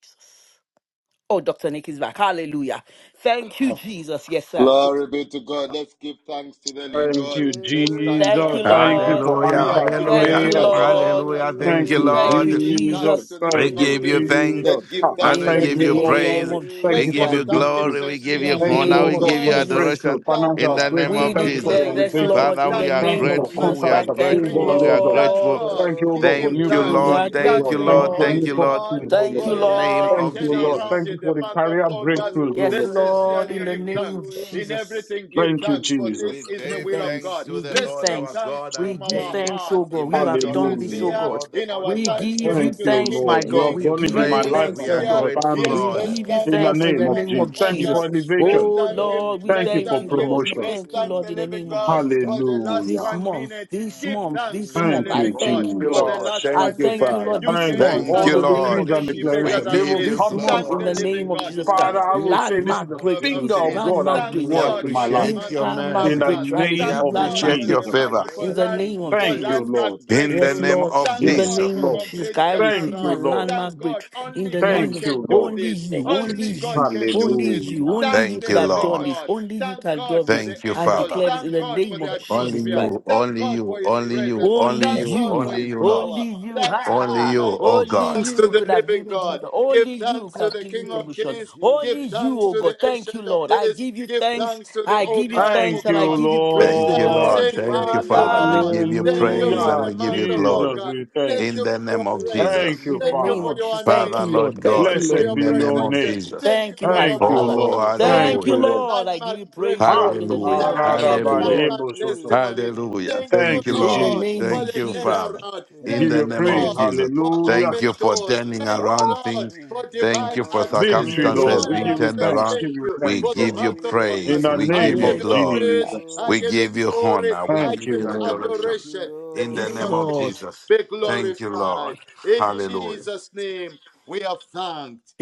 Speaker 5: Oh, Dr. Nick is back. Hallelujah. Thank you, Jesus. Yes, sir.
Speaker 2: Glory be to God. Let's give thanks to the living
Speaker 6: Thank
Speaker 2: God.
Speaker 6: you,
Speaker 2: Let's
Speaker 3: Hallelujah.
Speaker 2: thank the
Speaker 5: Thank
Speaker 6: Jesus.
Speaker 5: you,
Speaker 2: Almighty
Speaker 6: Thank
Speaker 2: God.
Speaker 6: you
Speaker 5: Lord.
Speaker 6: for
Speaker 4: Hallelujah.
Speaker 2: We have
Speaker 6: answered
Speaker 5: Thank
Speaker 4: Hallelujah.
Speaker 5: you,
Speaker 2: decreed and
Speaker 6: prayers.
Speaker 2: the
Speaker 3: Thank
Speaker 2: Lord
Speaker 5: Lord.
Speaker 3: you,
Speaker 2: has
Speaker 4: Hallelujah.
Speaker 2: heard.
Speaker 4: Thank
Speaker 6: Thank
Speaker 4: you,
Speaker 6: you,
Speaker 5: Thank
Speaker 2: Let's
Speaker 5: you,
Speaker 4: Lord.
Speaker 2: give
Speaker 3: Lord.
Speaker 2: thanks
Speaker 6: Jesus.
Speaker 5: Jesus.
Speaker 2: to the
Speaker 4: We
Speaker 6: Thank
Speaker 2: King of
Speaker 6: you,
Speaker 4: give you
Speaker 2: Kings.
Speaker 4: thanks
Speaker 2: Let's
Speaker 6: Jesus.
Speaker 3: Thank
Speaker 2: give
Speaker 6: I
Speaker 3: you,
Speaker 6: I
Speaker 4: and
Speaker 2: thanks
Speaker 5: In
Speaker 4: we
Speaker 2: to
Speaker 5: the
Speaker 2: the
Speaker 6: thank
Speaker 4: give
Speaker 6: you,
Speaker 2: King
Speaker 4: you
Speaker 2: of
Speaker 6: Lord.
Speaker 3: Jesus.
Speaker 5: name
Speaker 4: praise.
Speaker 2: Glory.
Speaker 5: of
Speaker 6: Thank
Speaker 4: We
Speaker 5: Jesus
Speaker 2: Let's
Speaker 6: you
Speaker 3: Thank
Speaker 6: for
Speaker 4: give
Speaker 5: Christ.
Speaker 2: just
Speaker 3: you,
Speaker 6: the
Speaker 4: you
Speaker 2: thank Him
Speaker 6: victory.
Speaker 4: glory.
Speaker 3: Jesus.
Speaker 4: We
Speaker 5: In
Speaker 4: give
Speaker 5: the
Speaker 4: you
Speaker 3: Thank
Speaker 2: sincerely.
Speaker 6: Thank
Speaker 3: you,
Speaker 6: you,
Speaker 4: honor.
Speaker 6: oh
Speaker 5: name
Speaker 4: We
Speaker 5: of
Speaker 6: God,
Speaker 4: give
Speaker 6: for
Speaker 4: you
Speaker 3: Jesus.
Speaker 6: the
Speaker 2: Yes,
Speaker 5: Jesus.
Speaker 4: adoration
Speaker 6: breakthrough,
Speaker 2: thank
Speaker 4: in
Speaker 6: financial
Speaker 4: the
Speaker 3: Thank
Speaker 2: God for
Speaker 3: you,
Speaker 4: name
Speaker 6: breakthrough.
Speaker 2: the
Speaker 5: We
Speaker 4: of
Speaker 6: Thank
Speaker 2: month
Speaker 6: you for
Speaker 2: of
Speaker 4: Jesus.
Speaker 6: the
Speaker 5: declare this,
Speaker 2: August.
Speaker 6: elevation.
Speaker 5: Lord,
Speaker 4: Father,
Speaker 5: in
Speaker 4: we
Speaker 3: Jesus.
Speaker 5: the
Speaker 2: Thank
Speaker 4: are
Speaker 6: Thank
Speaker 2: God
Speaker 5: name
Speaker 6: you
Speaker 5: of
Speaker 3: Thank
Speaker 6: for
Speaker 2: for
Speaker 3: you,
Speaker 4: grateful.
Speaker 5: Jesus
Speaker 4: We are
Speaker 6: contracts
Speaker 5: Christ.
Speaker 2: answered
Speaker 5: Thank you,
Speaker 4: grateful.
Speaker 6: approval,
Speaker 4: We
Speaker 2: decrees.
Speaker 6: oh
Speaker 3: Jesus.
Speaker 4: are
Speaker 6: God.
Speaker 2: Thank
Speaker 5: Lord.
Speaker 4: grateful.
Speaker 2: God.
Speaker 6: Thank you, oh
Speaker 2: Give
Speaker 6: God, for
Speaker 2: Him
Speaker 4: Thank
Speaker 6: new
Speaker 4: you,
Speaker 5: We
Speaker 2: thanks.
Speaker 6: buildings,
Speaker 5: are
Speaker 4: Lord.
Speaker 3: Hallelujah.
Speaker 6: oh
Speaker 4: Thank
Speaker 2: Thank
Speaker 6: God.
Speaker 4: you,
Speaker 5: grateful,
Speaker 2: the
Speaker 6: Thank you
Speaker 4: Lord.
Speaker 6: for
Speaker 5: Lord.
Speaker 4: Thank
Speaker 6: new
Speaker 4: you,
Speaker 2: Almighty
Speaker 3: Hallelujah.
Speaker 4: Lord.
Speaker 2: God
Speaker 6: properties, oh
Speaker 5: Thank
Speaker 4: In
Speaker 6: God.
Speaker 5: you,
Speaker 2: for
Speaker 4: the
Speaker 3: Hallelujah.
Speaker 2: yes, for
Speaker 4: name
Speaker 2: the
Speaker 5: Lord.
Speaker 6: Thank
Speaker 4: of
Speaker 6: you, Lord.
Speaker 3: Hallelujah.
Speaker 2: turnaround
Speaker 4: Jesus,
Speaker 6: Thank
Speaker 2: in
Speaker 6: you
Speaker 2: the
Speaker 6: for the
Speaker 2: month of
Speaker 6: career
Speaker 2: August.
Speaker 6: breakthroughs, oh
Speaker 5: Yes,
Speaker 2: Let's
Speaker 6: God.
Speaker 3: Hallelujah.
Speaker 5: Lord,
Speaker 2: sincerely
Speaker 5: in the
Speaker 2: give
Speaker 5: name of
Speaker 2: thanks.
Speaker 3: Hallelujah.
Speaker 2: In
Speaker 5: Jesus.
Speaker 2: everything, give
Speaker 6: Thank
Speaker 3: Thank
Speaker 6: you,
Speaker 2: thanks,
Speaker 3: you,
Speaker 2: for this
Speaker 6: Jesus.
Speaker 4: we
Speaker 3: Jesus.
Speaker 2: is
Speaker 5: give
Speaker 2: the
Speaker 4: give
Speaker 2: will of
Speaker 4: thanks
Speaker 5: thanks.
Speaker 2: God.
Speaker 4: to
Speaker 5: We
Speaker 4: the
Speaker 5: give
Speaker 2: Let's
Speaker 4: Lord
Speaker 2: give
Speaker 4: our
Speaker 5: thanks.
Speaker 2: thanks
Speaker 4: God
Speaker 5: We
Speaker 2: from
Speaker 4: and
Speaker 5: give
Speaker 2: our
Speaker 7: you,
Speaker 4: King,
Speaker 5: thanks, oh
Speaker 2: hearts.
Speaker 5: God. You
Speaker 2: Let's
Speaker 5: have
Speaker 2: be
Speaker 4: immortal,
Speaker 3: Thank
Speaker 5: done
Speaker 3: you,
Speaker 5: this,
Speaker 6: Hallelujah.
Speaker 5: oh
Speaker 2: sincere
Speaker 5: God.
Speaker 4: invisible,
Speaker 3: Lord.
Speaker 4: the
Speaker 2: in our
Speaker 4: only
Speaker 5: We
Speaker 3: Thank you,
Speaker 4: wise
Speaker 5: give you
Speaker 2: thanksgiving
Speaker 6: Thank
Speaker 4: God.
Speaker 3: Lord.
Speaker 2: to the
Speaker 6: you,
Speaker 5: thanks,
Speaker 2: King of
Speaker 4: We
Speaker 5: my
Speaker 6: Lord.
Speaker 7: thank
Speaker 5: God.
Speaker 6: You
Speaker 7: you,
Speaker 3: Thank
Speaker 6: have
Speaker 4: give
Speaker 2: Kings.
Speaker 5: We
Speaker 4: you
Speaker 3: you,
Speaker 6: done
Speaker 5: give
Speaker 6: it in
Speaker 2: Let's
Speaker 6: my
Speaker 5: you
Speaker 2: be
Speaker 3: Lord.
Speaker 4: praise.
Speaker 6: life
Speaker 5: thanks,
Speaker 4: We
Speaker 6: and
Speaker 5: oh
Speaker 4: are
Speaker 6: for my
Speaker 2: sincere.
Speaker 5: God.
Speaker 4: grateful,
Speaker 6: family.
Speaker 2: Yes,
Speaker 3: Thank
Speaker 5: We
Speaker 3: you,
Speaker 4: Lord.
Speaker 2: let's
Speaker 5: give you
Speaker 7: Father.
Speaker 2: thank
Speaker 6: In
Speaker 7: Thank
Speaker 3: Lord.
Speaker 6: the
Speaker 7: you,
Speaker 2: God
Speaker 5: thanks
Speaker 2: for
Speaker 5: in
Speaker 2: the
Speaker 6: name
Speaker 5: the
Speaker 6: of
Speaker 2: month
Speaker 5: name
Speaker 2: of
Speaker 3: Thank
Speaker 6: Jesus.
Speaker 5: of
Speaker 3: you,
Speaker 6: Thank you for
Speaker 5: Jesus.
Speaker 2: August.
Speaker 3: Lord.
Speaker 7: thank
Speaker 2: Let's
Speaker 6: elevation.
Speaker 5: Oh
Speaker 7: you,
Speaker 2: thank
Speaker 7: Lord.
Speaker 2: Him.
Speaker 3: Thank
Speaker 5: Lord, we
Speaker 3: you,
Speaker 6: Thank
Speaker 2: Let's
Speaker 6: you
Speaker 5: thank
Speaker 6: for
Speaker 5: you,
Speaker 2: thank Him.
Speaker 5: Lord. We
Speaker 3: Jesus.
Speaker 6: promotion.
Speaker 2: Let's
Speaker 5: thank you,
Speaker 2: thank
Speaker 5: Lord,
Speaker 2: the
Speaker 3: Thank
Speaker 5: in the
Speaker 3: you,
Speaker 2: living
Speaker 5: name of
Speaker 2: God
Speaker 5: Jesus
Speaker 2: for
Speaker 5: Christ.
Speaker 3: Jesus.
Speaker 2: the last
Speaker 5: This
Speaker 6: Hallelujah.
Speaker 2: one
Speaker 5: month,
Speaker 2: minute.
Speaker 5: this
Speaker 2: Give
Speaker 5: month,
Speaker 2: thanks
Speaker 5: this
Speaker 2: to the
Speaker 5: month,
Speaker 3: Hallelujah.
Speaker 6: Thank
Speaker 5: I
Speaker 6: you,
Speaker 2: living
Speaker 4: Thank
Speaker 2: God
Speaker 5: thank you,
Speaker 4: you,
Speaker 2: for
Speaker 5: Lord.
Speaker 2: the
Speaker 4: Lord.
Speaker 6: Jesus.
Speaker 2: last
Speaker 5: I
Speaker 4: Thank
Speaker 2: one
Speaker 4: you,
Speaker 5: thank
Speaker 2: minute.
Speaker 5: you,
Speaker 4: Father.
Speaker 5: Lord,
Speaker 2: You
Speaker 5: this
Speaker 2: can
Speaker 6: Thank
Speaker 2: your
Speaker 6: you.
Speaker 5: month
Speaker 4: Thank
Speaker 5: in
Speaker 6: All
Speaker 4: you,
Speaker 5: the
Speaker 6: the
Speaker 3: Hallelujah.
Speaker 5: name
Speaker 2: thanksgiving
Speaker 6: decrees
Speaker 5: of
Speaker 4: Lord.
Speaker 6: and
Speaker 2: can be
Speaker 5: Jesus
Speaker 2: better
Speaker 4: We
Speaker 5: Christ.
Speaker 6: declaration, they
Speaker 2: than
Speaker 4: give
Speaker 6: will
Speaker 2: this.
Speaker 4: you
Speaker 5: This
Speaker 6: come to
Speaker 5: month
Speaker 2: Thank
Speaker 5: in
Speaker 2: the
Speaker 4: glory.
Speaker 5: the
Speaker 6: pass.
Speaker 4: We
Speaker 5: name
Speaker 2: living
Speaker 4: give
Speaker 5: of
Speaker 4: you
Speaker 2: God.
Speaker 5: Jesus Christ.
Speaker 6: Father,
Speaker 2: Thank
Speaker 4: glory.
Speaker 3: Hallelujah.
Speaker 6: I
Speaker 2: the
Speaker 6: will say
Speaker 2: ancient
Speaker 4: We
Speaker 2: of,
Speaker 6: this
Speaker 5: Landmark
Speaker 6: is the
Speaker 4: have
Speaker 2: of,
Speaker 4: grateful
Speaker 2: of
Speaker 6: finger
Speaker 5: breakthroughs,
Speaker 6: of
Speaker 2: days.
Speaker 4: once
Speaker 6: God at
Speaker 5: landmark
Speaker 4: again.
Speaker 2: Thank
Speaker 4: We
Speaker 6: work
Speaker 5: breakthroughs.
Speaker 2: God
Speaker 6: in my
Speaker 2: for the
Speaker 6: life.
Speaker 5: You
Speaker 4: appreciate
Speaker 2: month
Speaker 4: your
Speaker 3: Thank
Speaker 2: of
Speaker 3: you,
Speaker 6: In
Speaker 5: landmark
Speaker 4: mercy.
Speaker 6: the
Speaker 3: Lord.
Speaker 2: August.
Speaker 5: breakthrough. I
Speaker 4: We
Speaker 3: Thank
Speaker 6: name
Speaker 5: receive
Speaker 2: Thank
Speaker 3: you,
Speaker 6: of
Speaker 2: God
Speaker 5: landmark
Speaker 3: Lord.
Speaker 4: appreciate
Speaker 2: for
Speaker 4: your
Speaker 6: Jesus
Speaker 2: the
Speaker 3: Thank
Speaker 5: breakthroughs
Speaker 3: you,
Speaker 4: favor.
Speaker 6: Christ.
Speaker 2: micro for
Speaker 5: in
Speaker 3: Lord.
Speaker 5: the
Speaker 2: land
Speaker 5: name
Speaker 3: Thank
Speaker 5: of
Speaker 3: you,
Speaker 2: for
Speaker 6: Thank
Speaker 3: Lord.
Speaker 5: Jesus.
Speaker 6: you,
Speaker 2: landmark
Speaker 6: Lord.
Speaker 4: In the
Speaker 5: Yes,
Speaker 2: breakthroughs.
Speaker 4: name
Speaker 5: Lord,
Speaker 4: of
Speaker 5: in
Speaker 2: Thank
Speaker 5: the
Speaker 6: Yes,
Speaker 2: God
Speaker 4: Jesus.
Speaker 5: name
Speaker 2: for
Speaker 4: Thank
Speaker 5: of
Speaker 6: Lord.
Speaker 5: Jesus,
Speaker 2: complete
Speaker 5: God, I
Speaker 6: Thank
Speaker 5: receive my
Speaker 6: you,
Speaker 2: turnaround.
Speaker 6: Lord.
Speaker 5: landmark
Speaker 2: Thank God.
Speaker 5: breakthrough in
Speaker 2: Only
Speaker 5: the
Speaker 2: God
Speaker 5: name
Speaker 6: Thank
Speaker 5: of
Speaker 6: you,
Speaker 2: can do
Speaker 6: Lord.
Speaker 5: only
Speaker 2: this.
Speaker 7: Thank
Speaker 5: you,
Speaker 7: you,
Speaker 4: you,
Speaker 5: only
Speaker 2: Only God
Speaker 5: you,
Speaker 4: Jesus.
Speaker 2: can do
Speaker 5: only
Speaker 2: this.
Speaker 3: Thank
Speaker 5: you,
Speaker 3: you,
Speaker 6: Hallelujah.
Speaker 5: only
Speaker 2: Thank
Speaker 5: you
Speaker 4: Thank
Speaker 2: the
Speaker 5: could
Speaker 4: you,
Speaker 3: Jesus.
Speaker 5: have
Speaker 2: living
Speaker 5: done
Speaker 4: Lord.
Speaker 5: this,
Speaker 2: God.
Speaker 5: only you
Speaker 2: Thank
Speaker 5: can do
Speaker 2: God for
Speaker 5: this.
Speaker 2: the
Speaker 4: Thank you,
Speaker 5: I
Speaker 2: angels.
Speaker 4: Father.
Speaker 5: declare this in
Speaker 2: Thank
Speaker 5: the
Speaker 2: God for
Speaker 5: name
Speaker 2: the
Speaker 5: of
Speaker 7: thank you,
Speaker 4: Only
Speaker 5: Jesus
Speaker 2: atmosphere.
Speaker 5: Christ.
Speaker 4: you,
Speaker 2: Thank
Speaker 4: only
Speaker 2: God for
Speaker 4: you,
Speaker 2: his
Speaker 4: only you,
Speaker 3: Thank
Speaker 2: presence.
Speaker 3: you,
Speaker 5: Only
Speaker 4: only
Speaker 3: Lord.
Speaker 7: thank
Speaker 2: Thank
Speaker 4: you,
Speaker 7: you,
Speaker 2: God
Speaker 5: you,
Speaker 2: for
Speaker 7: Father.
Speaker 4: only
Speaker 2: his
Speaker 4: you, Lord.
Speaker 2: power.
Speaker 5: only you,
Speaker 2: Thank
Speaker 5: ha
Speaker 2: the
Speaker 4: Only
Speaker 5: ha.
Speaker 4: you,
Speaker 2: Almighty
Speaker 4: oh
Speaker 2: God.
Speaker 5: Only
Speaker 4: God.
Speaker 3: Thank
Speaker 2: Thanks to
Speaker 3: you,
Speaker 5: you
Speaker 2: the
Speaker 5: could
Speaker 3: Lord.
Speaker 5: have
Speaker 2: living
Speaker 5: given me
Speaker 2: God.
Speaker 5: deliverance.
Speaker 2: Give
Speaker 5: Only you
Speaker 2: thanks
Speaker 5: could
Speaker 2: to
Speaker 5: have
Speaker 2: the
Speaker 5: given me
Speaker 2: King
Speaker 7: Thank
Speaker 2: of
Speaker 7: you,
Speaker 3: Thank
Speaker 5: promotion.
Speaker 3: you,
Speaker 2: Kings. Give
Speaker 5: Only
Speaker 3: Jesus.
Speaker 5: you,
Speaker 2: thanks
Speaker 5: oh
Speaker 2: to the
Speaker 5: God. Thank you,
Speaker 2: Ancient of
Speaker 5: Lord. I
Speaker 2: Days.
Speaker 5: give you
Speaker 2: Give
Speaker 5: thanks.
Speaker 2: thanks to the
Speaker 5: I
Speaker 2: All
Speaker 5: give you
Speaker 3: Thank you,
Speaker 2: Powerful
Speaker 6: Thank
Speaker 5: thanks and I
Speaker 2: God.
Speaker 3: Jesus.
Speaker 6: you,
Speaker 5: give you praise,
Speaker 2: Lord,
Speaker 4: Thank
Speaker 5: oh
Speaker 2: I
Speaker 4: you,
Speaker 5: God.
Speaker 2: am
Speaker 6: Lord.
Speaker 4: Lord.
Speaker 5: Thank you,
Speaker 2: saying
Speaker 4: Thank you,
Speaker 2: thank you,
Speaker 4: Father.
Speaker 3: Thank
Speaker 4: We
Speaker 5: Father.
Speaker 2: Lord.
Speaker 3: you,
Speaker 4: give you
Speaker 2: Thank
Speaker 3: Lord.
Speaker 2: you
Speaker 4: praise
Speaker 2: for
Speaker 5: Mm,
Speaker 4: and
Speaker 6: Hallelujah.
Speaker 2: the
Speaker 4: we give
Speaker 2: month
Speaker 4: you
Speaker 2: of
Speaker 6: Jesus,
Speaker 4: glory.
Speaker 2: August.
Speaker 6: we
Speaker 2: Thank
Speaker 6: thank
Speaker 4: In
Speaker 2: you
Speaker 6: you.
Speaker 4: the
Speaker 2: for your
Speaker 4: name of
Speaker 3: Thank you,
Speaker 2: praises.
Speaker 6: Thank
Speaker 4: Jesus.
Speaker 5: In
Speaker 6: you,
Speaker 5: the
Speaker 2: Thank
Speaker 3: Jesus.
Speaker 2: you
Speaker 5: name
Speaker 2: for
Speaker 5: of
Speaker 6: Father.
Speaker 2: your
Speaker 5: Jesus. Thank
Speaker 4: Father,
Speaker 5: you,
Speaker 2: anointing.
Speaker 4: Lord
Speaker 5: Lord.
Speaker 2: Thank
Speaker 5: Thank
Speaker 2: you
Speaker 4: God,
Speaker 5: you,
Speaker 2: for
Speaker 5: Lord.
Speaker 6: Blessed
Speaker 2: your
Speaker 4: in
Speaker 6: be
Speaker 4: the name
Speaker 6: your
Speaker 4: of
Speaker 2: protection.
Speaker 6: name.
Speaker 4: Jesus.
Speaker 2: Thank you
Speaker 5: Thank you,
Speaker 2: for
Speaker 5: my
Speaker 3: Thank
Speaker 2: your
Speaker 6: Thank
Speaker 3: you,
Speaker 6: you,
Speaker 5: Father.
Speaker 2: power.
Speaker 3: Lord.
Speaker 4: Oh,
Speaker 6: Lord.
Speaker 2: Thank you
Speaker 6: Thank
Speaker 5: Thank you,
Speaker 2: for
Speaker 6: you,
Speaker 4: hallelujah.
Speaker 2: the
Speaker 6: Lord.
Speaker 5: Lord. I give
Speaker 2: landmark
Speaker 5: you praise,
Speaker 6: Ah,
Speaker 5: Lord,
Speaker 2: breakthroughs.
Speaker 5: in the
Speaker 6: ah,
Speaker 5: name
Speaker 4: Hallelujah.
Speaker 5: of
Speaker 2: Thank
Speaker 5: Jesus.
Speaker 6: da,
Speaker 2: you for
Speaker 6: da,
Speaker 5: Thank
Speaker 2: the
Speaker 5: you,
Speaker 6: ba,
Speaker 4: Hallelujah.
Speaker 5: Lord.
Speaker 2: landmark
Speaker 6: yebo, soto.
Speaker 3: Thank you,
Speaker 2: testimonies.
Speaker 3: Lord.
Speaker 4: Hallelujah.
Speaker 2: Thank you,
Speaker 4: Thank
Speaker 6: Thank
Speaker 4: you,
Speaker 6: you,
Speaker 5: In the
Speaker 4: Lord.
Speaker 2: Lord,
Speaker 6: Jesus.
Speaker 5: name of
Speaker 2: for
Speaker 4: Thank
Speaker 2: the
Speaker 4: you,
Speaker 5: Jesus.
Speaker 4: Father.
Speaker 2: turnaround.
Speaker 6: I
Speaker 3: Thank
Speaker 4: In
Speaker 6: give
Speaker 2: Thank
Speaker 3: you,
Speaker 4: the
Speaker 6: you
Speaker 2: you,
Speaker 4: name
Speaker 3: Lord.
Speaker 5: In
Speaker 6: praise.
Speaker 4: of
Speaker 5: the,
Speaker 2: Lord,
Speaker 4: Jesus.
Speaker 2: for
Speaker 6: Hallelujah.
Speaker 4: Thank
Speaker 2: open
Speaker 4: you for
Speaker 2: doors.
Speaker 4: turning
Speaker 6: Ah,
Speaker 2: Thank you,
Speaker 4: around
Speaker 2: Lord,
Speaker 4: things.
Speaker 2: for
Speaker 3: Thank you,
Speaker 4: Thank
Speaker 2: divine
Speaker 4: you for
Speaker 2: access.
Speaker 5: in the
Speaker 6: Victory, Lord.
Speaker 5: name
Speaker 4: circumstances
Speaker 2: Lord,
Speaker 5: of
Speaker 6: We
Speaker 2: I
Speaker 4: being
Speaker 7: thank
Speaker 6: give
Speaker 2: am
Speaker 7: you,
Speaker 6: you
Speaker 3: Lord.
Speaker 4: turned
Speaker 2: saying
Speaker 6: thanks.
Speaker 4: around.
Speaker 2: thank
Speaker 6: Give you
Speaker 2: you
Speaker 4: We
Speaker 6: thanks,
Speaker 2: for the
Speaker 4: give
Speaker 6: Lord.
Speaker 4: you
Speaker 2: month of
Speaker 6: In
Speaker 4: praise.
Speaker 2: August.
Speaker 6: the
Speaker 4: We
Speaker 2: I
Speaker 3: Thank
Speaker 4: give
Speaker 6: name
Speaker 3: you,
Speaker 4: you
Speaker 2: give
Speaker 5: yes,
Speaker 6: of
Speaker 2: you
Speaker 4: glory.
Speaker 2: praise.
Speaker 6: Jesus.
Speaker 2: I
Speaker 4: We
Speaker 3: Lord.
Speaker 2: give you
Speaker 4: give you
Speaker 2: glory.
Speaker 4: honor. We
Speaker 2: I
Speaker 6: Thank
Speaker 4: give
Speaker 2: give
Speaker 4: you
Speaker 6: you,
Speaker 2: you
Speaker 6: Lord.
Speaker 3: Thank
Speaker 4: adoration.
Speaker 3: you,
Speaker 2: adoration. The
Speaker 4: In the
Speaker 5: yes,
Speaker 2: King of
Speaker 4: name of
Speaker 3: Lord.
Speaker 5: Lord.
Speaker 2: Kings
Speaker 4: Jesus.
Speaker 2: be
Speaker 4: Thank you,
Speaker 2: glorified.
Speaker 4: Lord.
Speaker 2: In
Speaker 4: Hallelujah.
Speaker 2: Jesus' name, we are thanked.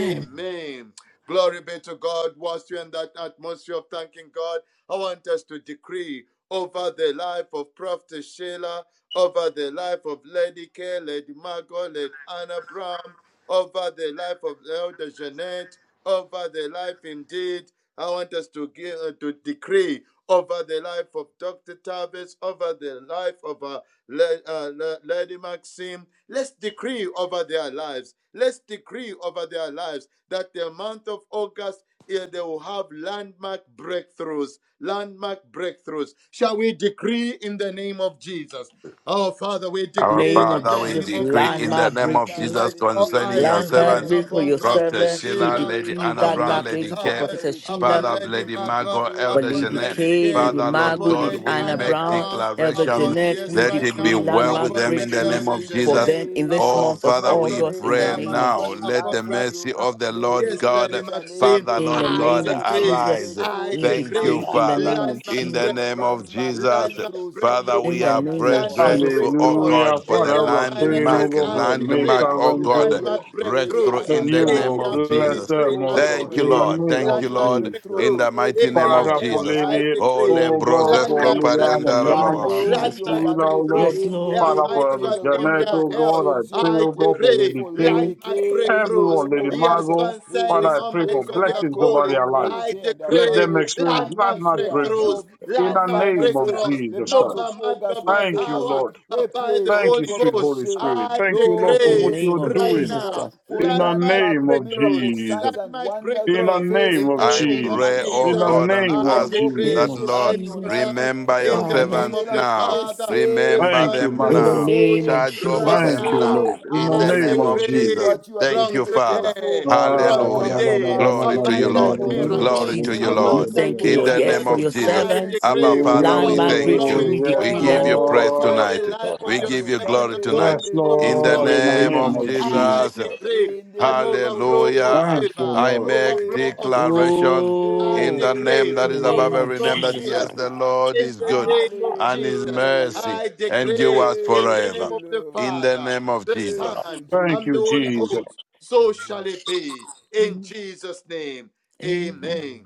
Speaker 3: Amen.
Speaker 2: Glory be to God. Whilst you're in that atmosphere of thanking God, I want us to decree over the life of Prophet Sheila, over the life of Lady K, Lady Margot, Lady Anna Brown over the life of Elder Jeanette, over the life indeed. I want us to give, uh, to decree over the life of Dr. Tavis, over the life of uh, La- uh, La- Lady Maxim. Let's decree over their lives. Let's decree over their lives that the month of August, eh, they will have landmark breakthroughs. Landmark breakthroughs. Shall we decree in the name of Jesus? Oh, Father, we
Speaker 4: Our
Speaker 2: decree
Speaker 5: Name
Speaker 2: in
Speaker 5: of
Speaker 4: Father,
Speaker 2: the
Speaker 4: we
Speaker 2: name
Speaker 5: Jesus,
Speaker 2: of
Speaker 4: decree
Speaker 2: Jesus.
Speaker 4: in
Speaker 3: Hallelujah,
Speaker 4: the
Speaker 5: Landmark
Speaker 4: name of
Speaker 3: Father,
Speaker 5: breakthroughs,
Speaker 3: in
Speaker 2: Right
Speaker 4: Jesus
Speaker 3: the
Speaker 2: now,
Speaker 3: name
Speaker 4: concerning
Speaker 2: I
Speaker 3: of
Speaker 4: your
Speaker 5: Landmark
Speaker 2: decree
Speaker 5: my
Speaker 4: servants,
Speaker 3: Jesus,
Speaker 5: breakthrough for
Speaker 2: upon
Speaker 5: your
Speaker 3: in
Speaker 4: Prophet
Speaker 2: Prophet
Speaker 3: the
Speaker 5: servant. He
Speaker 4: Sheila,
Speaker 2: Sheila,
Speaker 4: Lady
Speaker 5: decreed
Speaker 3: name
Speaker 4: Anna
Speaker 5: that
Speaker 2: upon
Speaker 3: of
Speaker 4: Brown,
Speaker 5: mark
Speaker 2: Dr.
Speaker 4: Lady
Speaker 5: lady
Speaker 3: Jesus,
Speaker 5: for
Speaker 4: Kep,
Speaker 2: Tavis,
Speaker 3: Father,
Speaker 5: Prophetess
Speaker 3: we pray,
Speaker 5: Sheila,
Speaker 2: upon
Speaker 4: Father,
Speaker 3: we
Speaker 2: Lady
Speaker 4: Lady
Speaker 3: make a
Speaker 2: Magla,
Speaker 4: Margot,
Speaker 3: decree
Speaker 5: for
Speaker 4: Elder
Speaker 2: upon
Speaker 5: Lady
Speaker 4: Jeanette,
Speaker 3: in
Speaker 2: Lady
Speaker 5: K,
Speaker 3: the
Speaker 2: Kay,
Speaker 5: Lady
Speaker 4: Father,
Speaker 3: name
Speaker 4: Lord
Speaker 3: of
Speaker 5: Margot,
Speaker 2: upon
Speaker 4: God,
Speaker 5: Lady
Speaker 2: Lady
Speaker 4: we
Speaker 5: Anna
Speaker 2: Anna
Speaker 3: Jesus,
Speaker 4: make
Speaker 5: Brown,
Speaker 2: Brown,
Speaker 3: Father.
Speaker 5: Elder
Speaker 3: We
Speaker 4: declaration.
Speaker 2: upon,
Speaker 5: Jeanette.
Speaker 3: pray,
Speaker 2: yes,
Speaker 5: We
Speaker 3: oh
Speaker 4: Let
Speaker 2: right
Speaker 3: my
Speaker 4: it be
Speaker 5: decree
Speaker 2: now,
Speaker 3: God,
Speaker 4: well
Speaker 5: landmark
Speaker 4: with
Speaker 2: upon
Speaker 4: them
Speaker 2: the
Speaker 3: in
Speaker 4: in the
Speaker 3: the
Speaker 4: name
Speaker 5: breakthroughs
Speaker 2: Elder
Speaker 4: of
Speaker 3: name
Speaker 5: for
Speaker 3: of
Speaker 4: Jesus.
Speaker 2: Jeanette,
Speaker 5: them in this
Speaker 2: upon
Speaker 3: Jesus.
Speaker 4: Oh,
Speaker 5: month
Speaker 2: the
Speaker 5: of
Speaker 4: Father,
Speaker 2: might
Speaker 3: We
Speaker 4: we
Speaker 2: God,
Speaker 5: August.
Speaker 3: pray,
Speaker 5: In
Speaker 3: oh
Speaker 5: the
Speaker 4: pray
Speaker 2: uh,
Speaker 3: my
Speaker 5: name
Speaker 2: might
Speaker 3: God,
Speaker 5: of
Speaker 3: for
Speaker 2: God,
Speaker 4: now.
Speaker 3: the
Speaker 5: Je-
Speaker 4: Let
Speaker 2: upon
Speaker 4: the
Speaker 3: life of
Speaker 2: right
Speaker 4: mercy
Speaker 3: you,
Speaker 2: now.
Speaker 4: of the Lord
Speaker 3: Lady
Speaker 2: Yes,
Speaker 3: Elder
Speaker 2: Lady
Speaker 4: God,
Speaker 3: Janet.
Speaker 2: Maxine,
Speaker 4: Father,
Speaker 3: We
Speaker 5: in the
Speaker 4: Lord
Speaker 3: pray, oh
Speaker 2: I
Speaker 3: my
Speaker 5: name
Speaker 4: God,
Speaker 5: of
Speaker 3: God, for
Speaker 2: decree,
Speaker 4: arise.
Speaker 5: Jesus,
Speaker 2: I
Speaker 3: breakthrough
Speaker 5: we
Speaker 3: in the
Speaker 4: Thank
Speaker 2: decree
Speaker 4: you,
Speaker 3: month
Speaker 5: decree
Speaker 3: of
Speaker 5: in the
Speaker 4: Father,
Speaker 5: name of
Speaker 3: August.
Speaker 2: landmark
Speaker 4: in the
Speaker 5: Jesus,
Speaker 3: Lo-
Speaker 4: name
Speaker 2: breakthroughs,
Speaker 4: of
Speaker 3: landmark
Speaker 4: Jesus.
Speaker 2: landmark
Speaker 3: breakthroughs in
Speaker 4: Father,
Speaker 3: your
Speaker 5: in
Speaker 2: breakthroughs,
Speaker 4: we
Speaker 5: the
Speaker 4: are
Speaker 5: name
Speaker 3: finance,
Speaker 4: very
Speaker 5: of
Speaker 3: your
Speaker 2: landmark
Speaker 3: health,
Speaker 5: Jesus,
Speaker 4: grateful,
Speaker 3: your
Speaker 4: oh
Speaker 2: breakthroughs
Speaker 3: family,
Speaker 6: Hallelujah.
Speaker 3: your
Speaker 4: God, for
Speaker 2: in
Speaker 4: the
Speaker 6: Father,
Speaker 2: their
Speaker 3: ministry, your
Speaker 6: we're praying, oh
Speaker 2: finances.
Speaker 3: business.
Speaker 4: landmark,
Speaker 6: God,
Speaker 2: I
Speaker 6: for
Speaker 3: May
Speaker 6: your maid
Speaker 3: God
Speaker 4: landmark,
Speaker 2: decree
Speaker 3: come
Speaker 4: oh
Speaker 3: through
Speaker 6: servants,
Speaker 3: for
Speaker 6: oh
Speaker 4: God,
Speaker 3: you,
Speaker 6: God.
Speaker 2: landmark
Speaker 3: Lady
Speaker 4: breakthrough
Speaker 2: breakthroughs
Speaker 6: That
Speaker 3: Anna
Speaker 4: in
Speaker 6: you
Speaker 4: the
Speaker 2: in
Speaker 4: name
Speaker 3: Brown.
Speaker 6: will
Speaker 2: their
Speaker 3: We
Speaker 4: of
Speaker 3: pray,
Speaker 6: bless
Speaker 4: Jesus.
Speaker 2: ministry.
Speaker 6: them, oh
Speaker 3: Jehovah
Speaker 2: I
Speaker 3: God.
Speaker 6: God.
Speaker 4: Thank
Speaker 3: May
Speaker 4: you,
Speaker 6: In the
Speaker 2: decree
Speaker 4: Lord.
Speaker 3: God
Speaker 6: name
Speaker 4: Thank
Speaker 6: of
Speaker 3: grant
Speaker 4: you,
Speaker 3: you a
Speaker 2: landmark
Speaker 4: Lord,
Speaker 6: Jesus.
Speaker 3: breakthrough
Speaker 4: in
Speaker 2: breakthrough
Speaker 4: the mighty
Speaker 3: every
Speaker 2: in
Speaker 4: name
Speaker 2: their
Speaker 3: area
Speaker 4: of
Speaker 6: Father,
Speaker 3: of your
Speaker 6: for
Speaker 2: health.
Speaker 4: Jesus.
Speaker 2: I
Speaker 3: life,
Speaker 6: Lady,
Speaker 2: decree
Speaker 4: Ole
Speaker 3: Lady
Speaker 6: oh God, for
Speaker 3: Margot.
Speaker 4: brozesko
Speaker 2: landmark
Speaker 3: We
Speaker 5: in
Speaker 3: pray
Speaker 5: the
Speaker 6: Liliana
Speaker 4: pariandara
Speaker 2: breakthroughs.
Speaker 3: for
Speaker 5: name
Speaker 6: Brown,
Speaker 5: of
Speaker 6: for
Speaker 4: baba.
Speaker 3: you
Speaker 6: the
Speaker 3: and
Speaker 5: Jesus
Speaker 3: your
Speaker 2: Landmark
Speaker 5: Christ.
Speaker 6: Sheila,
Speaker 3: family
Speaker 6: oh Lord.
Speaker 2: breakthroughs,
Speaker 5: Yes,
Speaker 3: in the
Speaker 5: Lord,
Speaker 6: Father,
Speaker 3: name of
Speaker 2: Almighty
Speaker 6: for the
Speaker 2: God,
Speaker 3: Jesus.
Speaker 2: in
Speaker 6: Janet,
Speaker 3: Whatever
Speaker 2: their
Speaker 6: oh
Speaker 2: health.
Speaker 6: God, I
Speaker 3: concerns
Speaker 6: pray,
Speaker 3: you,
Speaker 2: I
Speaker 6: oh
Speaker 3: we
Speaker 6: God, for
Speaker 3: pray
Speaker 2: decree
Speaker 6: Lady
Speaker 3: for Lady
Speaker 6: King,
Speaker 2: landmark
Speaker 3: K in the
Speaker 2: breakthroughs
Speaker 6: everyone,
Speaker 3: name
Speaker 6: Lady
Speaker 3: of
Speaker 2: Yes,
Speaker 3: Jesus.
Speaker 6: Margot. Father,
Speaker 2: concerning,
Speaker 3: Release
Speaker 6: I pray
Speaker 2: Almighty
Speaker 3: grace,
Speaker 6: for
Speaker 2: God, your
Speaker 3: Almighty
Speaker 6: blessings
Speaker 3: God,
Speaker 6: over
Speaker 2: calling,
Speaker 6: their
Speaker 3: upon Lady
Speaker 6: lives.
Speaker 2: I
Speaker 3: K and her
Speaker 6: Let
Speaker 2: decree
Speaker 6: them
Speaker 3: family, her
Speaker 6: experience
Speaker 2: landmark
Speaker 3: ministry,
Speaker 6: landmark
Speaker 3: her
Speaker 2: breakthroughs,
Speaker 6: breakthrough
Speaker 3: health,
Speaker 6: in
Speaker 3: her
Speaker 6: the
Speaker 2: landmark
Speaker 6: name of
Speaker 3: finances.
Speaker 2: breakthroughs,
Speaker 3: The
Speaker 6: Jesus
Speaker 2: not
Speaker 3: month of
Speaker 2: by
Speaker 6: Christ.
Speaker 2: might,
Speaker 3: August
Speaker 2: not
Speaker 3: will
Speaker 2: by
Speaker 6: Thank
Speaker 3: favor
Speaker 6: you,
Speaker 2: power,
Speaker 3: you.
Speaker 6: Lord.
Speaker 3: We
Speaker 2: but by
Speaker 3: pray
Speaker 2: the
Speaker 3: for
Speaker 6: Thank you,
Speaker 2: Holy
Speaker 6: sweet
Speaker 3: Prophet
Speaker 2: Ghost.
Speaker 6: Holy
Speaker 3: Sheila.
Speaker 6: Spirit.
Speaker 2: I
Speaker 6: Thank you,
Speaker 3: Lord,
Speaker 6: Lord, for
Speaker 5: in the
Speaker 6: what
Speaker 2: decree
Speaker 3: release
Speaker 5: name
Speaker 6: you're
Speaker 5: of
Speaker 2: right
Speaker 3: grace, O
Speaker 6: doing
Speaker 5: Jesus
Speaker 3: God,
Speaker 5: Christ.
Speaker 2: now
Speaker 3: for
Speaker 6: in the
Speaker 2: landmark
Speaker 3: landmark
Speaker 6: name of
Speaker 2: breakthroughs,
Speaker 3: miracles,
Speaker 6: Jesus.
Speaker 3: signs, and
Speaker 2: landmark
Speaker 3: wonders.
Speaker 6: In the
Speaker 2: breakthroughs
Speaker 6: name
Speaker 2: in
Speaker 3: First
Speaker 6: of
Speaker 3: day
Speaker 2: the
Speaker 4: I
Speaker 3: of
Speaker 2: name
Speaker 3: the
Speaker 2: of
Speaker 4: pray,
Speaker 3: month of
Speaker 6: Jesus.
Speaker 4: oh
Speaker 6: In the
Speaker 2: Jesus.
Speaker 4: God,
Speaker 3: August,
Speaker 4: and
Speaker 6: name
Speaker 2: I
Speaker 3: there
Speaker 6: of
Speaker 4: ask
Speaker 3: will be a
Speaker 2: decree,
Speaker 5: name
Speaker 6: Jesus.
Speaker 4: that,
Speaker 5: of
Speaker 3: shift
Speaker 2: I
Speaker 4: Lord,
Speaker 3: in your
Speaker 5: Jesus,
Speaker 3: life.
Speaker 2: pronounce
Speaker 4: remember your
Speaker 2: in the
Speaker 3: Prophet
Speaker 5: Father,
Speaker 2: name
Speaker 4: servants
Speaker 2: of
Speaker 3: Sheila,
Speaker 2: the
Speaker 4: now.
Speaker 2: Father, the
Speaker 3: receive,
Speaker 4: Remember
Speaker 6: Thank
Speaker 2: Son,
Speaker 6: you,
Speaker 2: and
Speaker 4: them
Speaker 2: the
Speaker 5: in
Speaker 6: mighty
Speaker 5: the
Speaker 2: Holy
Speaker 6: God.
Speaker 4: now.
Speaker 2: Ghost
Speaker 5: name of
Speaker 3: receive,
Speaker 4: Charge
Speaker 5: Jesus
Speaker 4: over
Speaker 2: right
Speaker 6: Thank
Speaker 5: Christ,
Speaker 7: Father.
Speaker 4: them
Speaker 6: you,
Speaker 2: now.
Speaker 4: now.
Speaker 3: receive,
Speaker 6: Lord.
Speaker 7: Thank
Speaker 6: In
Speaker 7: you,
Speaker 4: In
Speaker 6: the
Speaker 2: I
Speaker 4: the
Speaker 6: name
Speaker 4: name
Speaker 6: of
Speaker 3: receive.
Speaker 4: of
Speaker 2: decree
Speaker 4: Jesus.
Speaker 6: Jesus.
Speaker 3: What you are
Speaker 4: Thank
Speaker 2: from
Speaker 4: you,
Speaker 3: believing
Speaker 4: Father.
Speaker 3: God for,
Speaker 2: today,
Speaker 3: it
Speaker 2: from
Speaker 3: shall
Speaker 6: Oh,
Speaker 3: come
Speaker 4: Hallelujah.
Speaker 3: to
Speaker 2: today,
Speaker 3: pass
Speaker 4: Glory to
Speaker 3: in
Speaker 4: you,
Speaker 3: the
Speaker 2: abundant
Speaker 3: name
Speaker 4: Lord.
Speaker 5: in
Speaker 3: of
Speaker 5: the name of
Speaker 3: Jesus.
Speaker 4: Glory
Speaker 2: miracles,
Speaker 4: to
Speaker 5: Jesus,
Speaker 3: May
Speaker 4: you,
Speaker 5: we
Speaker 4: Lord.
Speaker 3: God
Speaker 2: abundant
Speaker 5: thank you,
Speaker 4: In
Speaker 3: release
Speaker 5: Lord.
Speaker 4: the
Speaker 5: Yes,
Speaker 2: miracles.
Speaker 4: name
Speaker 5: for
Speaker 3: every
Speaker 4: of
Speaker 5: your
Speaker 4: Jesus.
Speaker 2: I
Speaker 3: blessing,
Speaker 5: servants,
Speaker 4: Abba,
Speaker 2: decree
Speaker 3: let
Speaker 4: Father, we
Speaker 3: every
Speaker 5: landmark
Speaker 4: thank
Speaker 5: breakthrough,
Speaker 3: blessings
Speaker 4: you.
Speaker 2: overflowing
Speaker 5: we
Speaker 3: of
Speaker 6: yes,
Speaker 4: We
Speaker 5: decree
Speaker 3: God
Speaker 2: favor
Speaker 4: give you
Speaker 5: landmark.
Speaker 4: praise
Speaker 2: over
Speaker 3: overtake
Speaker 6: Lord.
Speaker 2: the
Speaker 4: tonight.
Speaker 3: you
Speaker 2: life of
Speaker 4: We
Speaker 3: and
Speaker 2: your
Speaker 4: give
Speaker 3: your
Speaker 4: you
Speaker 2: servant
Speaker 4: glory
Speaker 2: of
Speaker 3: family
Speaker 2: God,
Speaker 6: Yes,
Speaker 3: in
Speaker 4: tonight.
Speaker 3: the name
Speaker 5: Yes,
Speaker 4: In
Speaker 3: of
Speaker 4: the
Speaker 6: Lord.
Speaker 2: overflowing
Speaker 6: In
Speaker 5: Lord, in
Speaker 6: the
Speaker 5: the
Speaker 4: name
Speaker 3: Jesus.
Speaker 2: favor.
Speaker 6: name
Speaker 5: name
Speaker 4: of
Speaker 5: of
Speaker 6: of
Speaker 2: I
Speaker 5: Jesus.
Speaker 4: Jesus.
Speaker 6: Jesus.
Speaker 2: decree
Speaker 3: In the
Speaker 2: an
Speaker 3: name of
Speaker 2: overflow of
Speaker 4: Hallelujah.
Speaker 6: Thank
Speaker 3: Jesus.
Speaker 6: you,
Speaker 2: favor,
Speaker 4: I
Speaker 6: Lord.
Speaker 4: make
Speaker 2: overflow
Speaker 3: Thank
Speaker 2: of
Speaker 3: you,
Speaker 2: blessings.
Speaker 3: Jesus.
Speaker 4: declaration
Speaker 2: I
Speaker 4: in
Speaker 5: Oh,
Speaker 4: the
Speaker 2: decree
Speaker 4: name
Speaker 5: in
Speaker 4: that
Speaker 5: the
Speaker 4: is above
Speaker 5: name of
Speaker 3: Thank
Speaker 4: every
Speaker 2: overflow
Speaker 4: name
Speaker 3: you,
Speaker 2: of
Speaker 4: that
Speaker 5: Jesus
Speaker 4: yes,
Speaker 5: Christ.
Speaker 2: blessings.
Speaker 4: the
Speaker 3: Jesus.
Speaker 4: Lord
Speaker 2: In
Speaker 4: is
Speaker 7: my
Speaker 4: good
Speaker 7: God.
Speaker 2: the name of
Speaker 4: and his
Speaker 2: Jesus,
Speaker 3: Hallelujah.
Speaker 4: mercy
Speaker 2: I decree
Speaker 4: endures
Speaker 2: in the
Speaker 3: Thank
Speaker 2: name
Speaker 4: forever.
Speaker 3: you,
Speaker 2: of the
Speaker 3: Lord.
Speaker 4: In the
Speaker 2: Father,
Speaker 4: name of
Speaker 2: the
Speaker 4: Jesus.
Speaker 2: Son,
Speaker 3: Thank you,
Speaker 6: Thank
Speaker 2: and the
Speaker 6: you,
Speaker 3: Jesus.
Speaker 2: Holy
Speaker 6: Jesus.
Speaker 2: Ghost. So shall it be. In
Speaker 5: Amen.
Speaker 2: Jesus' name,
Speaker 5: Amen.
Speaker 2: amen.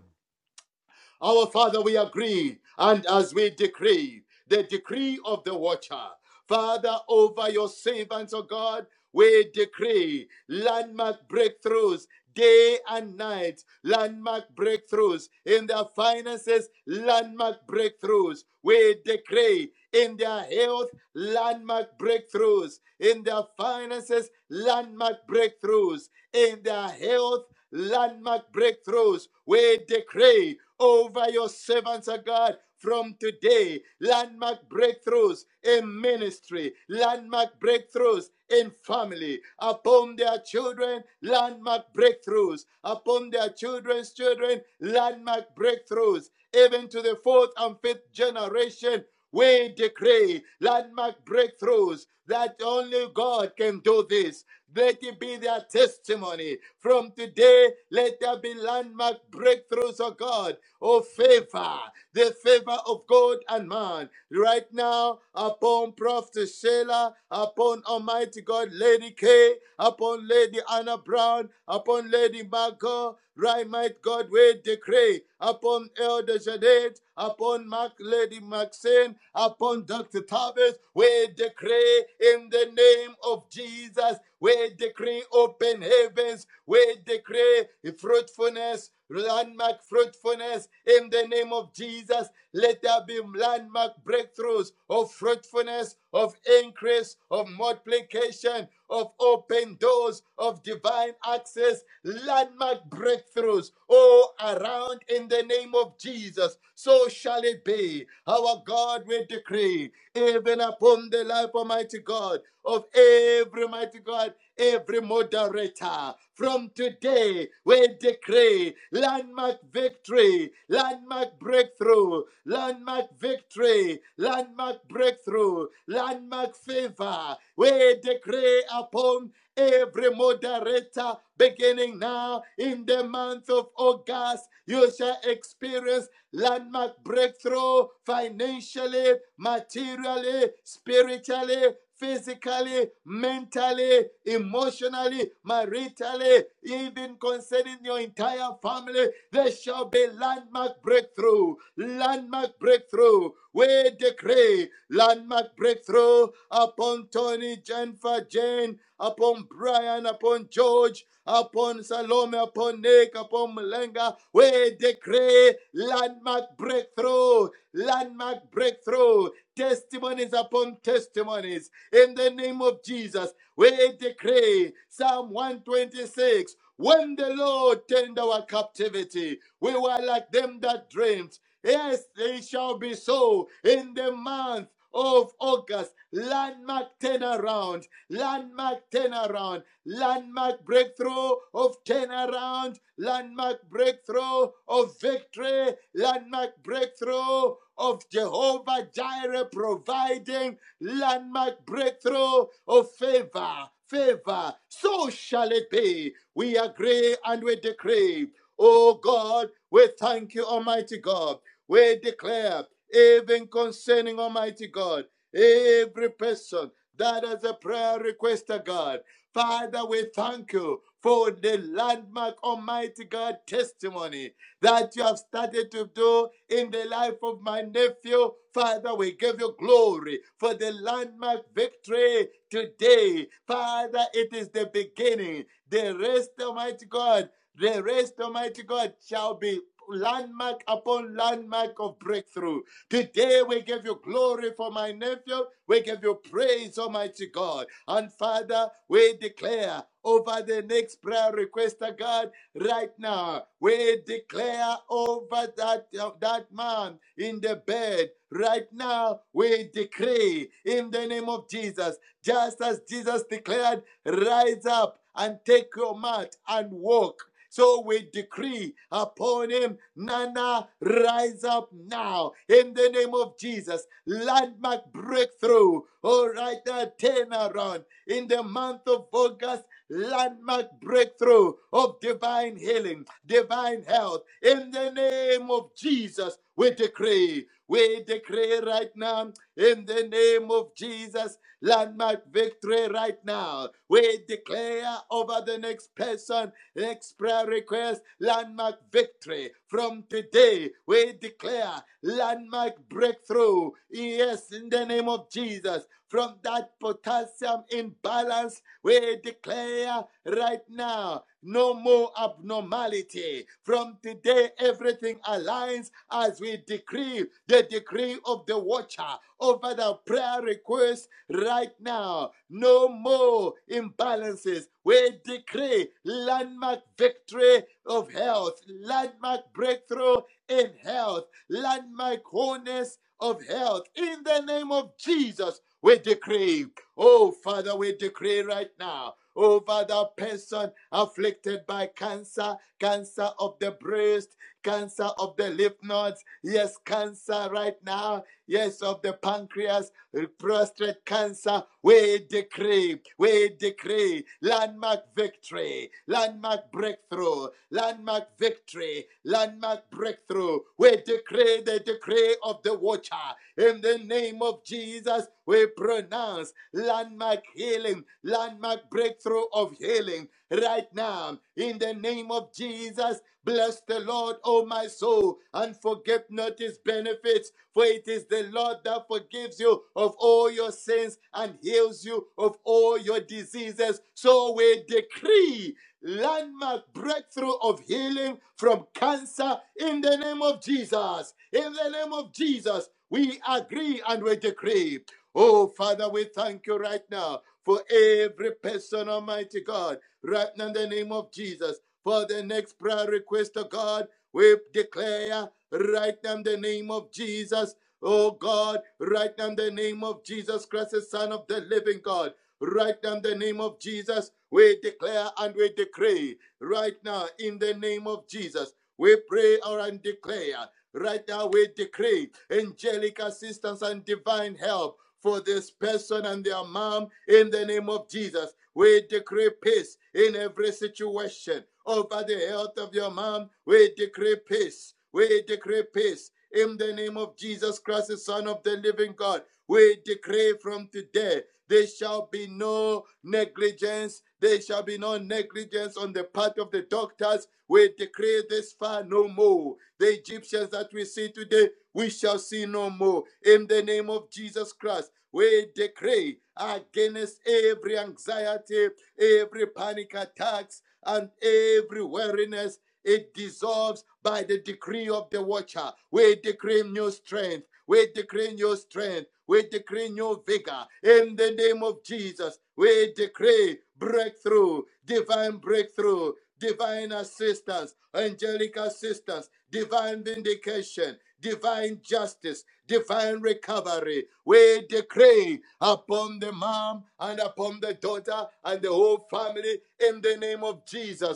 Speaker 2: Our Father, we agree, and as we decree, the day of the watcher, Father, over your servants, O God, we landmark breakthroughs day and night, breakthroughs. finances landmark breakthroughs. We decree in their health landmark breakthroughs, in their finances landmark breakthroughs, in their health landmark breakthroughs. We decree over your servants of God from today landmark breakthroughs in ministry, landmark breakthroughs in family, upon their children, landmark breakthroughs, upon their children's children, landmark breakthroughs, even to the fourth and fifth generation. We decree landmark breakthroughs that only God can do this. Let it be their testimony. From today, let there be landmark breakthroughs, oh God, of favor the favor of God and man right now upon Prophet Sheila, upon Almighty God, Lady K, upon Lady Anna Brown, upon Lady Margot, right, might God, we decree upon Elder Janet, upon Mark, Lady Maxine, upon Dr. Tavis, we decree in the name of Jesus, we decree open heavens, we decree fruitfulness, landmark fruitfulness in the name of Jesus. Let there be landmark breakthroughs of fruitfulness, of increase, of multiplication, of open doors, of divine access, landmark breakthroughs all around in the name of Jesus. So shall it be. Our God will decree, even upon the life, Almighty God, of every mighty God every moderator. From today, we decree landmark victory, landmark breakthrough, landmark victory, landmark breakthrough, landmark favor. We decree upon every moderator beginning now in the month of August. You shall experience landmark breakthrough financially, materially, spiritually, physically, mentally, emotionally, maritally, even concerning your entire family, there shall be landmark breakthrough. Landmark breakthrough. We decree landmark breakthrough upon Tony, Jennifer, Jane, upon Brian, upon George, upon Salome, upon Nick, upon Malenga. We decree landmark breakthrough, landmark breakthrough, testimonies upon testimonies. In the name of Jesus, we decree Psalm 126. When the Lord turned our captivity, we were like them that dreamed. Yes, they shall be so in the month of August. Landmark turnaround, landmark turnaround landmark breakthrough of turnaround, landmark breakthrough of victory, landmark breakthrough of Jehovah Jireh providing, landmark breakthrough of favor, favor. So shall it be. We agree and we decree. Oh God, we thank you, Almighty God. We declare, even concerning Almighty God, every person that has a prayer request, oh God. Father, we thank you for the landmark, Almighty God, testimony that you have started to do in the life of my nephew. Father, we give you glory for the landmark victory today. Father, it is the beginning. The rest, Almighty God, the rest, Almighty God, shall be landmark upon landmark of breakthrough. Today we give you glory for my nephew. We give you praise, Almighty God. And Father, we declare over the next prayer request, oh God, right now. We declare over that, uh, that man in the bed. Right now, we decree in the name of Jesus, just as Jesus declared, rise up and take your mat and walk. So we decree upon him, Nana, rise up now in the name of Jesus. Landmark breakthrough. All right, a turnaround in the month of August. Landmark breakthrough of divine healing, divine health in the name of Jesus. We decree, we decree right now in the name of Jesus landmark victory right now. We declare over the next person next prayer request landmark victory. From today, we declare landmark breakthrough. Yes, in the name of Jesus. From that potassium imbalance, we declare right now no more abnormality. From today, everything aligns as we decree the decree of the watcher over the prayer request right now. No more imbalances. We decree landmark victory of health, landmark breakthrough in health, landmark wholeness of health. In the name of Jesus, we decree. Oh, Father, we decree right now over the person afflicted by cancer, cancer of the breast, cancer of the lymph nodes, yes, cancer right now, yes, of the pancreas, prostate cancer, we decree, we decree landmark victory, landmark breakthrough, landmark victory, landmark breakthrough. We decree the decree of the watcher. In the name of Jesus, we pronounce landmark healing healing, landmark breakthrough of healing right now. In the name of Jesus, bless the Lord, O my soul, and forget not his benefits, for it is the Lord that forgives you of all your sins and heals you of all your diseases. So we decree landmark breakthrough of healing from cancer in the name of Jesus. In the name of Jesus, we agree and we decree. Oh, Father, we thank you right now for every person, Almighty God, right now in the name of Jesus. For the next prayer request, oh God, we declare right now in the name of Jesus, oh God, right now in the name of Jesus Christ, the Son of the living God. Right now, in the name of Jesus, we declare and we decree. Right now, in the name of Jesus, we pray or and declare. Right now, we decree angelic assistance and divine help for this person and their mom in the name of Jesus. We decree peace in every situation. Over the health of your mom, we decree peace. We decree peace in the name of Jesus Christ, the Son of the living God. We decree from today there shall be no negligence. There shall be no negligence on the part of the doctors. We decree this far no more. The Egyptians that we see today, we shall see no more. In the name of Jesus Christ, we decree against every anxiety, every panic attacks, and every weariness. It dissolves by the decree of the watcher. We decree new strength. We decree new strength. We decree new vigor in the name of Jesus. We break through devil, defiance, and divine divinity, delivery. We decree upon the daughter family in the name of Jesus.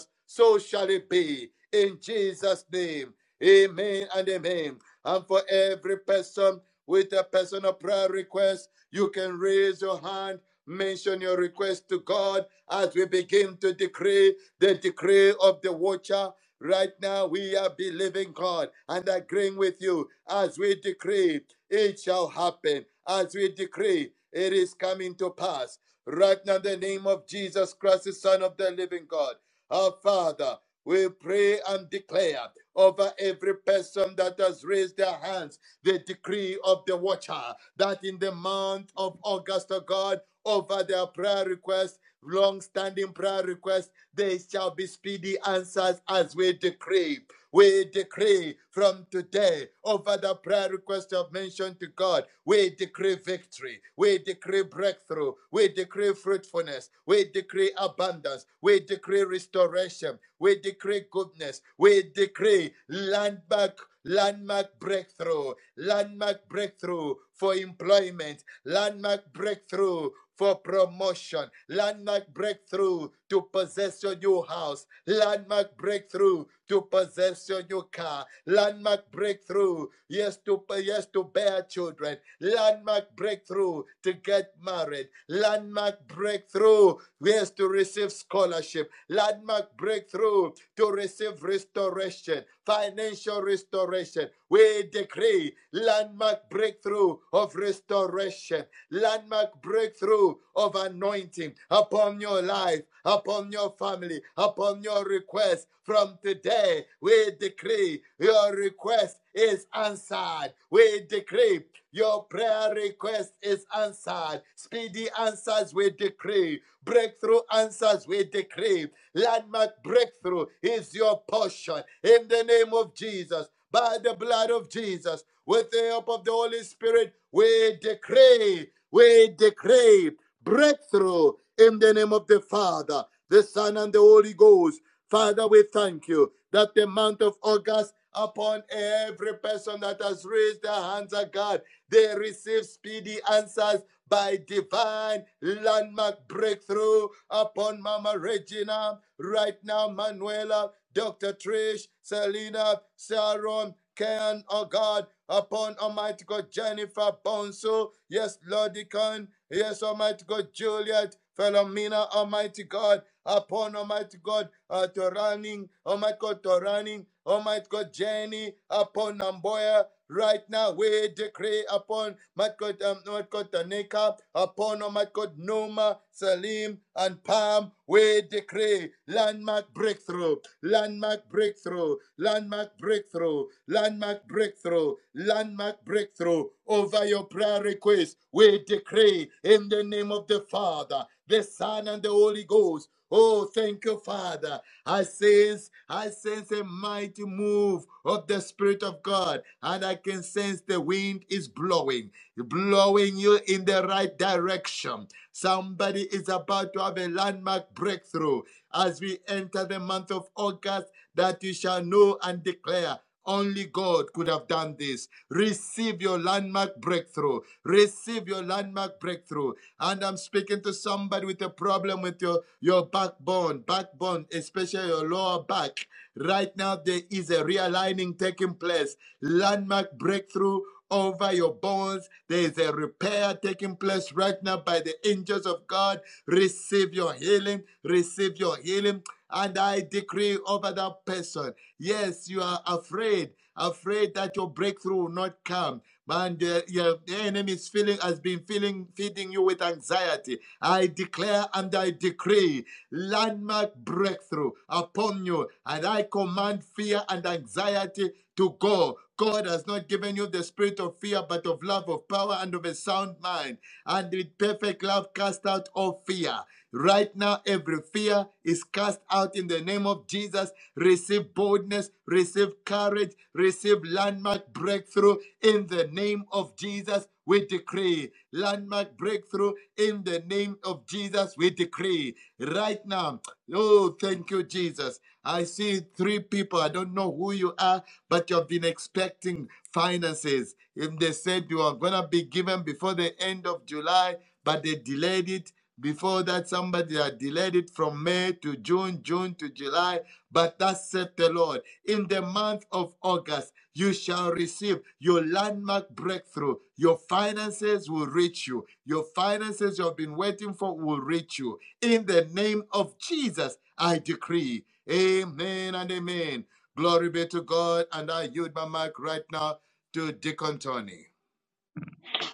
Speaker 2: it be. In Jesus' name, amen and amen. And for every person with a personal prayer request, you can raise your hand, mention your request to God as we begin to decree the decree of the watcher. Right now, we are believing God and agreeing with you as we decree it shall happen, as we decree it is coming to pass. Right now, in the name of Jesus Christ, the Son of the living God. Our Father, we pray and declare over every person that has raised their hands the decree of the watcher that in the month of August, oh God, over their prayer requests, long standing prayer requests, there shall be speedy answers as we decree. We decree from today over the prayer request I've mentioned to God. We decree victory. We decree breakthrough. We decree fruitfulness. We decree abundance. We decree restoration. We decree goodness. We decree landmark landmark breakthrough, landmark breakthrough for employment, landmark breakthrough for promotion, landmark breakthrough to possess your new house, landmark breakthrough to possess your new car, landmark breakthrough, yes, to yes, to bear children, landmark breakthrough to get married, landmark breakthrough, yes, to receive scholarship, landmark breakthrough to receive restoration, financial restoration, we decree landmark breakthrough of restoration, landmark breakthrough of anointing upon your life, upon your family, upon your request. From today, we decree your request is answered. We decree your prayer request is answered. Speedy answers we decree. Breakthrough answers we decree. Landmark breakthrough is your portion in the name of Jesus. By the blood of Jesus, with the help of the Holy Spirit, we decree, we decree breakthrough in the name of the Father, the Son, and the Holy Ghost. Father, we thank you that the month of August, upon every person that has raised their hands, O God, they receive speedy answers by divine landmark breakthrough upon Mama Regina, right now, Manuela, Dr. Trish, Selena, Sharon, Ken, oh God, upon Almighty God, Jennifer Bonso, yes, Lord Deacon, yes, Almighty God, Juliet, Philomena, Almighty God upon Almighty God uh, to running, Almighty God to running, Almighty God Jenny upon Namboya. Right now, we decree upon Almighty God, um, Almighty God Tanika, upon Almighty God Noma, Salim, and Pam. We decree landmark breakthrough, landmark breakthrough, landmark breakthrough, landmark breakthrough, landmark breakthrough over your prayer request. We decree in the name of the Father. Father, the Son, and the Holy Ghost. Oh, thank you, Father. I sense, I sense a mighty move of the Spirit of God, and I can sense the wind is blowing, blowing you in the right direction. Somebody is about to have a landmark breakthrough as we enter the month of August that you shall know and declare. Only God could have done this. Receive your landmark breakthrough. Receive your landmark breakthrough. And I'm speaking to somebody with a problem with your, your backbone, backbone, especially your lower back. Right now, there is a realigning taking place. Landmark breakthrough over your bones. There is a repair taking place right now by the angels of God. Receive your healing. Receive your healing. And I decree over that person. Yes, you are afraid, afraid that your breakthrough will not come and uh, your enemy is feeling has been feeling feeding you with anxiety. I declare and I decree landmark breakthrough upon you, and I command fear and anxiety to go. God has not given you the spirit of fear, but of love, of power, and of a sound mind. And with perfect love, cast out all fear. Right now, every fear is cast out in the name of Jesus. Receive boldness, receive courage, receive landmark breakthrough in the name of Jesus. We decree landmark breakthrough in the name of Jesus. We decree right now. Oh, thank you, Jesus. I see three people. I don't know who you are, but you have been expecting finances. And they said you are going to be given before the end of July, but they delayed it. Before that, somebody had delayed it from May to June, June to July. But thus saith the Lord, in the month of August, you shall receive your landmark breakthrough. Your finances will reach you. Your finances you have been waiting for will reach you. In the name of Jesus, I decree. Amen and amen. Glory be to God. And I yield my mic right now to Deacon Tony.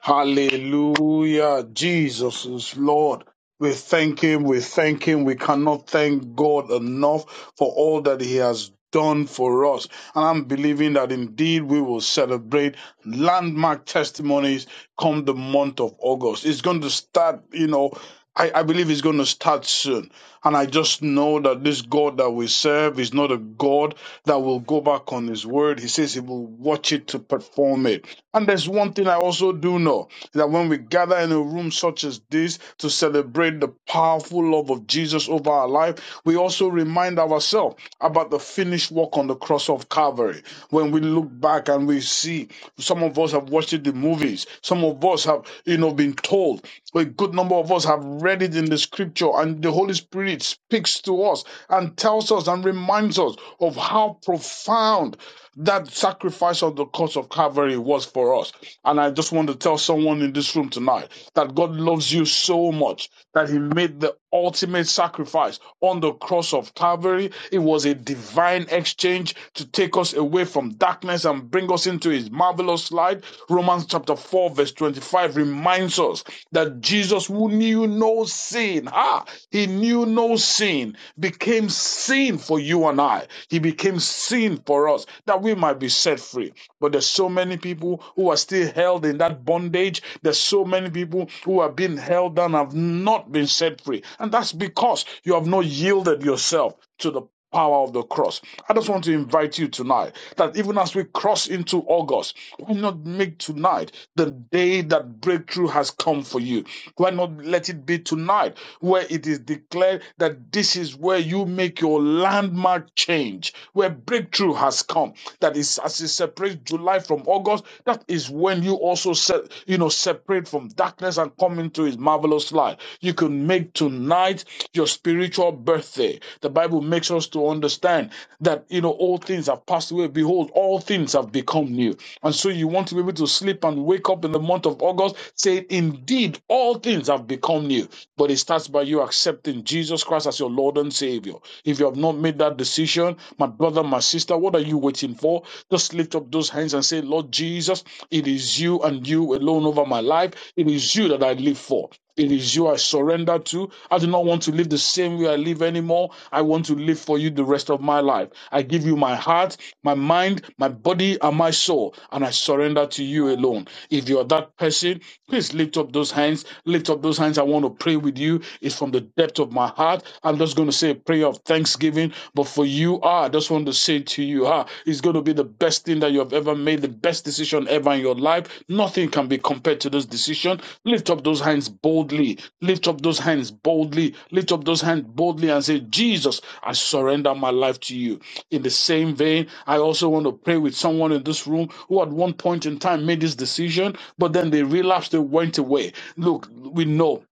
Speaker 6: Hallelujah. Jesus is Lord. We thank him. We thank him. We cannot thank God enough for all that he has done for us. And I'm believing that indeed we will celebrate landmark testimonies come the month of August. It's going to start, you know, I, I believe it's going to start soon. And I just know that this God that we serve is not a God that will go back on his word. He says he will watch it to perform it. And there's one thing I also do know that when we gather in a room such as this to celebrate the powerful love of Jesus over our life, we also remind ourselves about the finished work on the cross of Calvary. When we look back and we see some of us have watched the movies, some of us have, you know, been told a good number of us have read it in the scripture, and the Holy Spirit speaks to us and tells us and reminds us of how profound that sacrifice on the cross of Calvary was for us. And I just want to tell someone in this room tonight that God loves you so much that He made the ultimate sacrifice on the cross of Calvary. It was a divine exchange to take us away from darkness and bring us into According to his marvelous light, Romans chapter 4, verse 25 reminds us that Jesus, who knew no sin, ah, he knew no sin, became sin for you and I. He became sin for us that we might be set free. But there's so many people who are still held in that bondage. There's so many people who are being held down and have not been set free. And that's because you have not yielded yourself to the power of the cross. I just want to invite you tonight that even as we cross into August, why not make tonight the day that breakthrough has come for you? Why not let it be tonight where it is declared that this is where you make your landmark change, where breakthrough has come. That is as it separates July from August, that is when you also se- you know separate from darkness and come into his marvelous Carlos' life. You could make tonight your spiritual birthday. The Bible makes us to understand that, you know, all things have passed away. Behold, all things have become new. And so you want to be able to sleep and wake up in the month of August saying, Indeed, all things have become new. But it starts by you accepting Jesus Christ as your Lord and Savior. If you have not made that decision, my brother, my sister, what are you waiting for? Just lift up those hands and say, Lord Jesus, it is you and you alone over my life. It is you that I live for. It is you I surrender to. I do not want to live the same way I live anymore. I want to live for you the rest of my life. I give you my heart, my mind, my body, and my soul, and I surrender to you alone. If you are that person, please lift up those hands. Lift up those hands. I want to pray with you. It's from the depth of my heart. I'm just going to say a prayer of thanksgiving. But for you, ah, I just want to say to you, ah far is going to be the best thing that you have ever made, the best decision ever in your life. Nothing can be compared to this decision. Lift up those hands boldly. Lift up those hands boldly. Lift up those hands boldly and say, Jesus, I surrender my life to you. In the same vein, I also want to pray with someone in this room who at one point in time made this decision, but then they relapsed, they went away. Look, we know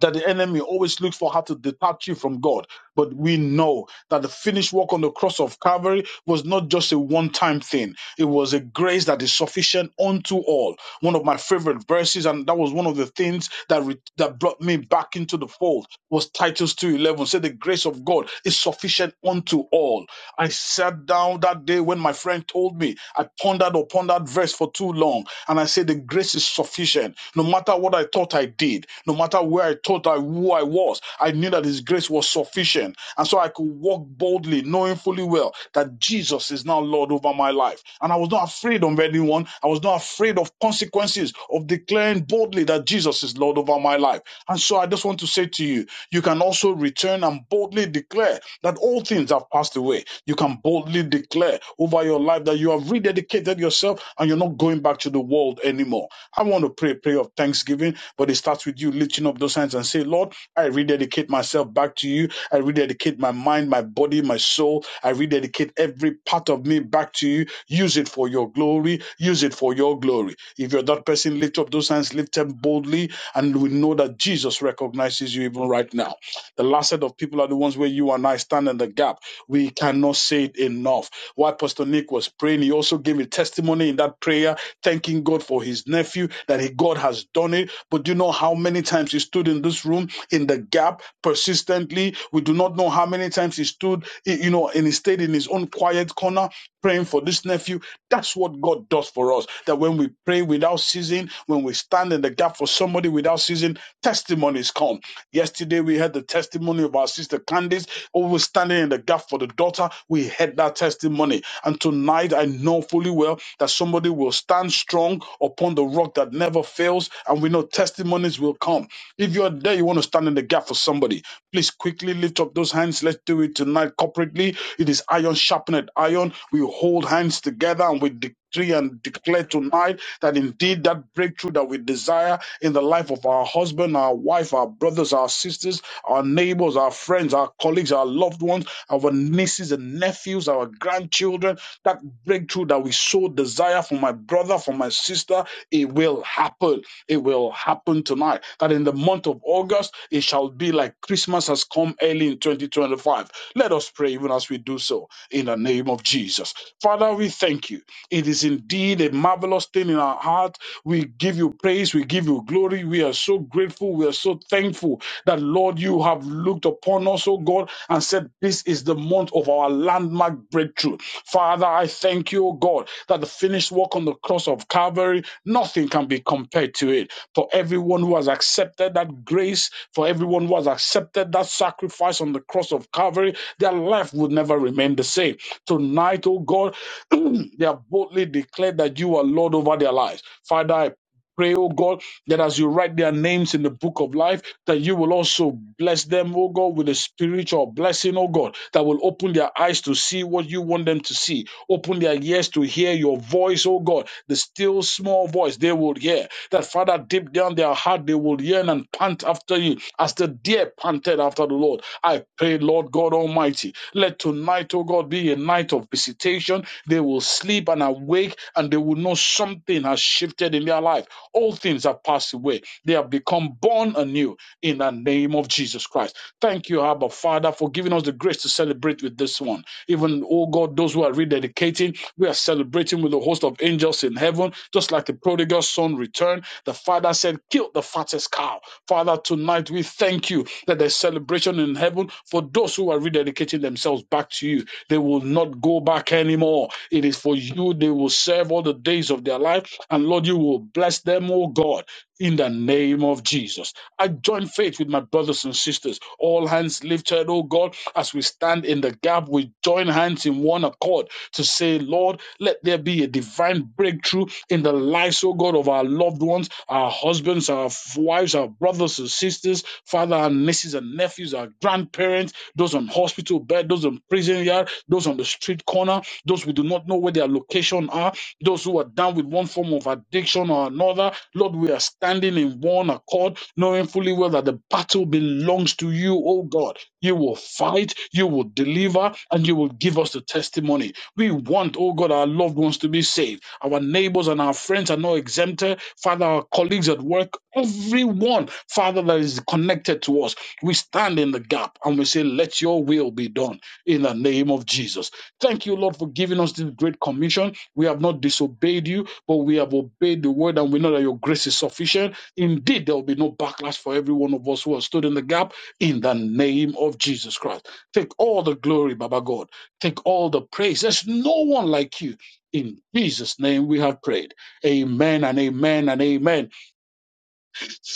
Speaker 6: that the enemy always looks for how to detach you from God. But we know that the finished work on the cross of Calvary was not just a one time thing, it was a grace that is sufficient unto all. One of my favorite verses, and that was one of the things that, re- that brought me back into the fold, was Titus two eleven. Said, The grace of God is sufficient unto all. I sat down that day when my friend told me. I pondered upon that verse for too long. And I said, The grace is sufficient. No matter what I thought I did, no matter where I thought I who I was, I knew that his grace was sufficient. And so I could walk boldly, knowing fully well that Jesus is now Lord over my life. And I I was not afraid of anyone. I was not afraid of consequences of declaring boldly that Jesus is Lord over my life. And so I just want to say to you, you can also return and boldly declare that all things have passed away. You can boldly declare over your life that you have rededicated yourself and you're not going back to the world anymore. I want to pray a prayer of thanksgiving, but it starts with you lifting up those hands and say, Lord, I rededicate myself back to you. I rededicate my mind, my body, my soul. I rededicate every part of me back to you Use it for your glory. Use it for your glory. If you're that person, lift up those hands, lift them boldly, and we know that Jesus recognizes you even right now. The last set of people are the ones where you and I stand in the gap. We cannot say it enough. While Pastor Nick was praying, he also gave a testimony in that prayer, thanking God for his nephew, that he, God has done it. But do you know how many times he stood in this room in the gap persistently? We do not know how many times he stood, you know, and he stayed in his own quiet corner praying for this nephew. That's what God does for us. That when we pray without ceasing, when we stand in the gap for somebody without ceasing, testimonies come. Yesterday we had the testimony of our sister Candice, always standing in the gap for the daughter. We had that testimony. And tonight I know fully well that somebody will stand strong upon the rock that never fails, and we know testimonies will come. If you're there, you want to stand in the gap for somebody, please quickly lift up those hands. Let's do it tonight corporately it is iron sharpened iron. We hold hands together and we decree and declare tonight that indeed that breakthrough that we desire in the life of our husband, our wife, our brothers, our sisters, our neighbors, our friends, our colleagues, our loved ones, our nieces and nephews, our grandchildren, that breakthrough that we so desire for my brother, for my sister, it will happen it will happen tonight. That in the month of August, it shall be like Christmas has come early in 2025. Let us pray even as we do so in the name of Jesus. Father, we thank you. It is indeed a marvelous thing in our heart. We give you praise. We give you glory. We are so grateful. We are so thankful that, Lord, you have looked upon us, oh God, and said, This is the month of our landmark breakthrough. Father, I thank you, oh God, that the finished work on the cross cross of Calvary, nothing can be compared to it. For everyone who has accepted that grace, for everyone who has accepted that sacrifice on the cross of Calvary, their life would never remain the same. Tonight, oh God, they have boldly declared that you are Lord over their lives. Father, I pray, oh God, that as you write their names in the book of life, that you will also bless them, oh God, with a spiritual blessing, oh God, that will open their eyes to see what you want them to see. Open their ears to hear your voice, oh God, the still small voice they will hear. That, Father, deep down their heart, they will yearn and pant after you as the deer panted after the Lord. I pray, Lord God Almighty, let tonight, oh God, be a night of visitation. They will sleep and awake and they will know something has shifted shifted in their life. All things have passed away. They have become born anew in the name of Jesus Christ. Thank you, Abba Father, for giving us the grace to celebrate with this one. Even, oh God, those who are rededicating, we are celebrating with a host of angels in heaven, just like the prodigal son returned. The father said, Kill the fattest cow. Father, tonight we thank you that there's celebration in heaven for those who are rededicating themselves back to you. They will not go back anymore. It is for you they will serve all the days of of their life. And Lord, you will bless them, oh God, in the name of Jesus. I join faith with my brothers and sisters, all hands lifted, oh God, as we stand in the gap, we join hands in one accord to say, Lord, let there be a divine breakthrough in the lives, oh God, of our loved ones, our husbands, our wives, our brothers and sisters, father and nieces and nephews, our grandparents, those on hospital bed, those on prison yard, those on the street corner, those we do not know where their location are. Those who are down with one form of addiction or another, Lord, we are standing in one accord, knowing fully well that the battle belongs to you, oh God. You will fight, you will deliver, and you will give us the testimony. We want, oh God, our loved ones to be saved. Our neighbors and our friends are not exempted. Father, our colleagues at work, everyone, Father, that is connected to us, we stand in the gap and we say, let your will be done in the name of Jesus. Thank you, Lord, for giving us this great commission. We have not disobeyed you, but we have obeyed the word, and we know that your grace is sufficient. Indeed, there will be no backlash for every one of us who has stood in the gap in the name of Jesus Christ. Take all the glory, Baba God. Take all the praise. There's no one like you. In Jesus' name we have prayed. Amen and amen and amen.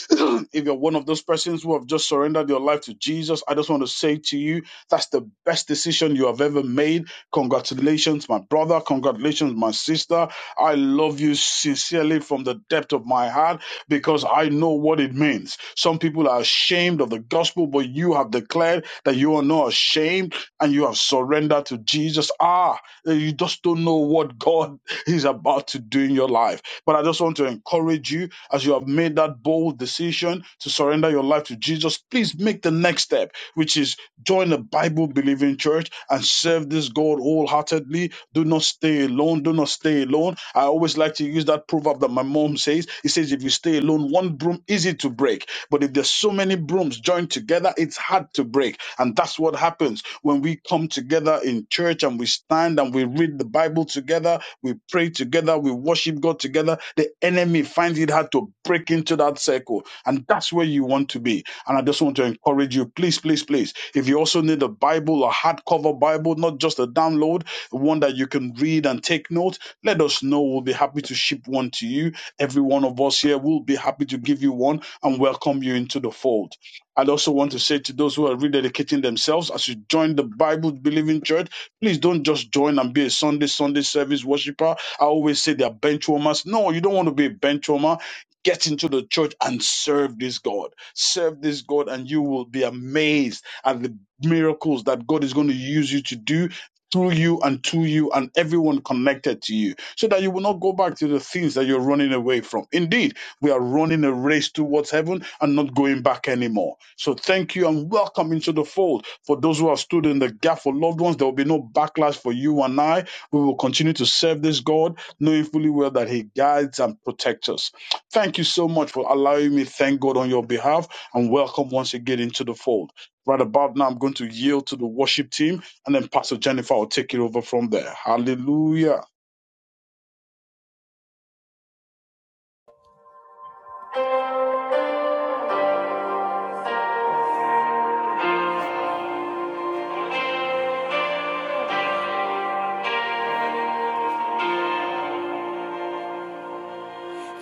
Speaker 6: if you're one of those persons who have just surrendered your life to Jesus, I just want to say to you, that's the best decision you have ever made. Congratulations, my brother. Congratulations, my sister. I love you sincerely from the depth of my heart because I know what it means. Some people are ashamed of the gospel, but you have declared that you are not ashamed and you have surrendered to Jesus. Ah, you just don't know what God is about to do in your life. But I just want to encourage you as you have made that bold decision to surrender your life to Jesus, please make the next step, which is join a Bible believing church and serve this God wholeheartedly. Do not stay alone. Do not stay alone. I always like to use that proverb that my mom says. It says, if you stay alone, one broom easy to break. But if there's so many brooms joined together, it's hard to break. And that's what happens when we come together in church and we stand and we read the Bible together we pray together. We worship God together. The enemy finds it hard to break into that circle. And that's where you want to be. And I just want to encourage you, please, please, please. If you also need a Bible, a hardcover Bible, not just a download, one that you can read and take notes, let us know. We'll be happy to ship one to you. Every one of us here will be happy to give you one and welcome you into the fold. I'd also want to say to those who are rededicating themselves as you join the Bible believing church, Please don't just join and be a Sunday, Sunday service worshiper. I always say they're bench warmers. No, you don't want to be a bench warmer. Get into the church and serve this God. Serve this God, and you will be amazed at the miracles that God is going to use you to do through you and to you and everyone connected to you so that you will not go back to the things that you're running away from. Indeed, we are running a race towards heaven and not going back anymore. So thank you and welcome into the fold. For those who have stood in the gap for loved ones, there will be no backlash for you and I. We will continue to serve this God, knowing fully well that He guides and protects us. Thank you so much for allowing me. to Thank God on your behalf and welcome once again into the fold. Right about now, I'm going to yield to the worship team and then Pastor Jennifer will take it over from there. Hallelujah.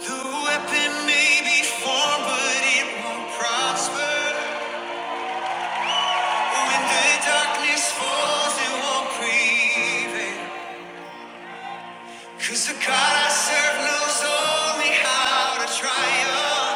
Speaker 1: The weapon may be formed, but it won't prosper. When the darkness falls, it won't prevail. 'Cause the God I serve knows only how to triumph.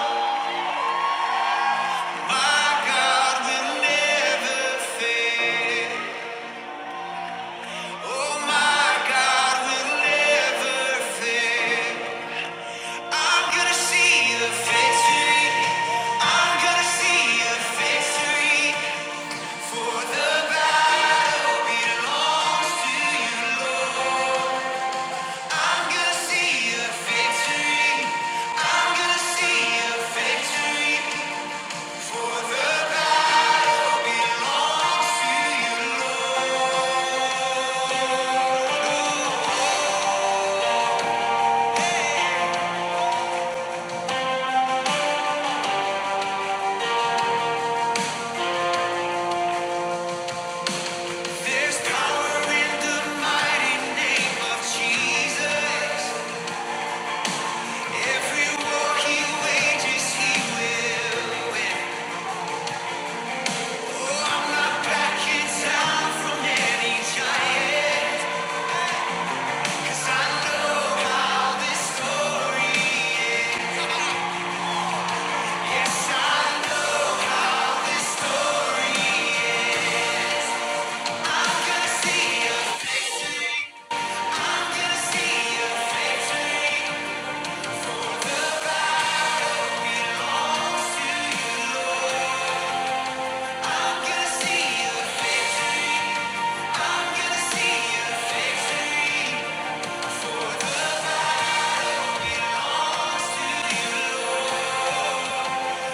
Speaker 1: Victory for the battle belongs to you, Lord. There's power in the mighty name of Jesus. Every war he wages, he will. Oh, I'm not backing down from any giant. 'Cause I know how this story ends. Yes, I am gonna see a victory. I'm gonna see a, I'm gonna see a victory.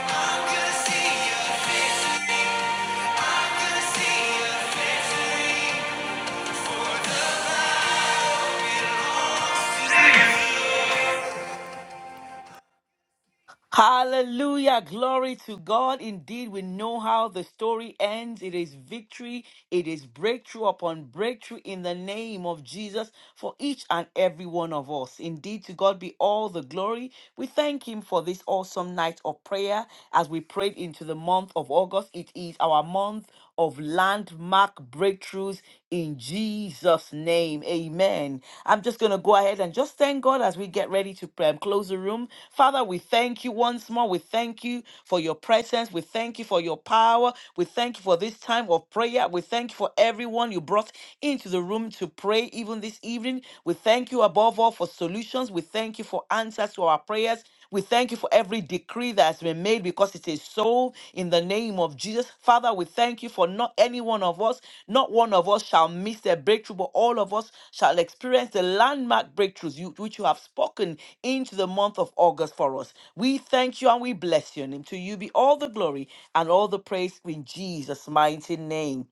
Speaker 1: I'm gonna see a victory. I'm gonna see your victory.
Speaker 5: Hallelujah. Glory to God. Indeed, we know how the story ends. It is victory. It is breakthrough upon breakthrough in the name of Jesus. for each and every one of us. Indeed, to God be all the glory. We thank Him for this awesome night of prayer as we prayed into the month of August. It is our month of landmark breakthroughs in Jesus' name. Amen. I'm just going to go ahead and just thank God as we get ready to pray and close the room. Father, we thank you once more. We thank you for your presence. We thank you for your power. We thank you for this time of prayer. We thank you for everyone you brought into the room to pray even this evening. We thank you above all for solutions. We thank you for answers to our prayers. We thank you for every decree that has been made because it is so in the name of Jesus. Father, we thank you for not any one of us, not one of us shall miss a breakthrough, but all of us shall experience the landmark breakthroughs you, which you have spoken into the month of August for us. We thank you and we bless your name. To you be all the glory and all the praise in Jesus' mighty name.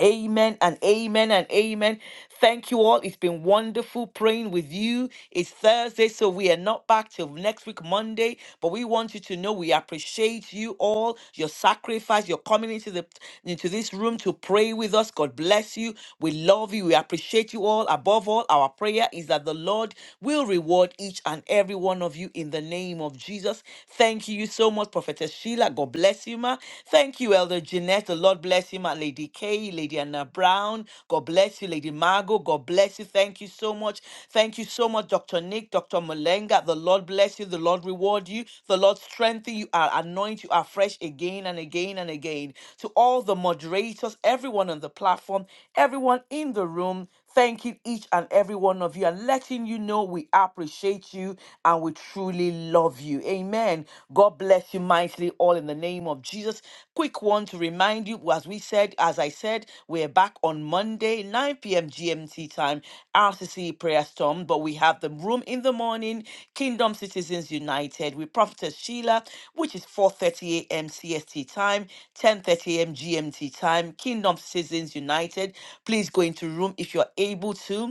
Speaker 5: Amen and amen and amen. Thank you all. It's been wonderful praying with you. It's Thursday, so we are not back till next week, Monday. But we want you to know we appreciate you all, your sacrifice, your coming into the into this room to pray with us. God bless you. We love you. We appreciate you all. Above all, our prayer is that the Lord will reward each and every one of you in the name of Jesus. Thank you so much, Prophetess Sheila. God bless bless you, ma. Thank you, Elder Jeanette. The Lord bless you, ma. Lady Kay, Lady Anna Brown. God bless you, Lady Margot. God bless you. Thank you so much. Thank you so much, Dr. Nick, Dr. Malenga. The Lord bless you. The Lord reward you. The Lord strengthen you Are anoint you afresh again and again and again. To all the moderators, everyone on the platform, everyone in the room, thanking each and every one of you and letting you know we appreciate you and we truly love you. Amen. God bless you mightily, all in the name of Jesus. Quick one to remind you, as we said, as I said, we're back on Monday, 9 p.m. GMT time time, RCC Prayer Storm, but we have the room in the morning, Kingdom Citizens United with Prophetess Sheila, which is 4.30 a.m. CST time, 10.30 a.m. GMT time, Kingdom Citizens United. Please go into room if you're able to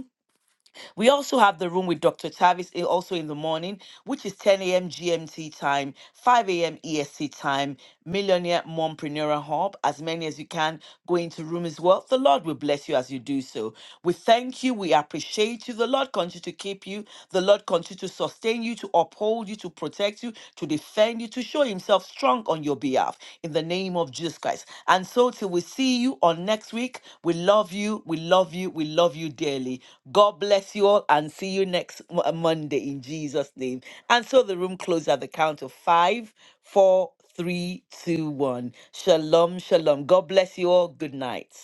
Speaker 5: we also have the room with Dr. Tavis eh, also in the morning, which is 10 a.m. GMT time, 5 a.m. EST time, Millionaire Mompreneur Hub. As many as you can go into room as well. The Lord will bless you as you do so. We thank you. We appreciate you. The Lord continue to keep you. The the Lord continue to sustain you, to uphold you, to protect you, to defend you, to show Himself strong on your behalf in the name of Jesus Christ. And so, till we see you on next week, we love you, we love you, we love you dearly. God bless you all and see you next Mo- uh, Monday in Jesus' name. And so, the room closes at the count of five, four, three, two, one. Shalom, shalom. God bless you all. Good night.